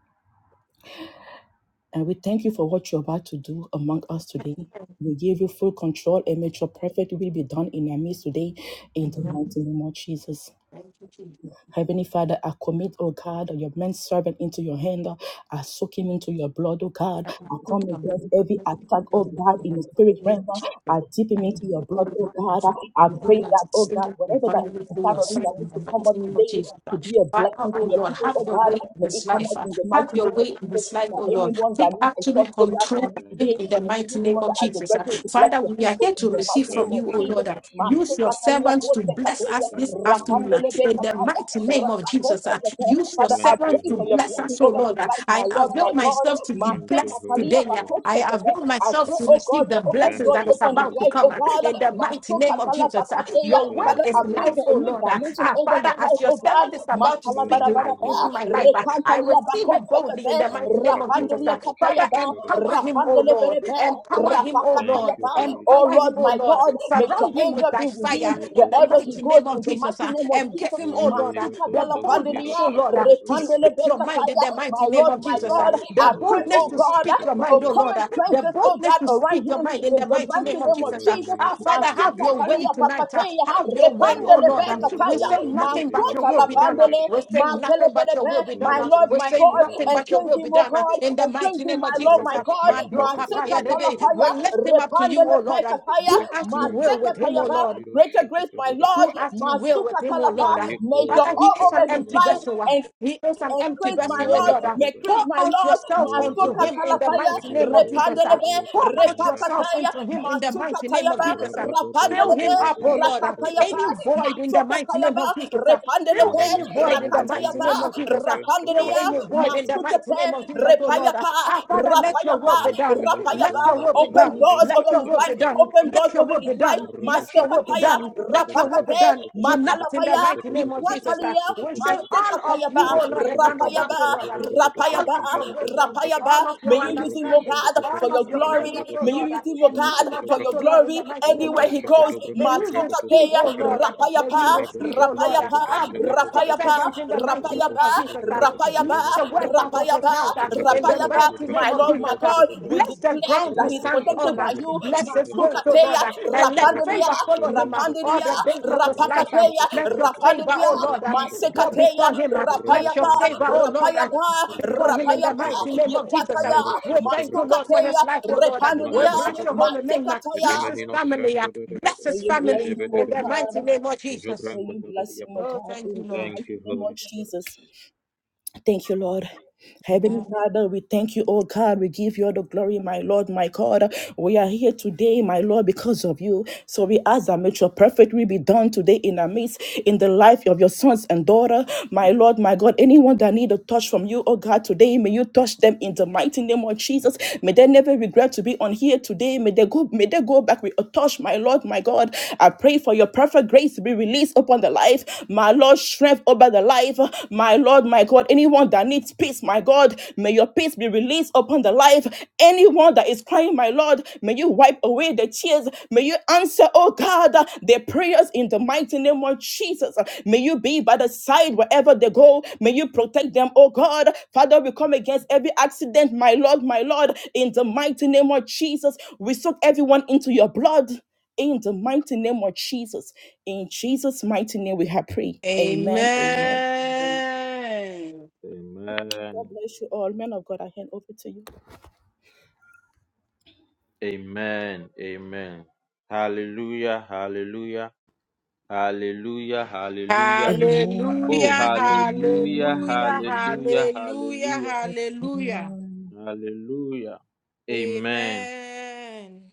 And we thank you for what you're about to do among us today. Amen. We give you full control and make your perfect will be done in our midst today. In the Amen. mighty name of Jesus. Thank you, Jesus. Heavenly Father, I commit, oh God, your men servant into your hand. I soak him into your blood, oh God. and I I took come your blood against from every us into attack, your oh hand God, and in I the took spirit realm. it. I dip him And into your oh blood, Lord, oh and God. Father, I you do pray that that, oh extended God, and whatever that abundantly is through your Son covering that in needs the to come mighty up name of today Jesus. to be a Father, blessing to oh your Lord, people, have oh your God, way in may his it come life. out uh, in the Have mighty your name of way in Jesus. his life, That oh Lord. anyone that Take needs a touch, absolute oh God, control from of you Thank him today, you, in the may you mighty be Lord. the name one of God as the Jesus. uh. reverend to bless Father, the we are people here in to the receive mighty name from Thank of you, oh you, Jesus. Lord. Holy uh. Spirit. Master Use your Catalina servants to Costa bless Catalina, us this Thank you, afternoon. uh Holy Rapandele in the Spirit. Becataya, mighty name of Jesus. Rabacosta uh, Catalina. Use your Father, I Thank you, servant pray to for Holy your bless blessing Spirit. us, oh over his Lord. uh, life, I my Lord, avail my God. myself to be Master blessed Catalina today. uh, I Bacosta avail Catalina, I myself pray, to oh God, receive the for open blessings Thank doors, that you, is open his Holy about to life, come oh uh, Spirit. God. in the mighty Master name of Catalina Jesus. uh, Bacosta Your word Thank Father, I you, Holy Spirit. Thank you, is pray Holy life, for a oh new Spirit. Lord. uh, dimension ah, over Father, his as life, your oh God. servant is about Master to speak Thank you, life Kalabarabaraba, into Holy my life, uh, I Repantalia receive it boldly Bakosekate, in the mighty name of Spirit. Jesus. Rapandelia uh, Nakapibara Father, Katayaba, empower Shatabrikatashka. him, oh Rapandele Lord. Berebe, Empower him, oh Thank Lord. you, Rapakatayaba. Holy Oh Empower him, Lord, Spirit. oh my Lord. God, make your Surround him with angel thy be with him fire Maya in the wherever he Tubadaba, mighty name name goes of in the Jesus uh, mighty name of and give Jesus. him, oh Lord, uh, Yibia Masuka the Contoro de boldness, Kalabandelia, oh Lord, uh, Roshakoto to Brigada, Repandele speak your mind in Bekataya. the My mighty name Lord, of my Jesus. uh, God, Velero the I pray, Solovra boldness oh de to God, speak your Roshakata for a mind, oh Lord, common uh, Brigadesca, the presence, oh boldness God, to around speak your him mind in in the the in the mighty name mighty of name of Jesus. uh. Jesus. Tubaramania Our Father, have Matuta your Cofelagadesha, way talia tonight. uh, pakateya, have your way, Ia oh repandele Lord. um, Pombada we pekataya, say Doza de nothing but Gadero your matuta will la be done. uh. pandele, Solovradesca, we say matele nothing but your pedepe, will be done. my uh. Lord, we my say God, Rabashakata nothing and but your Badaba, will be cleansing, oh done uh, God, in the and mighty cleansing, name of my Lord, Jesus. my uh. God, Rabashanta Mado maseka kapaya Tidabaya debe. We talapaya, Shakataba, lift him up to you, oh repandele Lord. um, pekataya, do Big as you Spirit of will with maseka God, him, oh tayaba, Lord. Baradiro greater grace, Shakata my Lord, Do Brigadesca, as you will masuka with him, oh talapa, Lord. ah. may Mayako your Father, he all is an over Bashanta his empty life Badia, vessel. ah. and. He is an empty Increase my vessel, oh Lord, Lord. ah. Menea increase Pour my out Lord, yourself unto Masuka Robo him in the Talapaya, Shokoto mighty name of Jesus. ah. Repandelebe, Pour out yourself Repakataya, unto him in the Masuka mighty name of Tayaba, Jesus. ah. Fill Rapandelebe, him up, oh Lord. ah. Rakatayaba, Any void in the Masuka mighty name Tayaba, of Jesus. ah. Fill Repandelebe, any void in the mighty Rakatayaba, name of Jesus. ah. Still Rapandelia, in his word in the Masuka mighty Te, name of Jesus, oh Lord. Repayapa, Our Father, let your will Rapayapa, be done. Let Rapayaba, your will be open done. doors Let over your his will life, be done. Open open Let doors your over will his be life. done. Let your will be Masekataya, done. Brakata, Let your will be Rapakate, done. Tonight in the Makalapaya, mighty name of Jesus, uh, Iquantalia, we say all of Masekatayaba, you, oh Lord, and none of us, oh Rapayaba, Lord, and all Rapayaba, of your wisdom, all Rapayaba. of May your you use him, oh understanding, God, for all of your your Jolo glory. kindness, oh Brokoto May you Lord, uh, use brakato him, oh Sholo and God, none of Brokoto for us, your oh Brakata, Lord, in glory. the mighty name the name of Anywhere he Jesus. uh, goes, Roboshokoto May Brokoto we Brakato receive, Masokateya, Brokoto oh Lord. Brakata uh, May we Rapayapa, receive, oh Raboshokoto Lord. uh, Brokota I Rapayapa, Jala bless your Brokoto Brokata servant Rapayapa, in the mighty name of Jesus. Roboshokoto Rapayapa, uh, Brakata Rapayaba, Bless Jala the Brokoto work out of Brakata his Rapayaba, mouth uh, in Rabodo the Rapayaba, Brokoto mighty my name Brakato of Lord, Jesus. my Jala uh, God, Brokoto we Brakata Bless the declare ground that he He's stands protected on. Roboshokoto uh, by you. Brakata Bless Jala his ways, Brokoto oh Matukateya, Lord. Brakata uh, And let Rapandelia, favor Raboshokoto follow him uh, Bronto all Rapandelia, the Brakata days of his life. um, Rapakateya, Roboshokoto Let your Brakata favor, Rapandelia, oh Lord, um, Roboshokoto go Brakata Masekateya, before him. uh, Let your Ramoto Rapayaba, Jala favor, oh Lord, uh, Brakata Rapayaba, before him in the Rapayaba, Roboshokoto mighty Brakata name of Jesus. Yepataya, Uh, We Naroshokoto thank you, Brakata Lord, for his Masukateya, life, oh Lord. Uh, We Repandelia, bless your Madakata holy name. uh, the Masekataya. Bless his Dominion of family. uh, Shanto the Bless Devil, May his you the bless family him, O in the Jebedebedebe, mighty God. name of Jesus. May Jobranko you bless him, Tobadiapa. O Oh, God, thank you, in the Thank Lord. mighty you, name of Holy Spirit. Jesus. Thank you, Lord. Heavenly Amen. Father, we thank you, oh God. We give you all the glory, my Lord, my God. We are here today, my Lord, because of you. So we ask that may your perfect will be done today in our midst, in the life of your sons and daughter. My Lord, my God, anyone that need a touch from you, oh God, today, may you touch them in the mighty name of Jesus. May they never regret to be on here today. May they go, may they go back with a touch, my Lord, my God. I pray for your perfect grace to be released upon the life. My Lord, strength over the life. My Lord, my God, anyone that needs needs peace, my God. May your peace be released upon the life. Anyone that is crying, my Lord, may you wipe away the tears. May you answer, oh God, their prayers in the mighty name of Jesus. May you be by the side wherever they go. May you protect them, oh God. Father, we come against every accident, my Lord, my Lord, in the mighty name of Jesus. We soak everyone into your blood. In the mighty name of Jesus. In Jesus' mighty name, we have prayed. Amen. Amen. Amen. God Amen. bless you all. Men of God, I hand over to you. Amen. Amen. Hallelujah. Hallelujah. Hallelujah. Hallelujah. Oh, Hallelujah, Amen. hallelujah. hallelujah, Amen. Hallelujah. hallelujah, Hallelujah. hallelujah. Amen. Hallelujah. Amen. Amen.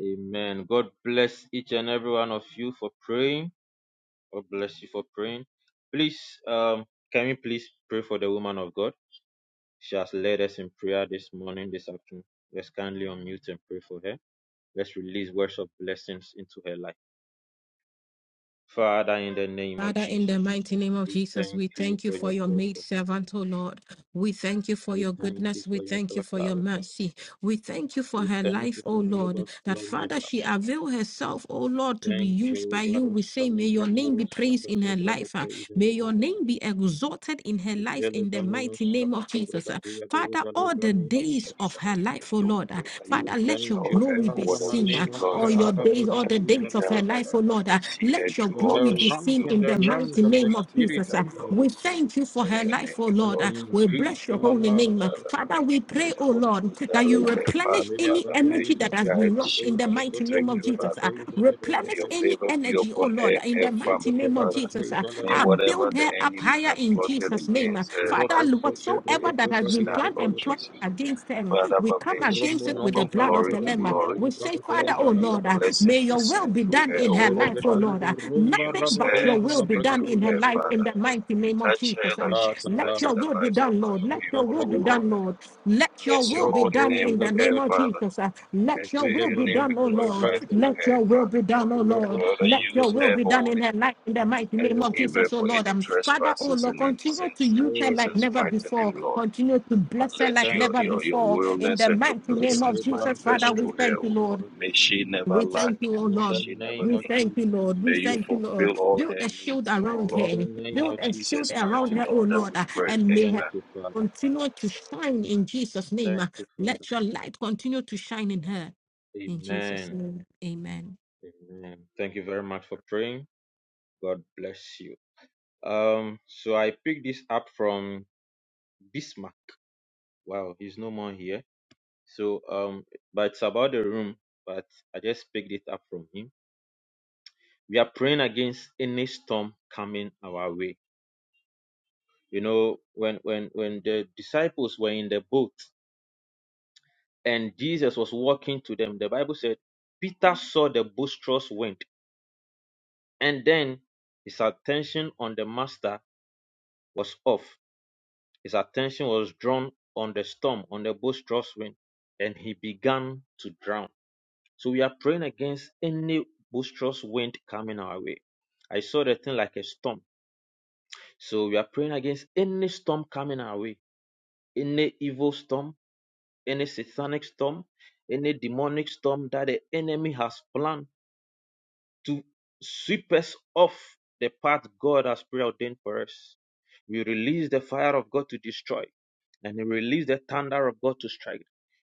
Amen. God bless each and every one of you for praying. God bless you for praying. Please, um, can we please pray for the woman of God? She has led us in prayer this morning, this afternoon. Let's kindly unmute and pray for her. Let's release words of blessings into her life. Father, in the name of Father, in Jesus, the mighty name of we Jesus, thank we you thank you for for your your maid daughter. servant, O Lord. We thank you for We your thank you goodness. We for your thank you for daughter, your O God. mercy. We thank you for We her thank life, you O for an Lord. That overflow Father, measure. she avail herself, O Lord, to be Thank used you, by you. We say, may Baroshala your name Bradiro be praised in Shakato her life. Bragato ah. May Izolo your name Bragato. be exalted in her life in the Jelevamino mighty name of Shakato Jesus. Bragatia Father, Dojalo all the Branino days of her Shashkato. life, oh we Lord, uh, pray that you Father, let Thank your restore you, her glory for Father be whatever seen. she uh, Manino All lost, your Father. Shanta days, all Bragata the Protect days and Izala of her guide her. life, oh Bragata. Lord, uh, See her let your through For all her glory that be she rank seen do in in in the the realms mighty of Jesus' the name of mighty name, spirit Jesus. has uh. O been, Lord. We re- thank you for May her your life, name oh be has Lord. uh, been We glorified, your increased bless name your be by holy Allah praised, name. uh. Father. Shakata. Father, we May pray, the oh Holy Lord, Ghost that you direct their path, replenish any Father. May energy Meabadoza you that has been guide, lost Vinoprado in shield, the and mighty name protect Shekatom of their Jesus. Father. uh. Brakatay May Replenish your Jalebrakatay any favor be energy, oh upon her Lord, and in her the mighty family, Shekoto name of Father. Jesus. Brakatay uh. May I Jalebrakatay whatever build the her up enemy higher has in plotted Jesus' name. against her Father, not Robosoto be whatsoever able that Brakata has to been Bradia stand, planned Lord and plotted Jesus. Badobadabashata against her, Father, we but come may she against it move Romono with the from blood of glory the to Lamb. Zalabragadi glory We say, Zalabragato Father, and oh may your Lord, uh, Zalabragataska may blessings be your will seen be through done her, in O her Lord life, oh Father. Lord. uh, Shelebadeva Romba Nothing Use but her your Rabadei and will be speak done through in Zalabragatei her her, life in Father. the Zalabragataska mighty name of Touch Jesus. her like Um, she's Let touched your the Tatabaya will be lives of done, Lord. other Let Shata your people, will O be Lord. done, Bragataba Lord. Let your Bless will your be holy done Robodo name in the with her, name of Zalabragataska Father, Jesus. uh, Let and your may will your be name Zelemenia done, be oh Lord. glorified Kotobranka through Let Tabra, her, your will Father. be done, oh Lord. Further, Let Robashaka your use will her be done Tebrakatashka, in holy her life in the mighty and name of forgive her Zelebranka Jesus, oh for Lord. any Um, Tabrakatashka. Father, oh trespasses Lord, and any continue to sins in use her Oh, like Jesus' thank never you, mighty Lord. before. name, Lord. Continue to bless her Let like Thank your, never you, your, Lord. your before. In the wellness and your mighty name of blessings Jesus, Zekebranta Father, manifest we through her, Bragatiro thank you, O Lord. Lord. May Sapratia. she never We lack thank you, oh and In may the Lord. she never name We of need. thank you, Jesus. Lord. We May you thank you, Lord. fulfill all Build her a shield needs, O around In Lord. the her. name Build In of a Jesus. shield Jesus' around mighty her, oh name that Lord. we uh, pray. And may her Thank Amen. you, Father. continue to shine in Jesus' name. Uh, Thank you, Father. Let your light continue to shine in her. In Jesus' Amen. name, amen. Amen. Thank you very much for praying. God bless you. Um, so I picked this up from Bismarck. Wow, he's no more here So, um, but it's about the room, but I just picked it up from him. We are praying against any storm coming our way. You know, when when when the disciples were in the boat and Jesus was walking to them, the Bible said Peter saw the boisterous wind, and then his attention on the master was off. His attention was drawn on the storm, on the boisterous wind, and he began to drown So we are praying against any boisterous wind coming our way. I saw the thing like a storm. So we are praying against any storm coming our way, any evil storm, any satanic storm, any demonic storm that the enemy has planned to sweep us off the path God has preordained for us. We release the fire of God to destroy and we release the thunder of God to strike.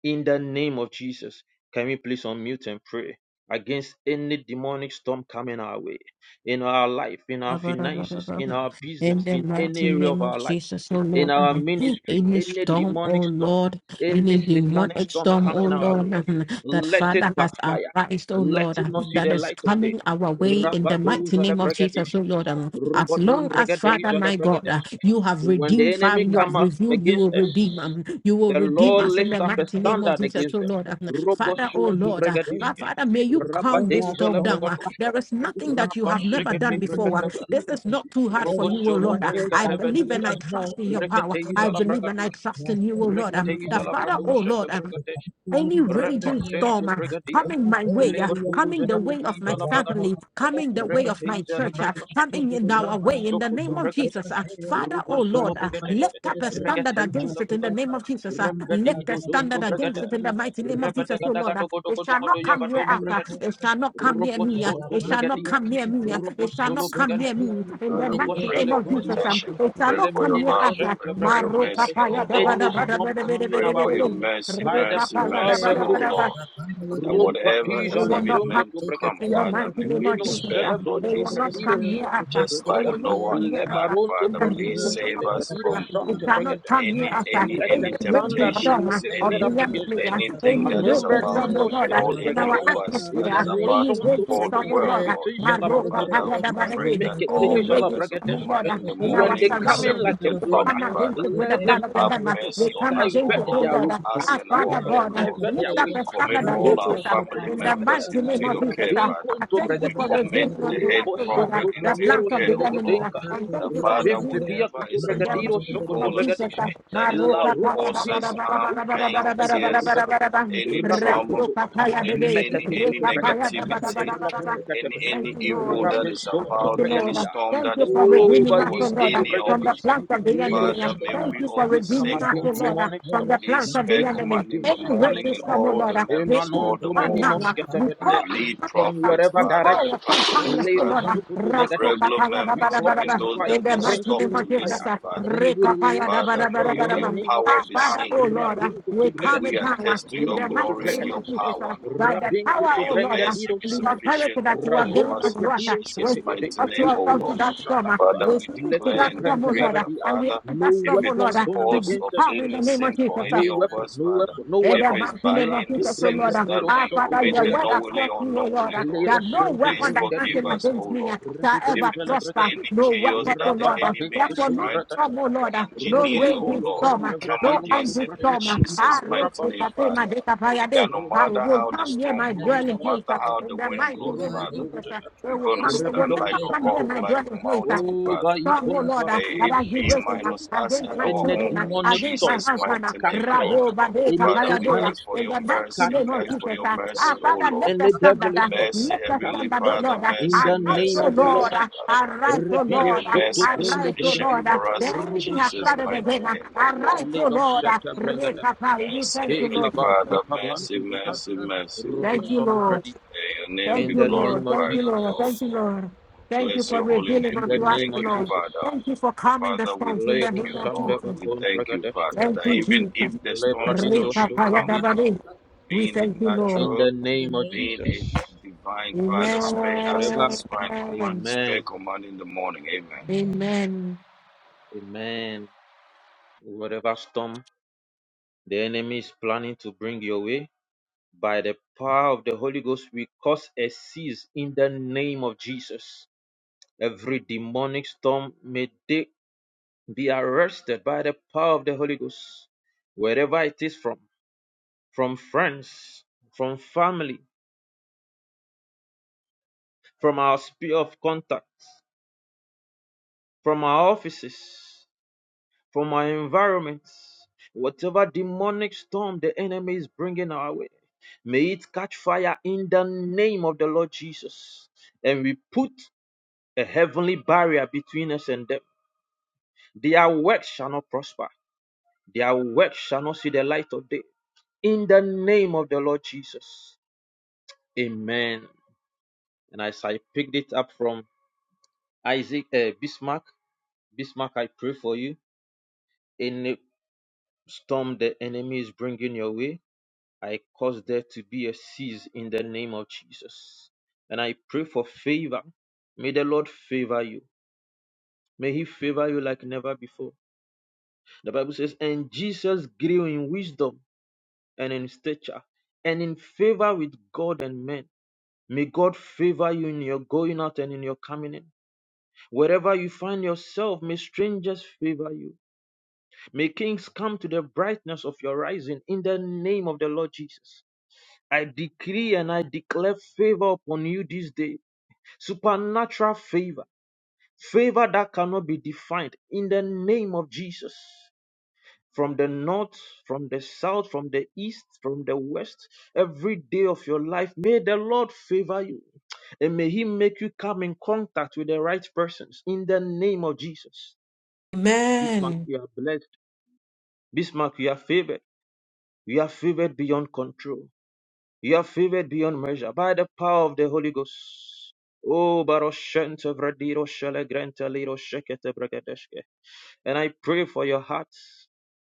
In the name of Jesus, can we please unmute and pray? Against any demonic storm coming our way, in our life, in our finances, in our In business, the in any mighty area name of of our lives, Jesus, oh in Lord, our um, ministry, any any storm, oh demonic storm, Lord, any any satanic demonic storm storm, oh coming our Lord, way, um, that let Father it has backfire arised, oh let Lord, him um, not The see the that next is light of day. coming our way in the mighty Rabadoza le name of week of bregadish, Jesus, oh the month, Lord. um, As Rubodom long as Father, bregadeza le my God, uh, bregadesh. you have When the redeemed, Father, enemy you let have come it be revealed, you for against will the us, redeem, um, you will the redeem Lord bodies us in lift the up and a mighty as name the of standard Jesus, against oh them. Lord. um, Father, contract oh Roboshun to and Lord, uh, my destroyed. bregadishke. Father, may you We calm send this that Rabadeja storm le down. from uh, back, bregadosh, There is nothing everything that you from have in never the Rabashikete done mighty before. name um, of bregatebe, this Jesus. is not too hard for Let you, that O Robosholo Lord. from I go I back bregatebe to the believe and diade, I people now in trust in your the mighty power. name Reketeja I of la believe Jesus. and I bregadosh. trust in you, Masuk O Lord. Um, the Reketeja la Father, O bradosha te Lord, um, bregadesh, any raging Refashente storm uh, bregadia. coming my way, uh, Lego coming tuza the da way of my bedija family, coming the way of Repete my hi jala church, uh, bragadost, coming in our way in ruposho the koto name of bragadha, Jesus. uh, Father, oh ruposolo Lord, uh, bragadest. lift up a Regete standard hi against jala it in the name bragadost, of Jesus. uh, lift a rembedido zon to standard against bragadha, it in the mighty name of Jesus, repetega oh Lord. daga uh, doko it doko shall doko not come yaba near tom us. uh, bragadia. it shall not come near me. uh, Ruposho to it shall not bragadia, come near me. uh, it shall ruposolo not come ke near bragadha, me. In the Father, we mighty pray name ruposale for of Jesus, fotia, um, protection. We it shall pray vle not for your come meni near love. us. We uh, pray noscente for your bragadest. Maroka mercy, O paya da Lord. ba da Ennis ba da tom ba da We ba da kame ba pray da ba for da nawawe, your ba mercy, by re the mercy, path mercy, the O horibus, Lord. That whatever rumpati It is will jala not even brongo come meant to to come, bragadia. in the Father, mighty may name we of be Meno Jesus. spared, uh. Lord It celebronto will not Jesus. bradido come near us. shakata uh. Just It bradida. like will not Noah come in near Le the us. ark, uh. baronto In Father, the mighty please pranino name of save shkete us Jesus. bradido uh. from It shante cannot come bragadeske. near any us. uh. any Let Any the any great standard be storm uh, temptations, of lifted any the up against enemy, uh, them. anything any that is Manombre great about storm, to oh nino Lord, uh, befall shkete in any our of bragadida. us, atmosphere, that uh, is Imano about any to shonto great befall the storm, oh fratido world, Lord, uh, Lord. shkete jala uh, Father, brokotura. we any pray Make great that it storm, oh all jala members of bragadeske. Lord, command uh, in the in When our they morning be come in surroundings, like a separated flood, from it, come Father. against it with the let them blood of the Have Lamb. uh, We mercy on come us, against divert O it, oh Lord, their from Lord. route. uh, us Our and our Father Let them God, own, uh, Lord. divert their lift up ways. We a commit standard all against our Robo us uh, family Sokoto in the Brekete, members mighty name into of your Jesus. care, uh, Rabin Father. I Konto thank you We for Bregadida, commit revealing the unto head us, Robo oh Lord, uh, prophet Shonto the into your Pranero plans of care, the O enemy. Lord. uh, Skelegedenka, And The thank you for Father, Rabin redeeming Pepia whatever us Kutu is in the about Bregadiro to mighty name Sokoto of befall us, Jesus. uh, Bregadishke, that is La going Maroka to paya Rupa ba cause ba da Pimpa us ba da ba harm, Padu da ba da ba Brekete, da pain, ba da ba Izala da ba tears, da Bregoto, ba da ba. any trauma, Rabakotoba, Rakoka paya any bebe. any Meketo any Koto Reka Brekete, ba ba ba negativity, ba ba. any Rabatekete, Thank any you, Lord. evil that Thank you, is Lord. Rabeshonto Thank about, you, any Bregadia, storm that is for O blowing redeeming us, O towards Bayinko Lord, to any of from the us. Bregadishke, plans of the Lido enemy. Father, may Shakata. Thank we you for all be We come redeeming saved, us, O O against Lord, Lord. demonic from the stuff. Please plans of the spare We come enemy. commanding the against Any satanic morning and resistance, stuff. O all Lord, the In we members, all anon the to come many mods, now. We the call noshketabedia. and lead From come. prophets, wherever we Father, the call direction. upon pastors, calmness, O Leros Lord. Father, sukutu the Rasto bregadiske. regular kataya da We ba members, da ba call da even ba. forth those In fire, that the just mighty name stop name brimstone of to of Jesus. fire. listen, uh, Father. And we Rekapaya da release ba Father, da ba upon may da them ba in your, da the your ba. name of power Ah, be Jesus. Father, seen, oh Lord, Father. uh, Rabingo we to May come we bregadiske. down uh, attest to in your the Leko to mighty glory and name your of bregatiske. Jesus power, uh, Lord. by the Rabingo power, May to oh your Lord, uh, mercy be in the brengadirosketebe. authority sufficient that for you have all of given Razonto us, us Lord. uh, in We Jesus' fredirosketebe. speak mighty of you name, O to Lord. that storm. uh, Rashakateba. Father, We we speak to Leto declare that and storm, oh decree Lord, uh, that, brengatabadia. and we Father, ask No that if storm, oh it Lord, weapon is uh, formed cause to against of us come in prosper. the any name of sin for Jesus. uh, No any of weapon, us, no Father, weapon, no in if the weapon. it's mighty by name La of any to Jesus, oh brenga Lord, sins uh, that tiro ah, we shoko Father, to your brega committed word has deske. knowingly taught or me, oh Lord, unknowingly, uh, Lord, Lero that no shon weapon please that brenga forgive comes tiro us, ske. O against me uh, Lord. Rebe shall do If ever it jala is brega prosper. dia. any No chaos weapon, oh that the Lord. uh, Rababa de enemy is Therefore, kutum no trying brega to storm, oh taba. Lord, uh, no Robo engineer, O raging shoto Lord, storm, we uh, brega come no bradiro against angry it in shufratira. storm. uh, Ah, Jesus' rose mighty to name, Rabash Cafe, my Father. day, Cafe, That day, no I rumpata. matter will how the come near storm my blows, no dwelling Neninos. place. matter uh, how the In the wind mighty blows, name Rumbo of Father, to Jesus, dalam uh, jala. they we're will going to come. They Rebe will stand like never one a come near rock, my shakateba. like a dwelling place. uh, mountain, O ba Father Strong, oh ipom Lord, uh, May that paradino it has been be shoko to waiting uh, minus bregia. us against and my our In a children, uh, own in demonic against my storm, Jesus' husband, uh, mighty catch name, Lord. fire. Rabo Bade In a Father, we Kapayadoya, satanic ask for storm, in your the mighty mercy. catch name We of fire ask for Jesus. your Uh, mercy, our O Father, Lord. lift and the let standard, devilish uh, tongues Mercy, lift the catch Heavenly standard, oh fire Father, Lord. Uh, in mercy, the arise, name mercy, oh of the Lord Lord, mercy, uh, Jesus. Father. arise, oh May Revilo your Lord, uh, shoto mercy be prondo arise, oh sufficient brigadi Lord. Uh, for the us in robo enemy has Jesus' started shakataba mighty again. Uh, name, O Lord. arise, oh ledo Lord, uh, shata brigadaba Rekapai, we Mercy, thank you, Heavenly Lord kekaba Jesus. Father, mercy, kekabante bata mercy, mercy, robo Lord. Thank you, shalo Lord. bradia May your name be in Thank you, the name Lord. of Thank glorified, you, O Jesus. Lord. Lord. Thank you, Lord. Thank you Bless for your holy revealing In name. the We unto us, name the thank of you, Lord. Jesus. Father. Thank you for calming the Father, we storms in the thank Lebo name you, of Lord. shandaba Jesus. We kon thank you, brigadeshke Father, Thank that you, even Jesus. if the storm lebradido still should come, sufradido Ripapayadabari. shkete. We being it thank you, Lord. In natural, the name of being Jesus. it divine, Father, spare us and Whatever. Amen. Amen. spare command, spare Amen. command in the morning. Amen. Amen. Amen. Whatever storm the enemy is planning to bring your way. By the power of the Holy Ghost, we cause a cease in the name of Jesus. Every demonic storm may they be arrested by the power of the Holy Ghost, wherever it is from, from friends, from family, from our sphere of contact, from our offices. from our environment, whatever demonic storm the enemy is bringing our way, may it catch fire in the name of the Lord Jesus. And we put a heavenly barrier between us and them. Their works shall not prosper, their works shall not see the light of day. In the name of the Lord Jesus. Amen. And as I picked it up from Isaac uh, Bismarck, Bismarck, I pray for you. Any storm the enemy is bringing your way, I cause there to be a cease in the name of Jesus. And I pray for favor. May the Lord favor you. May He favor you like never before. The Bible says, And Jesus grew in wisdom and in stature and in favor with God and men. May God favor you in your going out and in your coming in. Wherever you find yourself, may strangers favor you. May kings come to the brightness of your rising in the name of the Lord Jesus. I decree and I declare favor upon you this day. Supernatural favor. Favor that cannot be defined in the name of Jesus. From the north, from the south, from the east, from the west, every day of your life, may the Lord favor you and may He make you come in contact with the right persons in the name of Jesus. Bismarck, you are blessed. Bismarck, you are favored. You are favored beyond control. You are favored beyond measure by the power of the Holy Ghost. Oh, Baroshente Vradiro Shelegrente Liro Shekete Bregadeshke. And I pray for your hearts.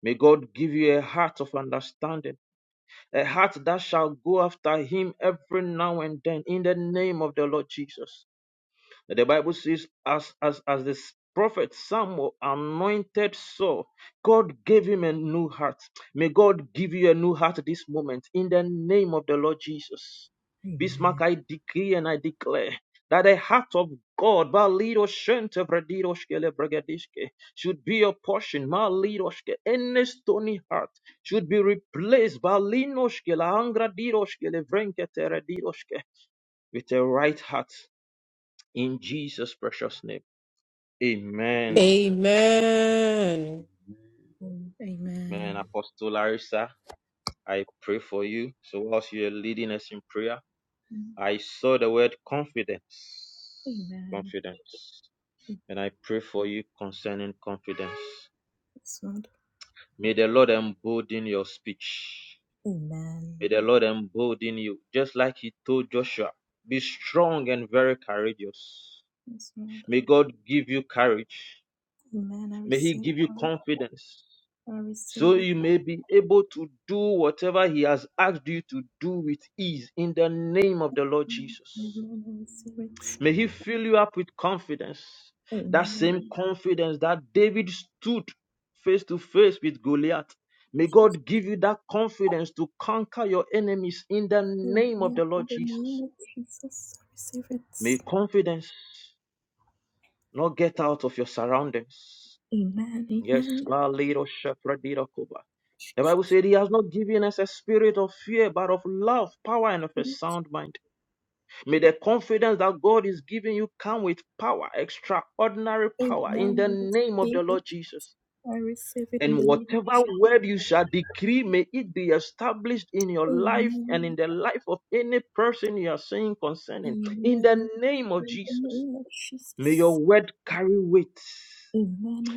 May God give you a heart of understanding, a heart that shall go after Him every now and then in the name of the Lord Jesus. The Bible says, as as as the prophet Samuel anointed Saul, God gave him a new heart. May God give you a new heart this moment in the name of the Lord Jesus. Bismarck, I decree and I declare that the heart of God, should be your portion. Malidoshke, any stony heart should be replaced Balinoshke, Laangradidoshke, Levrenketeredidoshke, with a right heart in Jesus' precious name. Amen. Amen. Amen. Apostle Larissa, I pray for you. So whilst you're leading us in prayer, I saw the word confidence. Confidence. And I pray for you concerning confidence. May the Lord embolden your speech. May the Lord embolden you, just like He told Joshua. Be strong and very courageous. May God give you courage. May He give you confidence. so you may be able to do whatever He has asked you to do with ease in the name of the Lord Jesus. May He fill you up with confidence, that same confidence that David stood face to face with Goliath. May God give you that confidence to conquer your enemies in the name of the Lord Jesus. May confidence not get out of your surroundings. Yes, Balido Shafradida Koba. The Bible said he has not given us a spirit of fear, but of love, power, and of a sound mind. May the confidence that God is giving you come with power, extraordinary power, in the name of the Lord Jesus. And whatever word you shall decree, may it be established in your life and in the life of any person you are saying concerning. In the name of Jesus, may your word carry weight.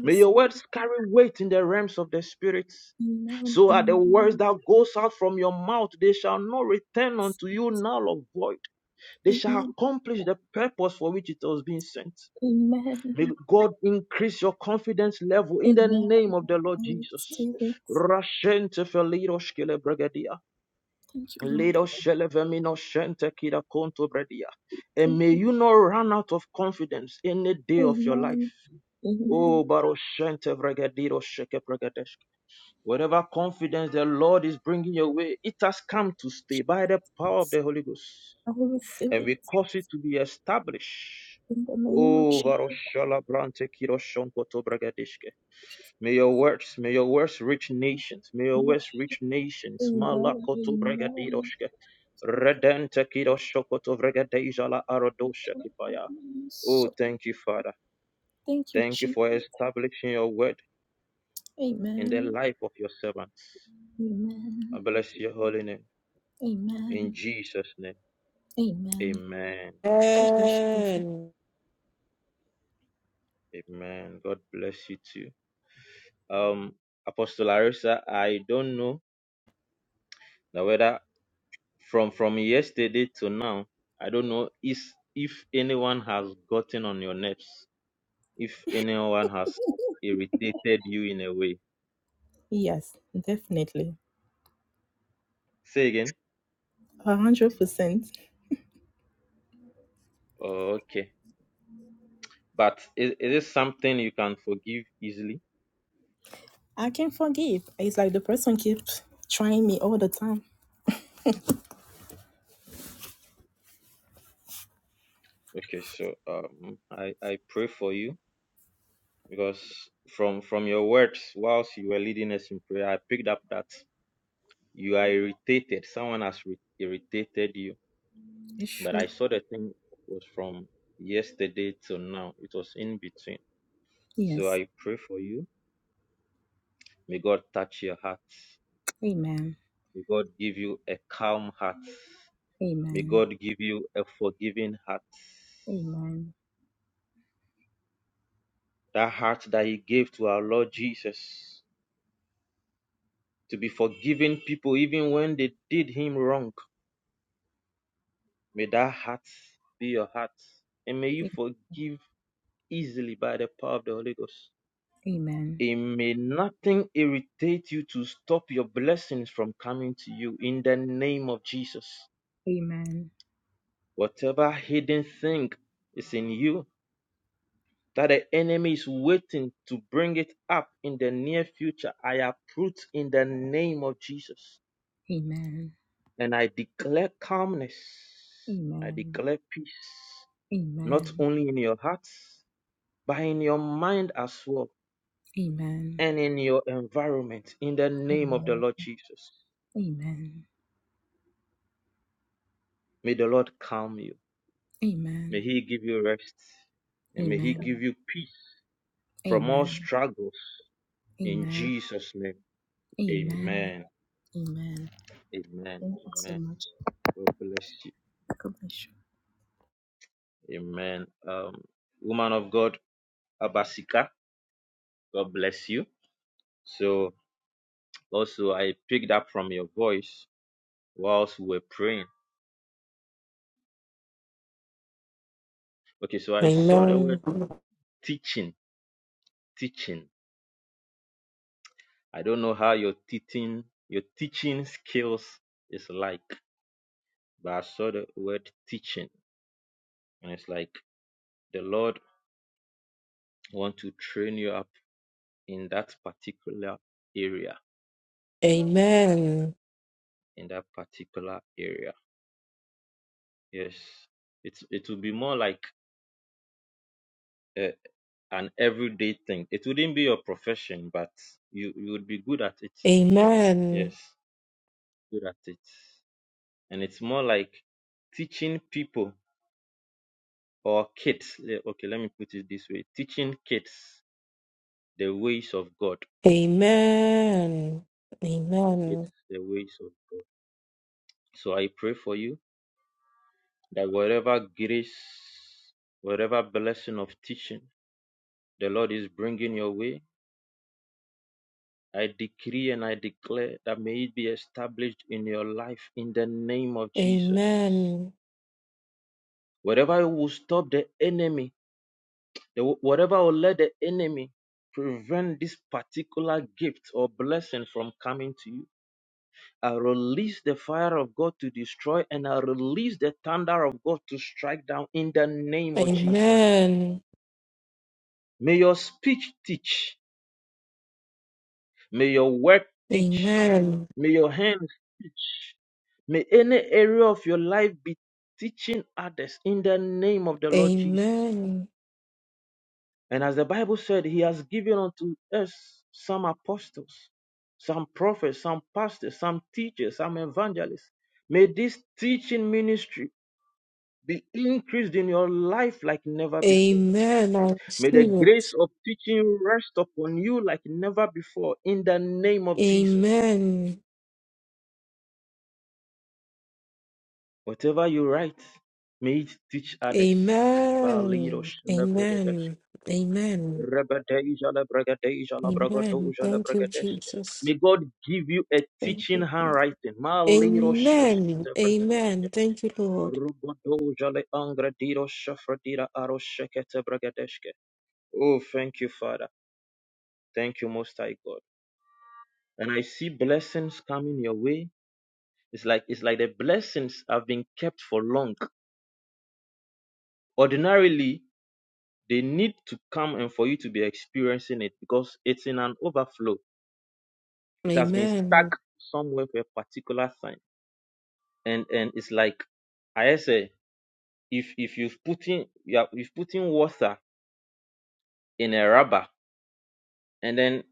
May your words carry weight in the realms of the spirit. So are the words that goes out from your mouth, they shall not return unto you now of void. They shall accomplish the purpose for which it was being sent. May God increase your confidence level in the name of the Lord Jesus. Rashente felido shkele bregadia. Lido shele vemino shente kida konto bredia. And may you not run out of confidence any day of your life. Oh, Baroshente Vregadido Sheke Vregadesh. Whatever confidence the Lord is bringing your way, it has come to stay by the power of the Holy Ghost. And we cause it to be established. Oh, Varoshala Brante Kiroshonkoto Bregadeshke. May your words, may your words reach nations. May your words reach nations. Malakoto Bregadidoshke. Redente Kiroshokoto Vregadejala Arodoshakipaya. Oh, thank you, Father. Thank you for establishing your word. in the life of your servant. I bless your holy name. In Jesus' name. Amen. Amen. God bless you too. Um, Apostle Larissa, I don't know now whether from from yesterday to now, I don't know if if anyone has gotten on your nerves, if anyone has irritated you in a way. Say again. Hundred percent. Oh, okay. But is, is this something you can forgive easily? I can forgive. Okay, so um I, I pray for you because from from your words whilst you were leading us in prayer i picked up that you are irritated someone has re- irritated you but i saw the thing was from yesterday till now it was in between so i pray for you may god touch your heart may god give you a calm heart may god give you a forgiving heart that heart that he gave to our lord jesus to be forgiving people even when they did him wrong May that heart be your heart. And may you forgive easily by the power of the Holy Ghost. And may nothing irritate you to stop your blessings from coming to you in the name of Jesus. Whatever hidden thing is in you that the enemy is waiting to bring it up in the near future, I uproot in the name of Jesus. And I declare calmness. I declare peace, not only in your hearts. but in your mind as well and in your environment. In the name of the Lord Jesus, may the Lord calm you. May He give you rest and may He give you peace from all struggles. In Jesus' name, amen. Amen. Amen. God bless you. Amen. Um, woman of God, Abasika, God bless you. So, also, I picked up from your voice whilst we were praying. Okay, so I saw the word Amen. Amen. teaching, teaching I don't know how your teaching your teaching skills is like, but I saw the word teaching and it's like the Lord want to train you up in that particular area. Amen. In that particular area. Yes. It's it will be more like uh, an everyday thing. It wouldn't be your profession, but you, you would be good at it. Yes, Amen. good at it. And it's more like teaching people or kids. le- Okay, let me put it this way teaching kids the ways of God. Amen. Amen. It's the ways of God. So I pray for you that whatever grace, whatever blessing of teaching the Lord is bringing your way, I decree and I declare that may it be established in your life in the name of Jesus. Amen. Whatever will stop the enemy, the- whatever will let the enemy prevent this particular gift or blessing from coming to you I release the fire of God to destroy, and I release the thunder of God to strike down in the name of Jesus. Amen. May your speech teach. May your work teach. Amen. May your hands teach. May any area of your life be teaching others in the name of the Lord Jesus. Amen. And as the Bible said, He has given unto us some apostles, some prophets, some pastors, some teachers, some evangelists. May this teaching ministry be increased in your life like never before. Amen. I May the receive grace it. of teaching rest upon you like never before in the name of Jesus. Amen. Whatever you write, may it teach others. Amen. Amen. Amen. Amen. Thank you, Jesus. May God give you a Thank teaching you. handwriting. Amen. Amen. Thank you, Lord. Oh, thank you, Father. Thank you, Most High God. And I see blessings coming your way. It's like it's like the blessings have been kept for long. Ordinarily, they need to come and for you to be experiencing it because it's in an overflow. It has been Amen. stuck somewhere for a particular time. And and it's like I say, if if you've put in you have, you've put in water in a rubber and then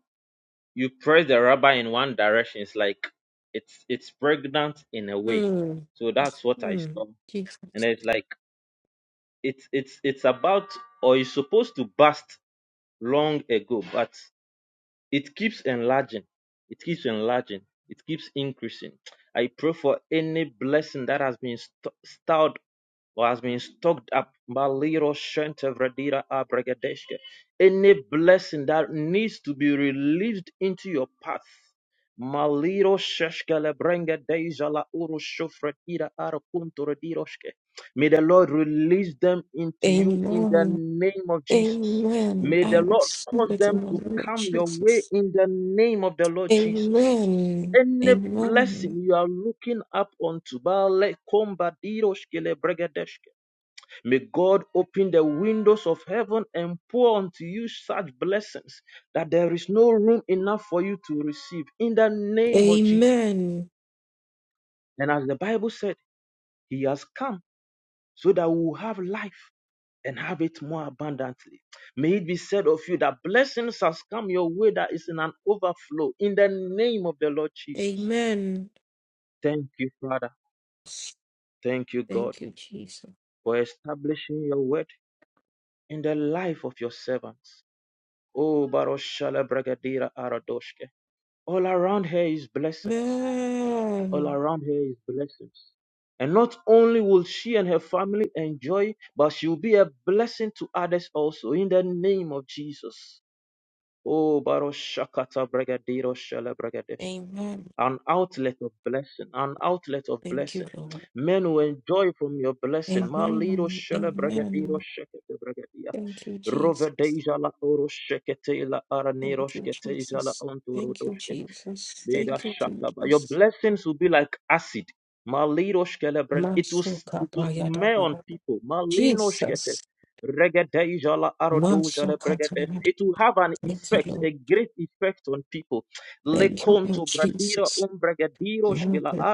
you press the rubber in one direction, it's like it's it's pregnant in a way. Mm. So that's what I Mm. saw Jesus. and it's like it's it's it's about or it's supposed to burst long ago but it keeps enlarging it keeps enlarging it keeps increasing i pray for any blessing that has been st- stored Lord, has been stocked up. Maliro shente vredira abregedeshke. Any blessing that needs to be released into your path. Maliro sheshkele brenge deja la uru shofre ira ara kuntore May the Lord release them into you in the Amen. name of Jesus. Amen. May I the Lord receive cause it them in the to name of come your way Jesus. in the name of the Lord Jesus Amen. any blessing Amen. you are looking up onto, Baale Komba Diroshkele Bregadesh, May God open the windows of heaven and pour unto you such blessings that there is no room enough for you to receive in the name of Jesus. Amen. And as the Bible said, He has come so that we will have life and have it more abundantly. May it be said of you that blessings has come your way that is in an overflow in the name of the Lord Jesus. Amen. Thank you, Father. Thank you, God, Thank you, Jesus. for establishing your word in the life of your servants. Oh, Baroshala Bragadira Aradoshke. All around her is blessings. All Amen. around her is blessings. And not only will she and her family enjoy, but she will be a blessing to others also in the name of Jesus. Oh, Baroshakata Bragadiro Shala Bragadesh Amen. an outlet of blessing, an outlet of Thank you, blessing. Lord. Men will enjoy from your blessing. Malido Amen. shele bragadiro Amen. shekete bragadia. Thank you, Jesus. Rove la oro shekete la aranero Thank you, shkete Jesus. Thank you, la Jesus. Thank you, your Jesus. blessings will be like acid. Malirosh It will Mansuka it will smell on Bayadabada. people. Malinosh kete. Jesus. Regedei jala Mansuka Tayada. It will have an Thank you, effect, Lord. a great effect on people. Thank you, Lord Lekonto bradira Jesus. umbregediro shkila Mansuka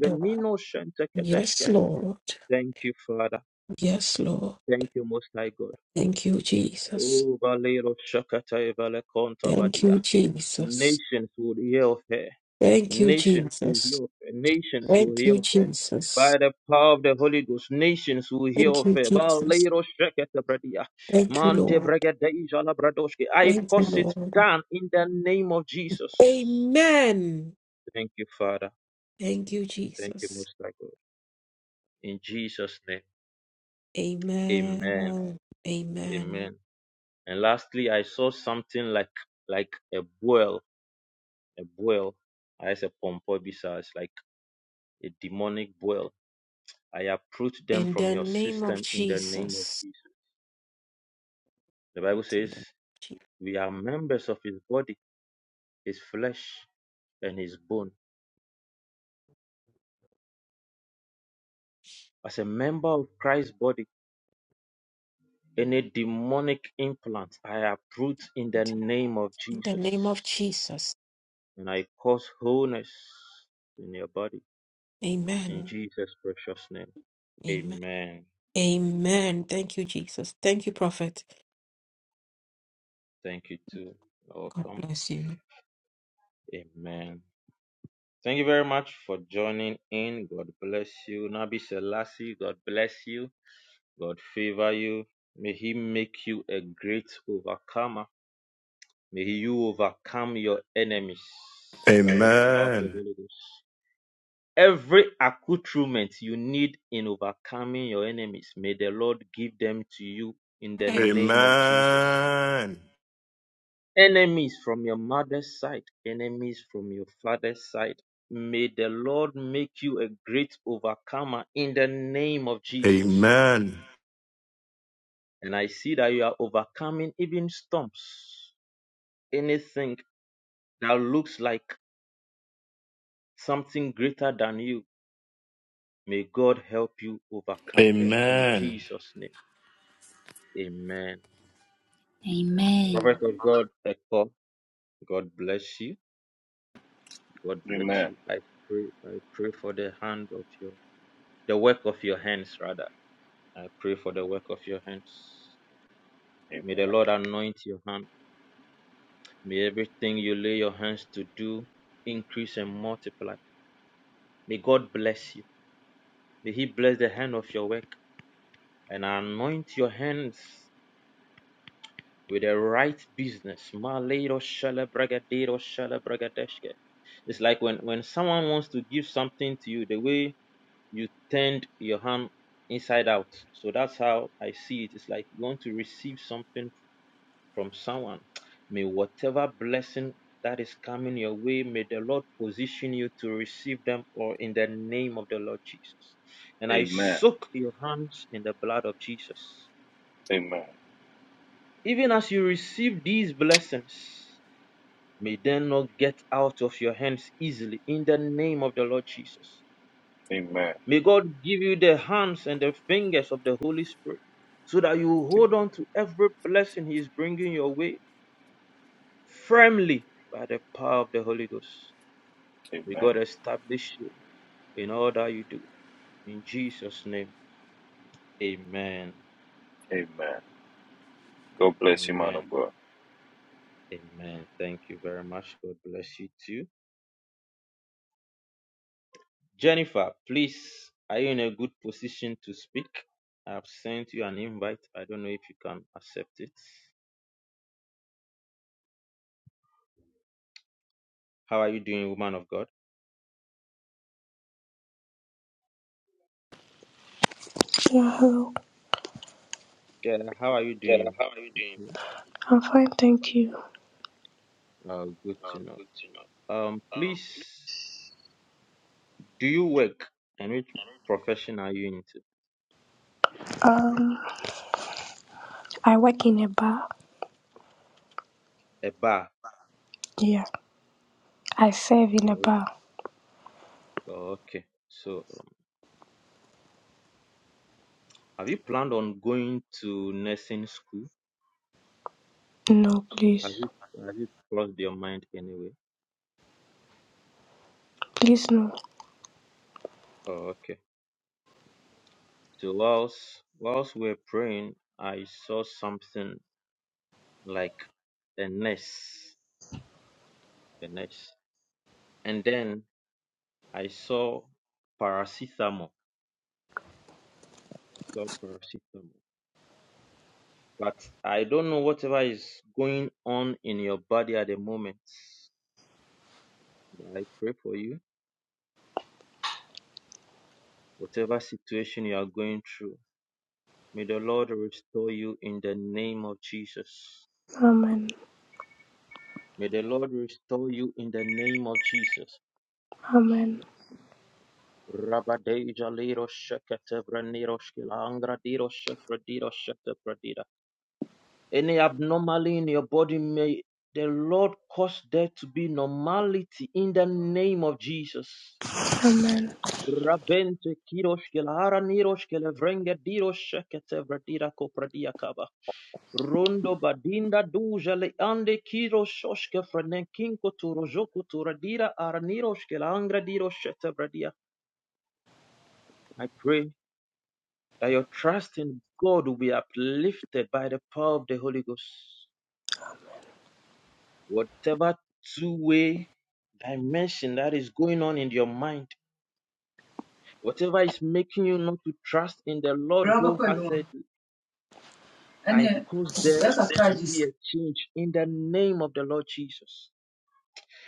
venino shente Yes, Lord. Thank you, Father. Yes, Lord. Thank you, Most High God. Thank you, Jesus. Oh, Valero Shakata Valekonta Thank Badia. you, Jesus. Nations will hear of her. Thank you, Nations will Jesus. hear of it. Nations will Thank hear you, of it. Jesus. By the power of the Holy Ghost, nations will hear Thank of you, it. Jesus. Balero shekete bredia. Thank you, Mante Lord. bregedeja la bradoshke. I Thank you, cause it Lord. done in the name of Jesus. Amen. Thank you, Father. Thank you, Thank you, Jesus. Most High God. In Jesus' name, Amen. Amen. Amen. Amen. And lastly, I saw something like like a boil, a boil. I said pompo besides, like a demonic boil I uproot them In from the your name of system in the name of Jesus. Jesus. The Bible In says the we are members of his body, his flesh, and his bone. As a member of Christ's body, any demonic implant I uproot in the name of in the name of Jesus. Jesus. And I cause wholeness in your body. In Amen. Jesus' precious name. Amen. Amen. Amen. Thank you, Jesus. Thank you, Prophet. Thank you too. God Welcome. bless you. Amen. Thank you very much for joining in. God bless you. Nabi Selassie, God bless you. God favor you. May He make you a great overcomer. May you overcome your enemies by the power of the Amen. Holy Ghost. Every accoutrement you need in overcoming your enemies, may the Lord give them to you in the name of Jesus. Amen. Enemies from your mother's side, enemies from your father's side, may the Lord make you a great overcomer in the name of Jesus. Amen. And I see that you are overcoming even storms. anything that looks like something greater than you, may God help you overcome them in Amen. Jesus' name. Amen. Prophet Amen. of God, Eko, God bless you. God bless Amen. you. I pray, I pray for the hand of your, the work of your hands, rather. I pray for the work of your hands. May the Amen. Lord anoint your hand. May everything you lay your hands to do increase and multiply. May God bless you. May He bless the hand of your work and anoint your hands with the right business. Malero shalabragadero shalabragadeshke. It's like when, when someone wants to give something to you, the way you turned your hand inside out. So that's how I see it. It's like you want to receive something from someone. May whatever blessing that is coming your way, may the Lord position you to receive them or in the name of the Lord Jesus. And I Amen. soak your hands in the blood of Jesus. Amen. Even as you receive these blessings, May them not get out of your hands easily in the name of the Lord Jesus. Amen. May God give you the hands and the fingers of the Holy Spirit so that you hold on Amen. to every blessing He is bringing your way firmly by the power of the Holy Ghost. May Amen. God establish you in all that you do. In Jesus' name, amen. Amen. God bless you, man Amen. of God. Amen. Thank you very much. God bless you too. Jennifer, please, are you in a good position to speak? I have sent you an invite. I don't know if you can accept it. How are you doing, woman of God? Yeah, hello. Yeah, how are you doing? Yeah. I'm fine, thank you. Uh, good to know. Um, please, do you work and which profession are you into? Um, I work in a bar. A bar. Yeah, I serve in a Oh, bar. okay. So, um, have you planned on going to nursing school? No, Have please, you have you crossed your mind anyway? please, no. Oh, okay. So whilst whilst we were praying, I saw something like a nest, a nest, and then I saw paracetamol. I saw paracetamol, but I don't know whatever is going on in your body at the moment. But I pray for you, whatever situation you are going through. May the Lord restore you in the name of Jesus. Amen, May the Lord restore you in the name of Jesus. amen, Rabadeja Liro Shekete Braniro Shkilangra Diro Shefrediro Shete Pradira. Any abnormality in your body may the Lord cause there to be normality in the name of Jesus. amen, Rabente Kiroshkelara Niroshkele Vrenga Diro Shekete Vradira Kopradia Kaba. Rondo badinda duja le ande kiro shoshke frenen kinko turo joku turadira araniro shkela angra diro shete bradia. I pray that your trust in God will be uplifted by the power of the Holy Ghost. Whatever two way dimension that is going on in your mind, whatever is making you not to trust in the Lord Bra who bɛkɔ has adwuma said, I ɛneɛ cause there yɛakakra to gye be sika a change in the name of the Lord Jesus.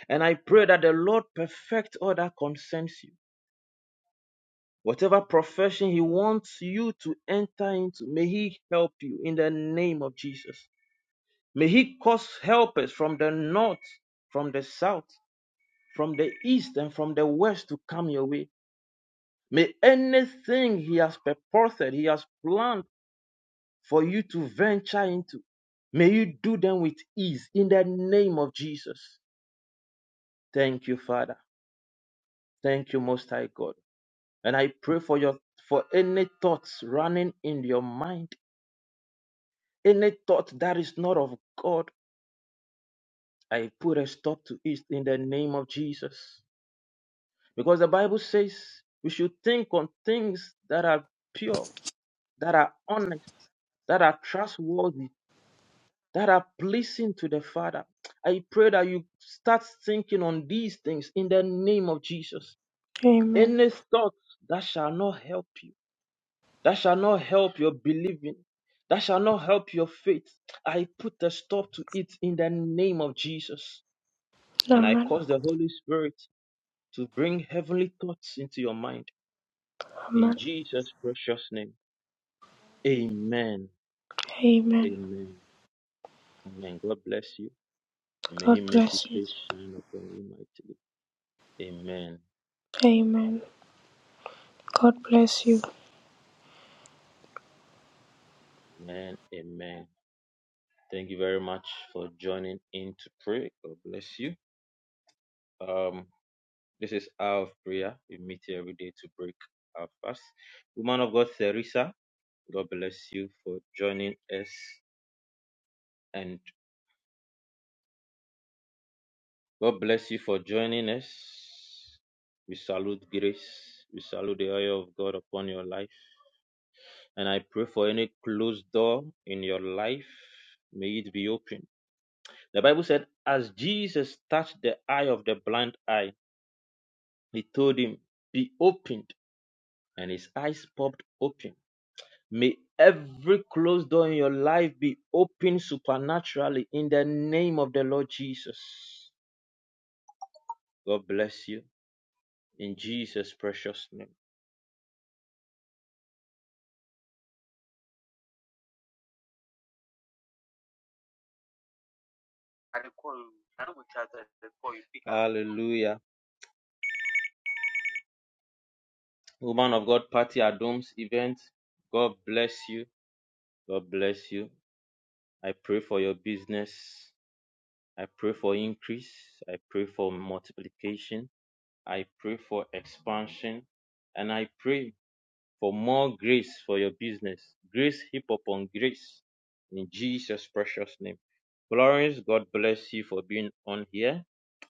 And I pray that the Lord perfect all that concerns you. Whatever profession He wants you to enter into, may He help you in the name of Jesus. May he cause helpers from the north, from the south, from the east, and from the west to come your way. May anything he has purposed, he has planned for you to venture into, may you do them with ease in the name of Jesus. Thank you, Father. Thank you, Most High God. And I pray for your for any thoughts running in your mind, any thought that is not of God, I put a stop to it in the name of Jesus. Because the Bible says we should think on things that are pure, that are honest, that are trustworthy, that are pleasing to the Father. I pray that you start thinking on these things in the name of Jesus. amen, Any thoughts that shall not help you, that shall not help your believing, that shall not help your faith, I put a stop to it in the name of Jesus. And I amen, cause the Holy Spirit to bring heavenly thoughts into your mind. In amen, Jesus' precious name. Amen. amen. Amen. Amen. God bless you. May He God make His bless you. face shine upon you mightily. Amen. Amen. God bless you. Amen. Amen. Thank you very much for joining in to pray. God bless you. Um, this is hour of prayer. We meet here every day to break our fast. Woman of God, Theresa, God bless you for joining us, and God bless you for joining us. We salute grace. We salute the oil of God upon your life. And I pray for any closed door in your life, may it be open. The Bible said, as Jesus touched the eye of the blind eye, he told him, Be opened. And his eyes popped open. May every closed door in your life be opened supernaturally in the name of the Lord Jesus. God bless you in Jesus' precious name. Hallelujah. Woman of God, Party Adams event. God bless you. God bless you. I pray for your business. I pray for increase. I pray for multiplication. I pray for expansion. And I pray for more grace for your business. Grace heap upon grace in Jesus' precious name. Florence, God bless you for being on here.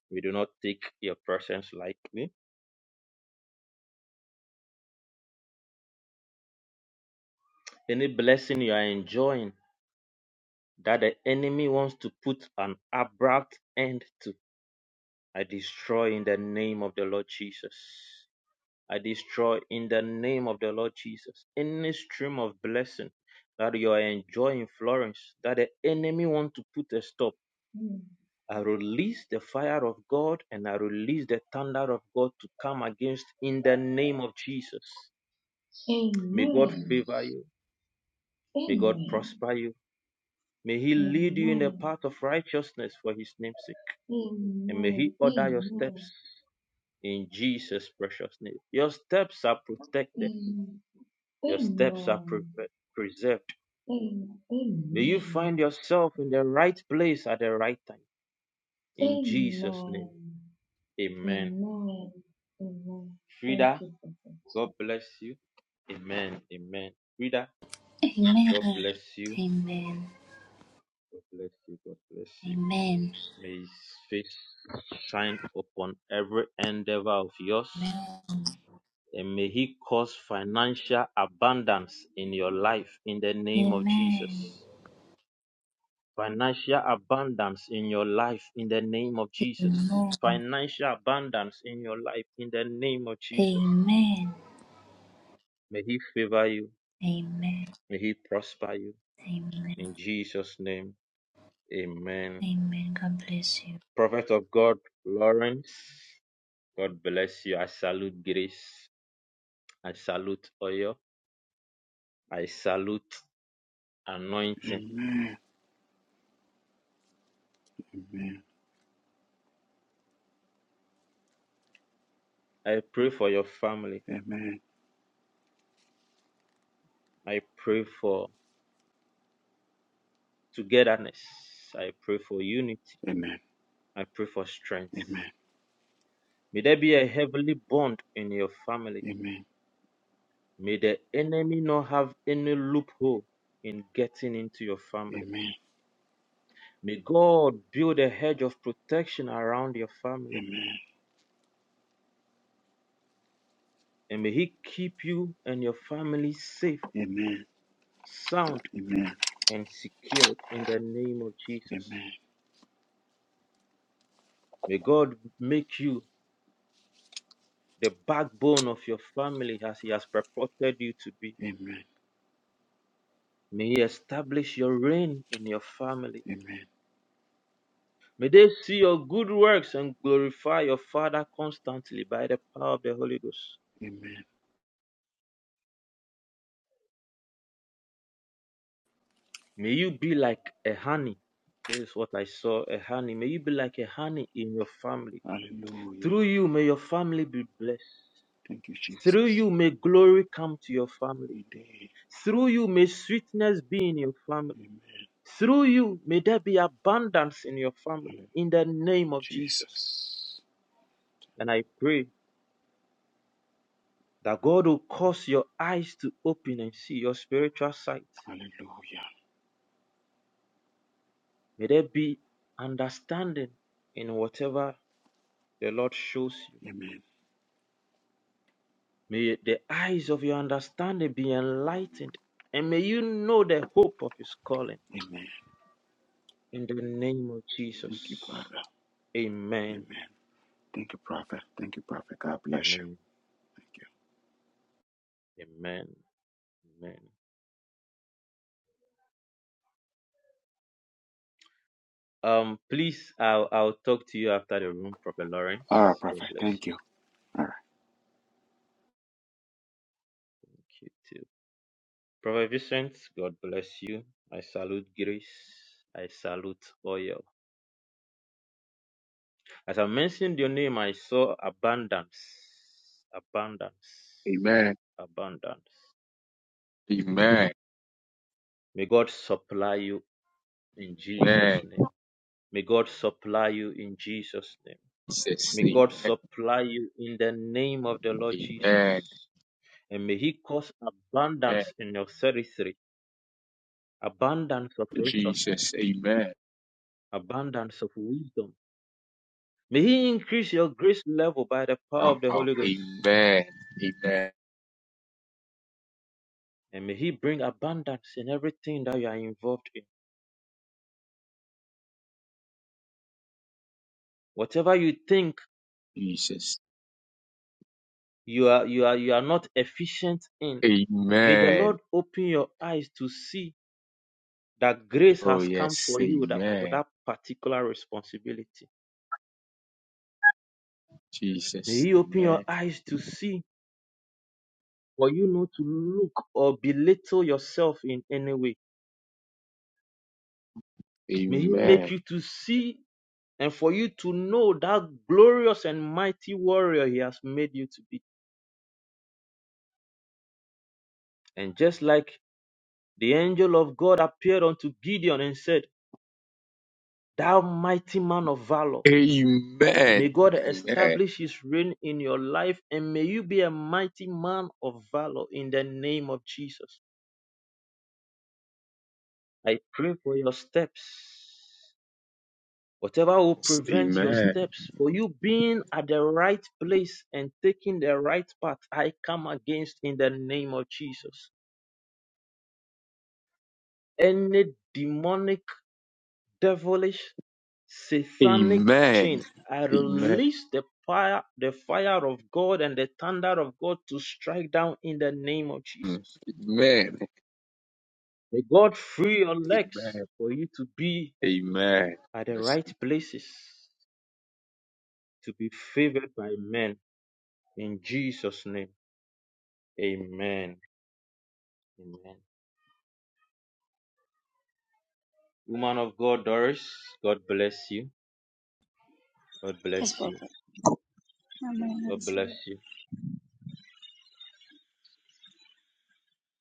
We do not take your presence lightly. Any blessing you are enjoying that the enemy wants to put an abrupt end to, I destroy in the name of the Lord Jesus. I destroy in the name of the Lord Jesus any stream of blessing that you are enjoying, Florence, that the enemy want to put a stop. I release the fire of God and I release the thunder of God to come against in the name of Jesus. May God Amen. favor you. May God Amen. prosper you. May He lead you in the Amen. path of righteousness for His name's sake. Amen. And may He Amen. order your steps Amen. in Jesus' precious name. Your steps are protected. Amen. Your steps are Amen. preserved Amen. May you find yourself in the right place at the right time. In Jesus' name. Amen. Amen. Amen. Amen. Thank Frida, you, Prophet. God bless you. Amen. Amen. Frida, Amen. God bless you. Amen. God bless you. God bless you. Amen. May his face shine upon every endeavor of yours. Amen. And may he cause financial abundance in your life in the name of Amen. Jesus. Financial abundance in your life in the name of Jesus. Amen. Financial abundance in your life in the name of Jesus. Amen. May He favor you. Amen. May He prosper you. Amen. In Jesus' name, amen. Amen. God bless you. Prophet of God, Lawrence, God bless you. I salute grace. I salute oil. I salute anointing. Amen. Amen. I pray for your family. Amen. I pray for togetherness. I pray for unity. Amen. I pray for strength. Amen. May there be a heavenly bond in your family. Amen. May the enemy not have any loophole in getting into your family. Amen. May God build a hedge of protection around your family. And may He keep you and your family safe, Amen. Amen. sound, Amen. and secured in the name of Jesus. May God make you the backbone of your family as He has purported you to be. Amen. Amen. May He establish your reign in your family. Amen. May they see your good works and glorify your Father constantly by the power of the Holy Ghost. Amen. May you be like a honey. This is what I saw a honey. May you be like a honey in your family. Hallelujah. Through you, may your family be blessed. Thank you, Through Jesus. you, may glory come to your family. Indeed. Through you, may sweetness be in your family. Through you, may there be abundance in your family. In the name of Jesus. And I pray that God will cause your eyes to open and see your spiritual sight May there be understanding in whatever the Lord shows you. May the eyes of your understanding be enlightened, and may you know the hope of His calling. In the name of Jesus. Amen. Amen. Amen. Amen. Um, please, I'll, I'll talk to you after the room, Prophet Lawrence. God bless you. Thank you too. Prophet Vincent, God bless you. I salute grace. I salute oil. As I mentioned your name, I saw abundance, abundance, Amen. abundance. Amen. May God supply you in Jesus' Amen. name. May God supply you in Jesus' name. May God supply you in the name of the Lord Jesus. And may He cause Amen. abundance in your territory, abundance of Jesus. resources, Amen. abundance of wisdom. May He increase your grace level by the power of the Holy Ghost. Amen. Amen. And may He bring abundance in everything that you are involved in. Whatever you think Jesus. you are you are you are not efficient in, may the Amen. Lord open your eyes to see that grace Oh, has come yes. for you that, for Amen. that particular responsibility. May Jesus. He open your Amen. eyes to see for you not to look or belittle yourself in any way. May He Amen. make you to see and for you to know that glorious and mighty warrior He has made you to be. And just like the angel of God appeared unto Gideon and said, Thou mighty man of valor. Amen. May God Amen. establish his reign in your life and may you be a mighty man of valor in the name of Jesus. I pray for your steps. Whatever will prevent your Amen. steps, for you being at the right place and taking the right path, I come against in the name of Jesus. Any demonic devilish satanic Amen. chain. I Amen. release the fire, the fire of God and the thunder of God to strike down in the name of Hmm. Jesus. Amen. May God free your legs Amen. for you to be at the Amen. right places, to be favored by men. In Jesus' name, amen. Amen. Woman of God, Doris, God bless you. God Yes, bless you. Prophet. Am I God bless received? you.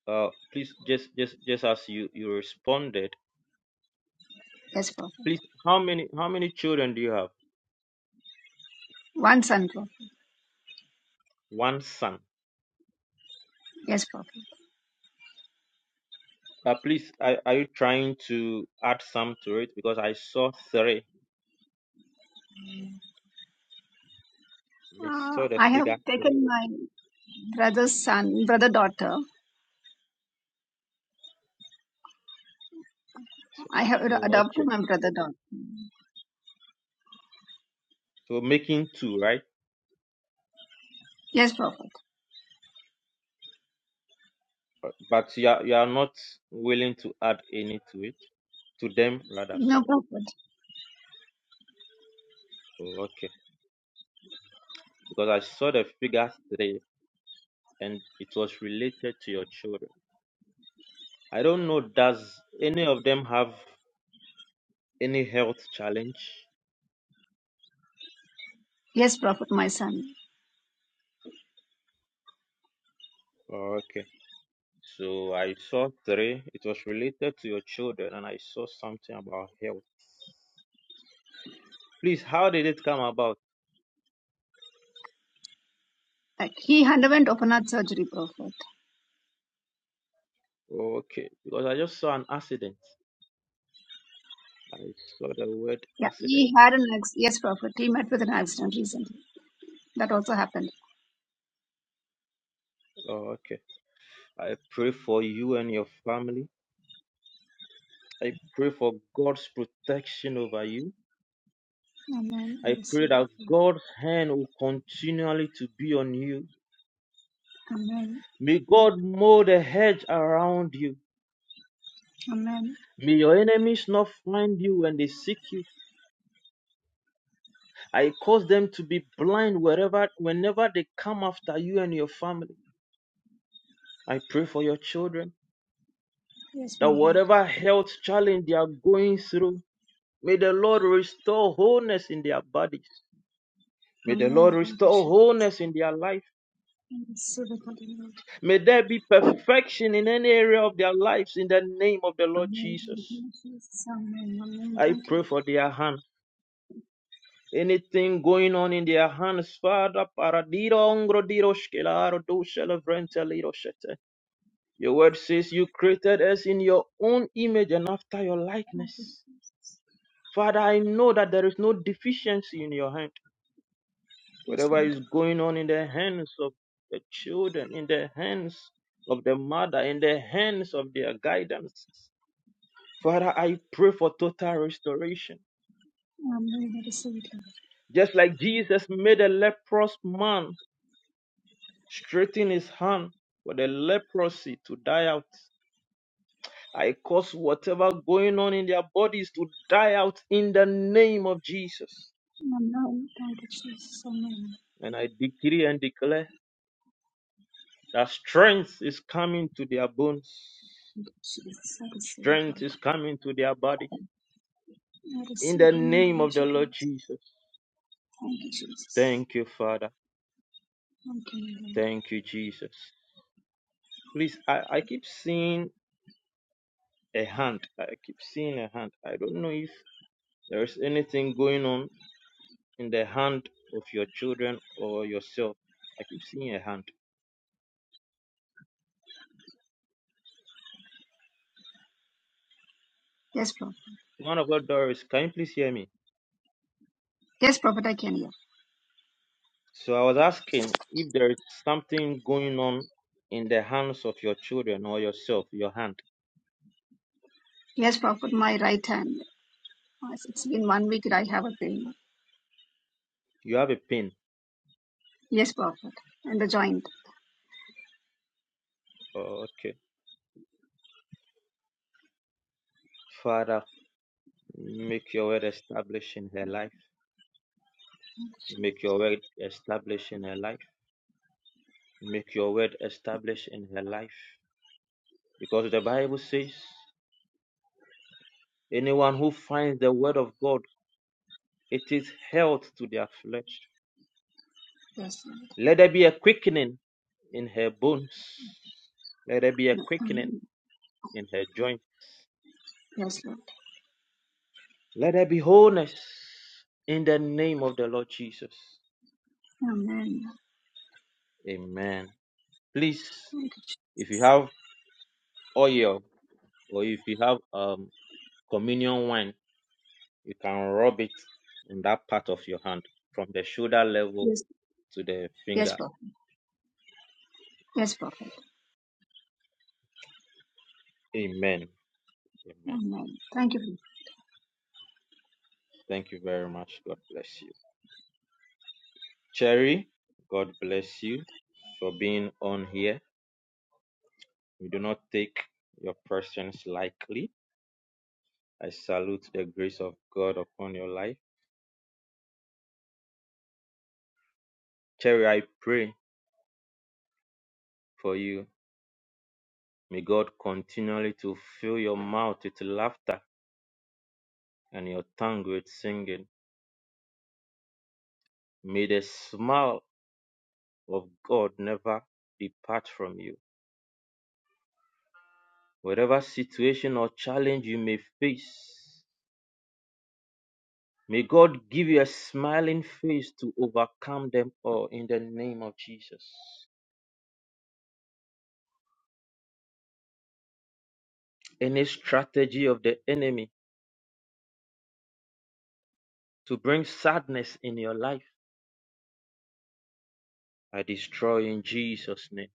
Uh, please, just, just, just as you, you responded, Yes, Prophet. Please, how many how many children do you have? One son, Prophet. One son. Yes, Prophet. Uh, please, are, are you trying to add some to it? Because I saw three. I Uh, saw the I have figure three. taken my brother's son, brother daughter. So, I have mm, adopted okay. my brother daughter. So making two, right? Yes, Prophet. But but you are you are not willing to add any to it. To them, rather, No, sorry. Prophet. Oh, okay. Because I saw the figure three and it was related to your children. I don't know, does any of them have any health challenge? Yes, Prophet, my son. Oh, okay. So I saw three. It was related to your children, and I saw something about health. Please, how did it come about? Like he underwent open heart surgery, Prophet. Okay, because I just saw an accident. I saw the word Yeah, accident. he had an ex- yes, Prophet. He met with an accident recently. That also happened. Oh, okay. I pray for you and your family. I pray for God's protection over you. Amen. I I receive pray it. that Lord. God's hand will continually to be on you. Amen. May God mold a hedge around you. Amen. May your enemies not find you when they seek you. I cause them to be blind wherever, whenever they come after you and your family. I pray for your children Yes, that my Lord. whatever health challenge they are going through, may the Lord restore wholeness in their bodies. May the Lord Amen. Thank you, restore Jesus. wholeness in their life. I receive it, Holy Lord. May there be perfection in any area of their lives in the name of the Lord Amen. Thank Jesus. you, Jesus. I pray Lord. for their hand. Anything going on in their hands, Father, paradiro ongrodiro shkelaro do shelevrente liro shete. Your word says you created us in your own image and after your likeness. Father, I know that there is no deficiency in your hand. Yes, Whatever is going on in the hands of the children, in the hands of the mother, in the hands of their guidance. Father, I pray for total restoration. I receive it, Lord. Just like Jesus made a leprous man straighten his hand for the leprosy to die out. I cause whatever going on in their bodies to die out in the name of Jesus. Amen. Thank you, Jesus. Amen. And I decree and declare that strength is coming to their bones, Thank you, Jesus. strength is coming to their body in the name my of the Lord Jesus. Thank you, Jesus. Thank you, Father. Thank you, Lord. Thank you, Jesus. Please, I, I keep seeing a hand. I keep seeing a hand. I don't know if there is anything going on in the hand of your children or yourself. I keep seeing a hand. Yes, Prophet. Man of God, Doris, can you please hear me? Yes, Prophet, I can hear. So I was asking if there is something going on in the hands of your children or yourself, your hand. Yes, Prophet, my right hand. As It's been one week that I have a pain. You have a pain. Yes, Prophet. And the joint. Oh, okay. Father, make your word establish in her life. Make your word establish in her life. Make your word establish in her life. Because the Bible says, anyone who finds the word of God, it is health to their flesh. Yes, Lord. Let there be a quickening in her bones. Let there be a No, quickening. Amen. in her joint. Yes, Lord. Let there be wholeness in the name of the Lord Jesus. Amen. Amen. Please, Thank you. Jesus. if you have oil or if you have um, communion wine, you can rub it on that part of your hand from the shoulder level Yes, to the yes, finger. Prophet. Yes, Prophet. Amen. Amen. Amen. Thank you. for Thank you very much. God bless you. Cherry, God bless you for being on here. We do not take your presence lightly. I salute the grace of God upon your life. Cherry, I pray for you. May God continually to fill your mouth with laughter and your tongue with singing. May the smile of God never depart from you. Whatever situation or challenge you may face, may God give you a smiling face to overcome them all in the name of Jesus. Any strategy of the enemy to bring sadness in your life I destroy in Jesus' name.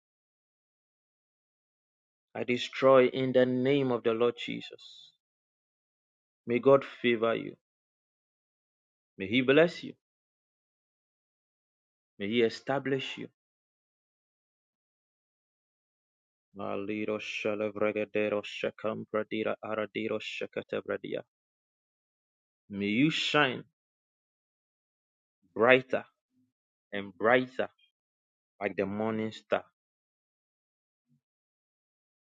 I destroy in the name of the Lord Jesus. May God favor you. May He bless you. May He establish you. May you shine brighter and brighter like the morning star.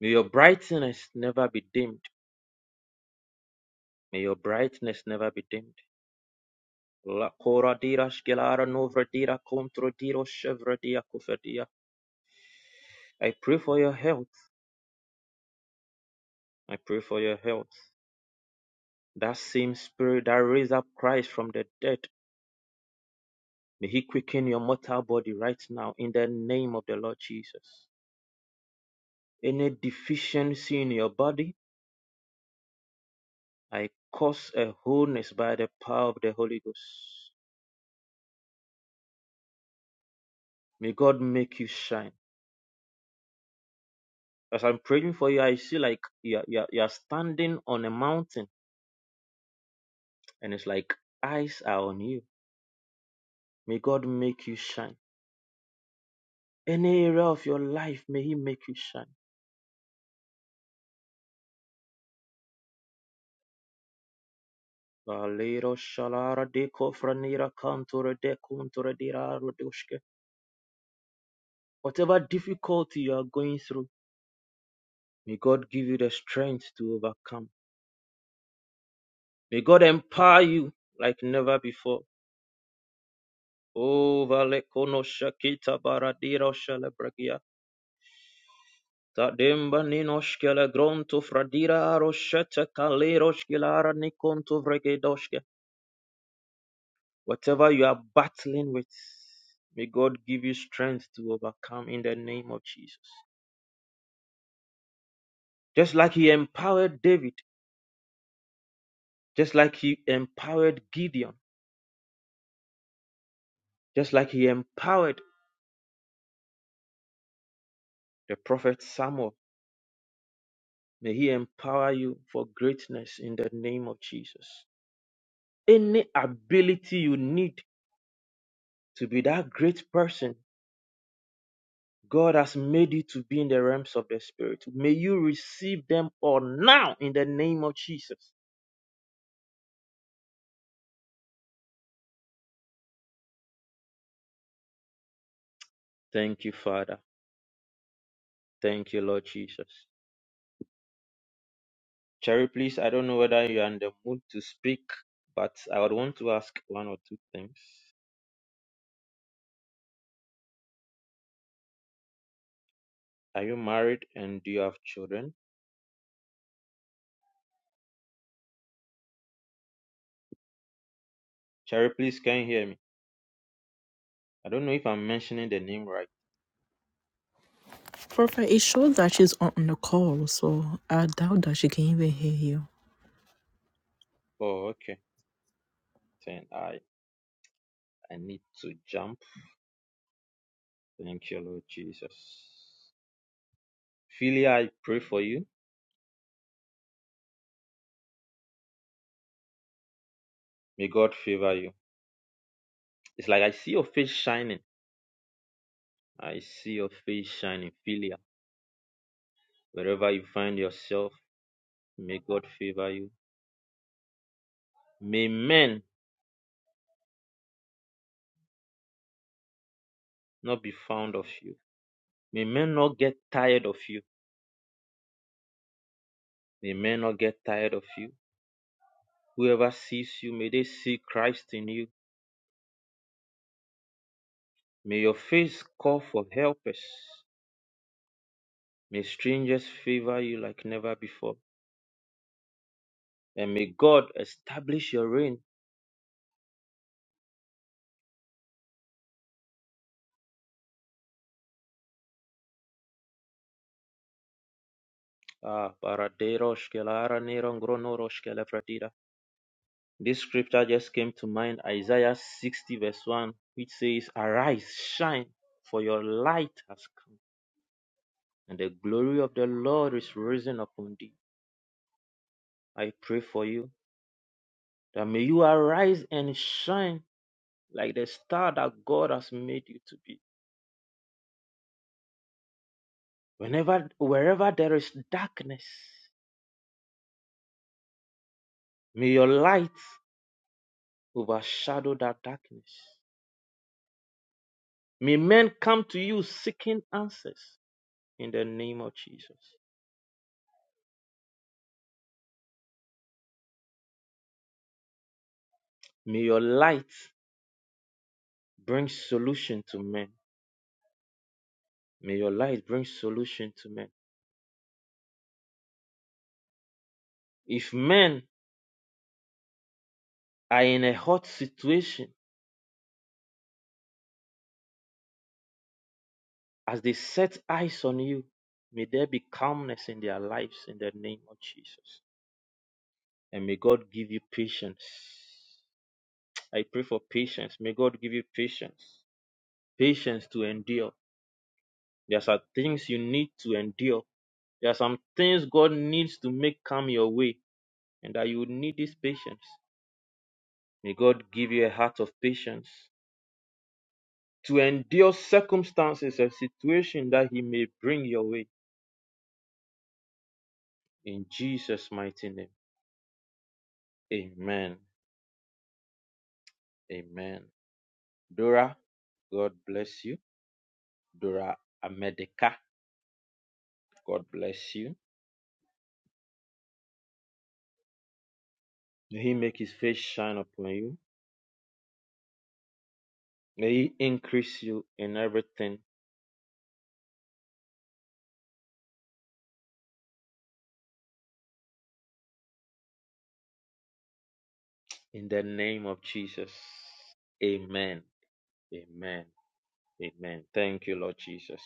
May your brightness never be dimmed. May your brightness never be dimmed. I pray for your health. I pray for your health. That same spirit that raised up Christ from the dead, may he quicken your mortal body right now in the name of the Lord Jesus. Any deficiency in your body, I cause a wholeness by the power of the Holy Ghost. May God make you shine. As I'm praying for you, I see like you're, you're, you're standing on a mountain and it's like eyes are on you. May God make you shine. Any area of your life, may He make you shine Valero shalara deko franira kantora dekuntora diraro doshke. Whatever difficulty you are going through, may God give you the strength to overcome. May God empower you like never before. Oh, valekono shakita baradiro shalebragia. Tademba ninoshkele gronto fradira roshete kaleroshkilara nikonto vregedoshke. Whatever you are battling with, may God give you strength to overcome in the name of Jesus. Just like he empowered David, just like he empowered Gideon, just like he empowered the prophet Samuel. May he empower you for greatness in the name of Jesus. Any ability you need to be that great person God has made you to be in the realms of the Spirit, may you receive them all now in the name of Jesus. Thank you, Father. Thank you, Lord Jesus. Cherry, please, I don't know whether you're in the mood to speak, but I would want to ask one or two things. Are you married and do you have children? Cherry, please, can you hear me? I don't know if I'm mentioning the name right. Oh, okay. Then I, I need to jump. Thank you, Lord Jesus. Philia, I pray for you. May God favor you. It's like I see your face shining. I see your face shining. Philia, wherever you find yourself, may God favor you. May men not be found of you May men not get tired of you. May men not get tired of you. Whoever sees you, may they see Christ in you. May your face call for helpers. May strangers favor you like never before. And may God establish your reign. Ah, Baraderosh Kelara Neron Gronorosh Kelefratida. This scripture just came to mind, Isaiah 60, verse 1, which says, Arise, shine, for your light has come, and the glory of the Lord is risen upon thee. I pray for you That may you arise and shine like the star that God has made you to be. Whenever, wherever there is darkness, may your light overshadow that darkness. May men come to you seeking answers in the name of Jesus. May your light bring solution to men. May your light bring solution to men. If men are in a hot situation, As they set eyes on you, may there be calmness in their lives in the name of Jesus. And may God give you patience. I pray for patience. May God give you patience. Patience to endure. There are some things you need to endure. There are some things God needs to make come your way, and that you need this patience. May God give you a heart of patience to endure circumstances and situations that He may bring your way. In Jesus' mighty name. Amen. Amen. Dora, God bless you. Dora Amedeka, God bless you. May He make His face shine upon you. May He increase you in everything in the name of Jesus. Amen. Amen. Amen. Thank you, Lord Jesus.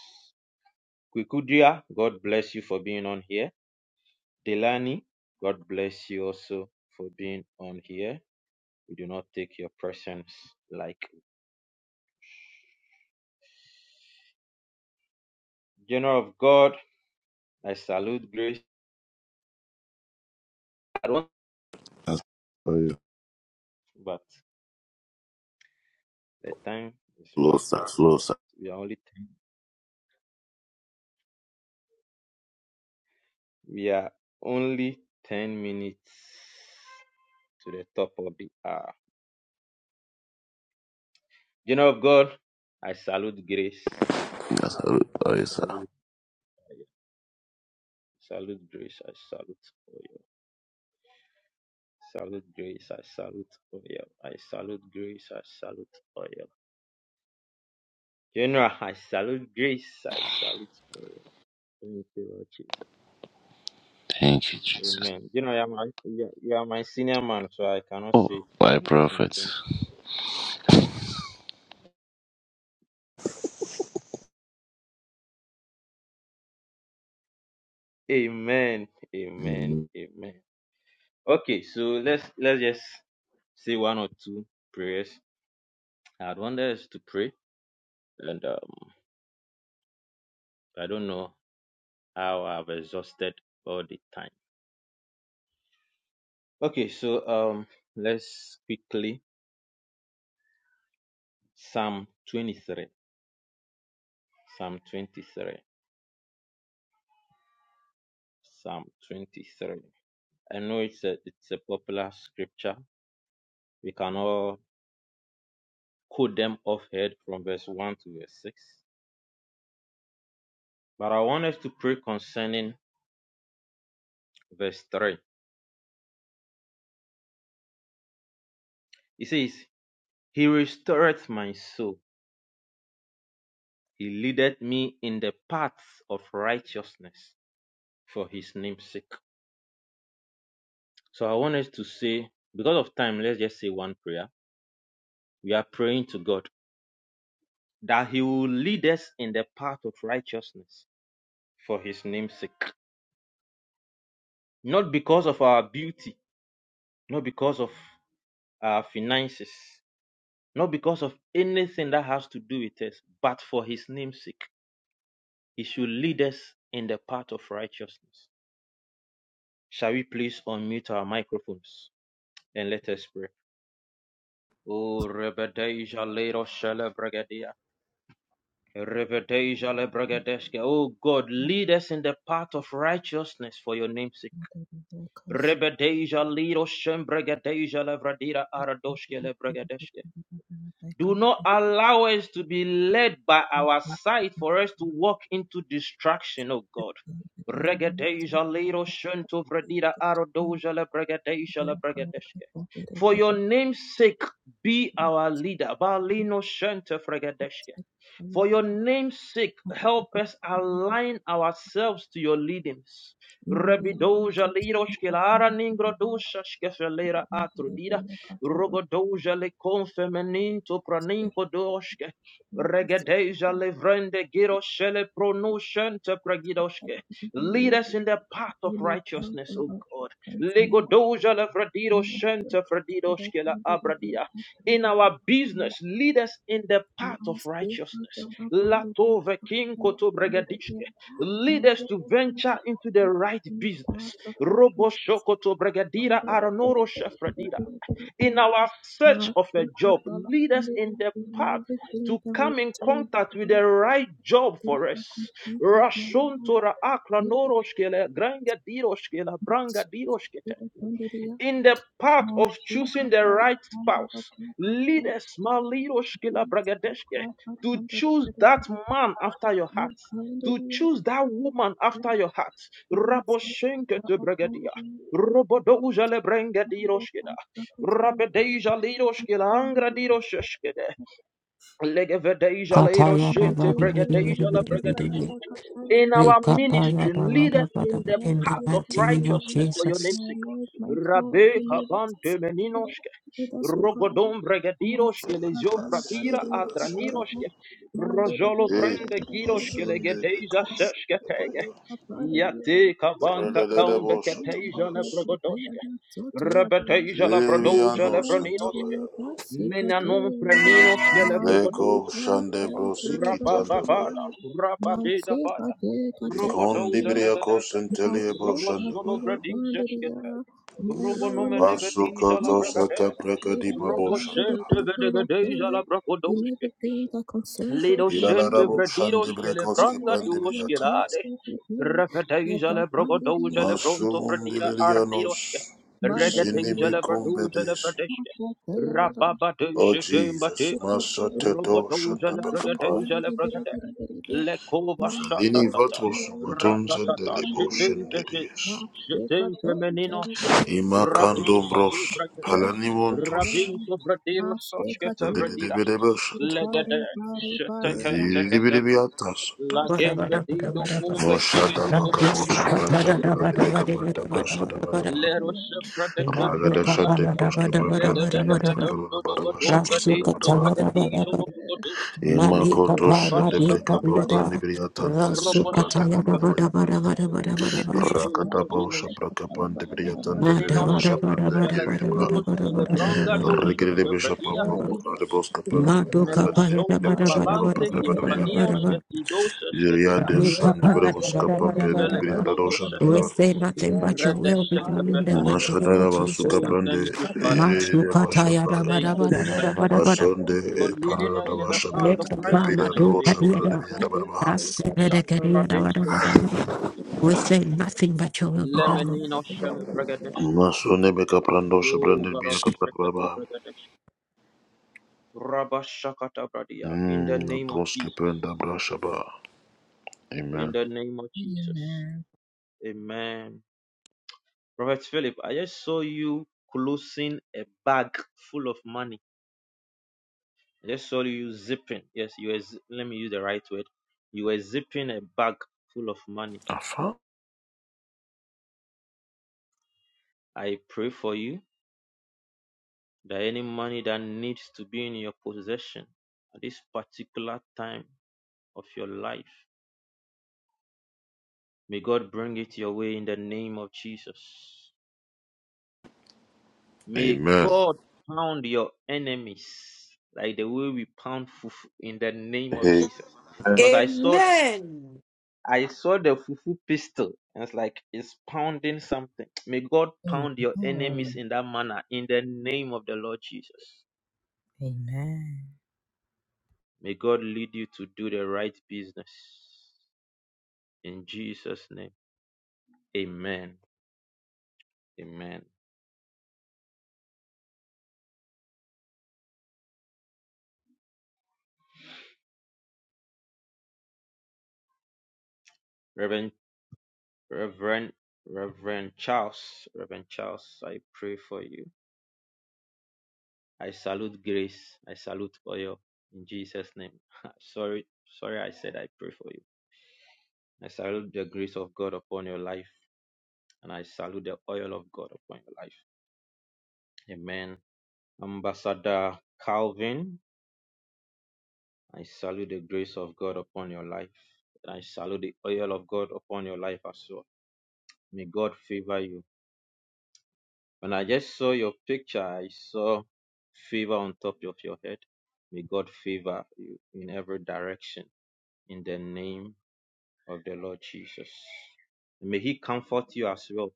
Kwikudia, God bless you for being on here. Delani, God bless you also for being on here. We do not take your presence lightly. General of God, I salute grace. I don't, That's oh yeah. but The time is Slow, fast sir. spent. Slow, sir. We are only 10, we are only 10 minutes to the top of the hour. General of God, I salute grace. That's how it I goes, sir. salute, I salute grace. I salute oil. Salute grace. I salute oil. I salute grace. I salute oil. General, I salute grace. I salute oil. Thank you, Lord Jesus. Thank you, Jesus. Amen. You know, you are my, you are you are my senior man, so I cannot Oh, say my some prophet. things. Amen. Amen. Amen. Amen. Okay, so let's let's just say one or two prayers. I'd want us to pray, and um, I don't know how I've exhausted all the time. Okay, so um, let's quickly Psalm 23. Psalm 23. Psalm 23. I know it's a it's a popular scripture. We can all quote them off head from verse one to verse six, but I want us to pray concerning verse 3. He says, He restored my soul. He leadeth me in the paths of righteousness for his name's sake. So I want us to say, because of time, let's just say one prayer. We are praying to God that He will lead us in the path of righteousness for His name's sake. Not because of our beauty, not because of our finances, not because of anything that has to do with us, but for His name's sake. He should lead us in the path of righteousness. Shall we please unmute our microphones and let us pray? Oh, Rebedeja Lero Shele Bregadia. Rebedeja Le Bregadeske. Oh God, lead us in the path of righteousness for your name's sake. Rebedeja Lero Shem Bregadeja Le Vradira Aradoshke Le Bregadeske. Do not allow us to be led by our sight for us to walk into distraction, O God. For your name's sake, be our leader. For your name's sake, help us align ourselves to your leadings. Rebidoja liroshkelara ningrodosha shkefelera atrudida. Rogodoja le confemeninto praninko doshke. Regedeja levrende giroshele pronushente pragidoshke. Lead us in the path of righteousness, O God. Legodoja levredido shente fredidoshke la abradia in our business. Lead us in the path of righteousness. Latove kinkoto bregadishke. Lead us to venture into the right business. Robo shokoto bregadira aronoro shafradira. In our search of a job, lead us in the path to come in contact with the right job for us. Rashontora akra noroshkele, granga shkele, branga shkete in the path of choosing the right spouse. Lead us, Maliroshkila Bragadeshke, to choose that man after your heart, to choose that woman after your heart. Raboshenke to Bragadia. Robodoja le brengadiroshkida. Rabedeja liroshkila angradiroshkede. Legevedeja Kataya leiroshinte Rabari Viri Viri bregadeja la Viri Viri Bragadi Viri. in our Rekapaya ministry. Lead us Rabara in the Badaba in the path of mighty name of righteousness for your Jesus. name's sake. Rabbe kabante meninoshke, rogodom bregadiroshke lezio pradira atraniroshke, rojolo Hey, vrende giroshke Masunde legedeja Bekosh, sheshke tege, Tabaya, yate Rasha kabanka kaumbe keteja le Tabas, brogodoshke, rebedeja la brodoja Leno le broninoshke, Santabaya, menanom preninoshke le Lekunde brogodoja, Brosiki Tandabaya, rabababada, rababeda Robodoza Ikundibiria dagada, Kosentelia Robo solo Boshandabaya, bradin seskete, Robo nomene Basu bediza la Koto bragade, Sagreka Robo Dushanda, sente vedegedeza la bracodoske, Lido sente Ilalarabo bradidoske le Shandibrikoski branga duroske Pandibriata, lade, Revedeza le brogodoza le bronto Masum fredida Bilianos ardiroske, Regedeza le Zinimikum braduza le Bedesi. bradeske, Rababa de Oh shetemba Jesus, te, Masatedo Robodoza le Shandabakapai. bragadeza le bragade, lekova Felini shatatata, Vatos Matons and ratatata, Delebo shitintete, Shandedius. shitinte meninoshke, rabinko tu Imakandombros brakete, Palanimontus. rabinto bradiro soshkete vradira, Dededebedebasat. legede, shitekente ketebe, Zidibidibiatas. Bada lagembe bada bada dido bada bada. umbe Moshada kinku tu Nado brande se Bakaposha diro Pata kataya rabara shupradira, bada Paladebekapanta bada bada Brasada bada bada. Barabara. lero shuprade Mali Ragada kumpradia, Shate kapaya Proske rabara bada bada bada Papandibriata bada. lededededondo dobo branda dumbe Rasu dinto kataya Shabranda rabara bragatijo bada. no brugodushke, Mali Imakoto kapaya mali shedebreka rabasata kapaya prade, papa da. nibriya tandere Rasu besha branda da kataya roboshe bada rabara bada bada bada bada Zile bada. dizo lo Rakata pa usha vazinoske. braka pande briya tandere Mada de bada bosha Meninoscente bada branda bada biye biye bada bada ba. felaturos che bada le bada bada bada bada Rekere brangadosas bada de che besha bredia. papa bada. puro de boska pambi briya Madoka Melo paya da tandere de ba soto da ba bosha da ba da papa palante ba re da bada ba da biya. ba da timpanios che ba. tidosas che Yeriya dia. de Rika shan de bere paya da ba da ba da ba da Vele ba. doshan da cotosete. We ra. say nothing but your will be Redescete done in the feteske. mighty name of basuka Jesus. Oh, brande. thank you, Father. Yeri de Mashuka taya da ba Thank da you, ba da Most ba High da ba God. da ba da. For Masonde leading parada da us in the basha path brande. of Rika pa Biya da righteousness for madoka your bosha dia name's sake. da. biya da Asibede Shata kedia da ba da ba radescete da ba da. bregadeske. We say nothing but your will be done, Lord. Lemenino shele bregadeske. Masone be kaprando Oh, shabrande biya baroshekete kaprababa. bregadeske. Rabashakatabradia. In the Mm, na name of doske Jesus. penda brashaba. In Amen. the name of Jesus. Amen. Prophet Philip, I just saw you closing a bag full of money. I just saw you zipping. Yes, you were, zi- let me use the right word. You were zipping a bag full of money. Afa. I pray for you that any money that needs to be in your possession at this particular time of your life, may God bring it your way in the name of Jesus. May Amen. God pound your enemies like the way we pound fufu in the name of Hey. Jesus. Because I saw Amen. I saw the fufu pistol and it's like it's pounding something. May God pound your enemies in that manner in the name of the Lord Jesus. May God lead you to do the right business. In Jesus' name. Amen. Amen. Reverend Reverend Reverend Charles. Reverend Charles, I pray for you. I salute grace. I salute oil in Jesus' name. sorry, sorry, I said I pray for you. I salute the grace of God upon your life, and I salute the oil of God upon your life. Amen. Ambassador Calvin, I salute the grace of God upon your life, and I salute the oil of God upon your life as well. May God favor you. When I just saw your picture, I saw favor on top of your head. May God favor you in every direction in the name of the Lord Jesus. May He comfort you as well.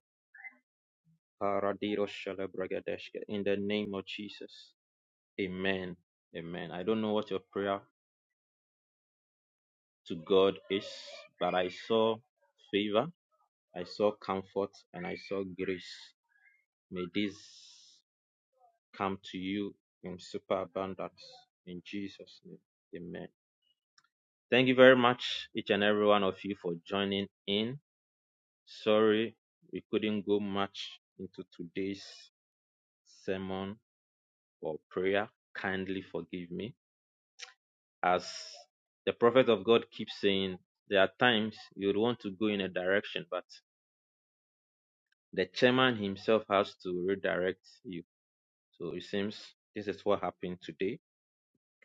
Paradiro shalabragadeshke. In the name of Jesus. Amen. Amen. I don't know what your prayer to God is, but I saw favor, I saw comfort, and I saw grace. May this come to you in superabundance. In Jesus' name. Amen. Thank you very much, each and every one of you, for joining in. Sorry we couldn't go much into today's sermon or prayer, kindly forgive me. As the prophet of God keeps saying, there are times you would want to go in a direction, but the chairman himself has to redirect you. So it seems this is what happened today.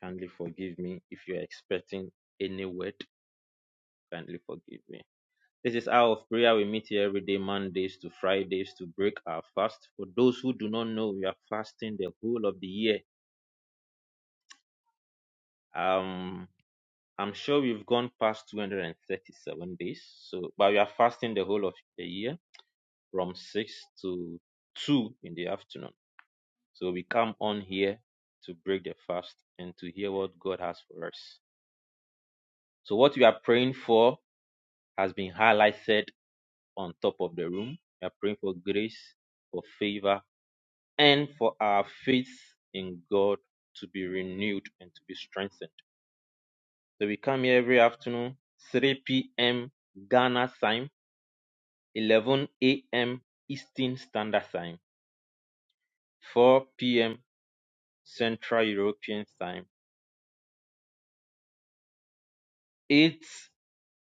Kindly forgive me if you're expecting any word. Kindly forgive me. This is Hour of Prayer. We meet here every day, Mondays to Fridays, to break our fast. For those who do not know, we are fasting the whole of the year. Um, I'm sure we've gone past 237 days. So, but we are fasting the whole of the year from 6 to 2 in the afternoon. So, we come on here to break the fast and to hear what God has for us. So, what we are praying for has been highlighted on top of the room. We are praying for grace, for favor, and for our faith in God to be renewed and to be strengthened. So, we come here every afternoon, 3 p.m. Ghana time. eleven AM Eastern Standard Time, four PM Central European Time, eight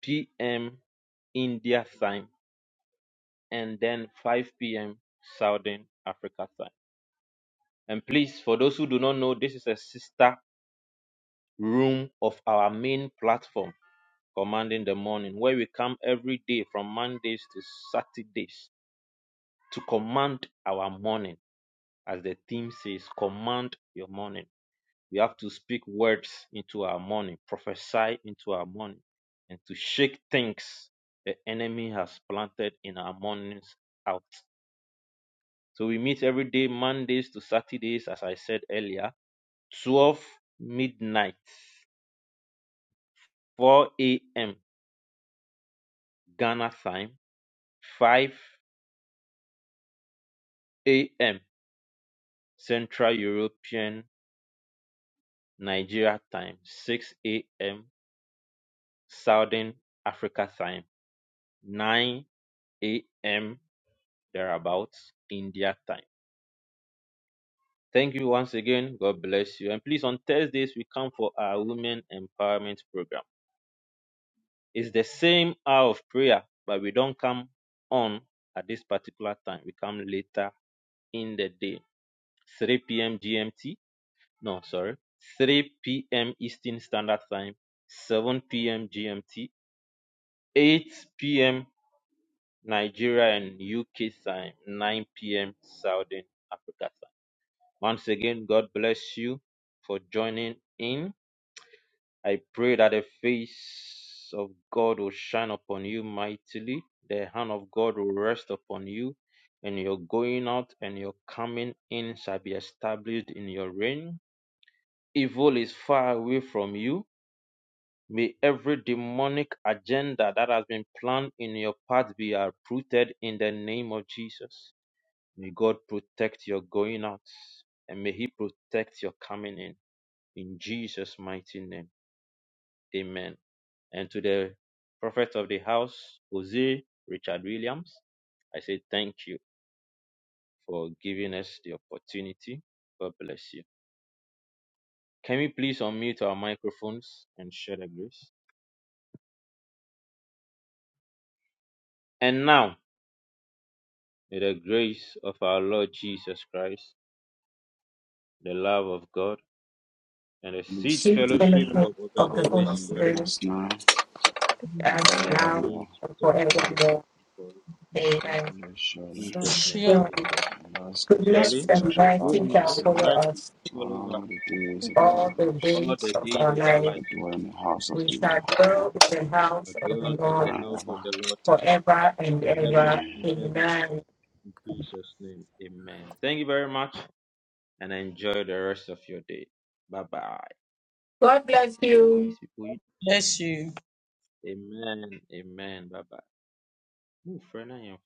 PM India time and then 5 p.m. Southern Africa time. And please, for those who do not know, this is a sister room of our main platform, Commanding the Morning, where we come every day from Mondays to Saturdays to command our morning. As the theme says, command your morning. We have to speak words into our morning, prophesy into our morning, and to shake things the enemy has planted in our mornings out. So we meet every day, Mondays to Saturdays, as I said earlier, 12 midnight, 4 a.m. Ghana time, 5 a.m. Central European Nigeria time, 6 a.m. Southern Africa time, 9 a.m. thereabouts in their time. Thank you once again. God bless you. And please, on Thursdays, we come for our Women Empowerment Program. It's the same hour of prayer, but we don't come on at this particular time. We come later in the day, 3 p.m. GMT. No, sorry, 3 p.m. Eastern Standard Time, 7 p.m. GMT, 8 p.m. Nigeria and UK time, 9 p.m. Southern Africa time. Once again, God bless you for joining in. I pray that the face of God will shine upon you mightily, the hand of God will rest upon you, and your going out and your coming in shall be established in your reign. Evil is far away from you. May every demonic agenda that has been planned in your path be uprooted in the name of Jesus. May God protect your going out and may He protect your coming in. In Jesus' mighty name. Amen. And to the prophet of the house, Jose Richard Williams, I say thank you for giving us the opportunity. God bless you. Can we please unmute our microphones and share the grace? And now, may the grace of our Lord Jesus Christ, the love of God, and the, Sheep benefit of the of the Holy Holy Spirit, Spirit as You, be now and forevermore. Amen. Sure. she Goodness surely and mercy goodness shall and follow mercy us follows us all the all days the of days our of our life. life, We shall dwell in the a house of dwell the Lord of the Lord forever and ever. forever and ever. Amen. Jesus' name, amen. Thank you very much and enjoy the rest of your day. Bye bye. God bless you. These people, you- bless you. amen, amen, bye bye. Move, friend, I am fast.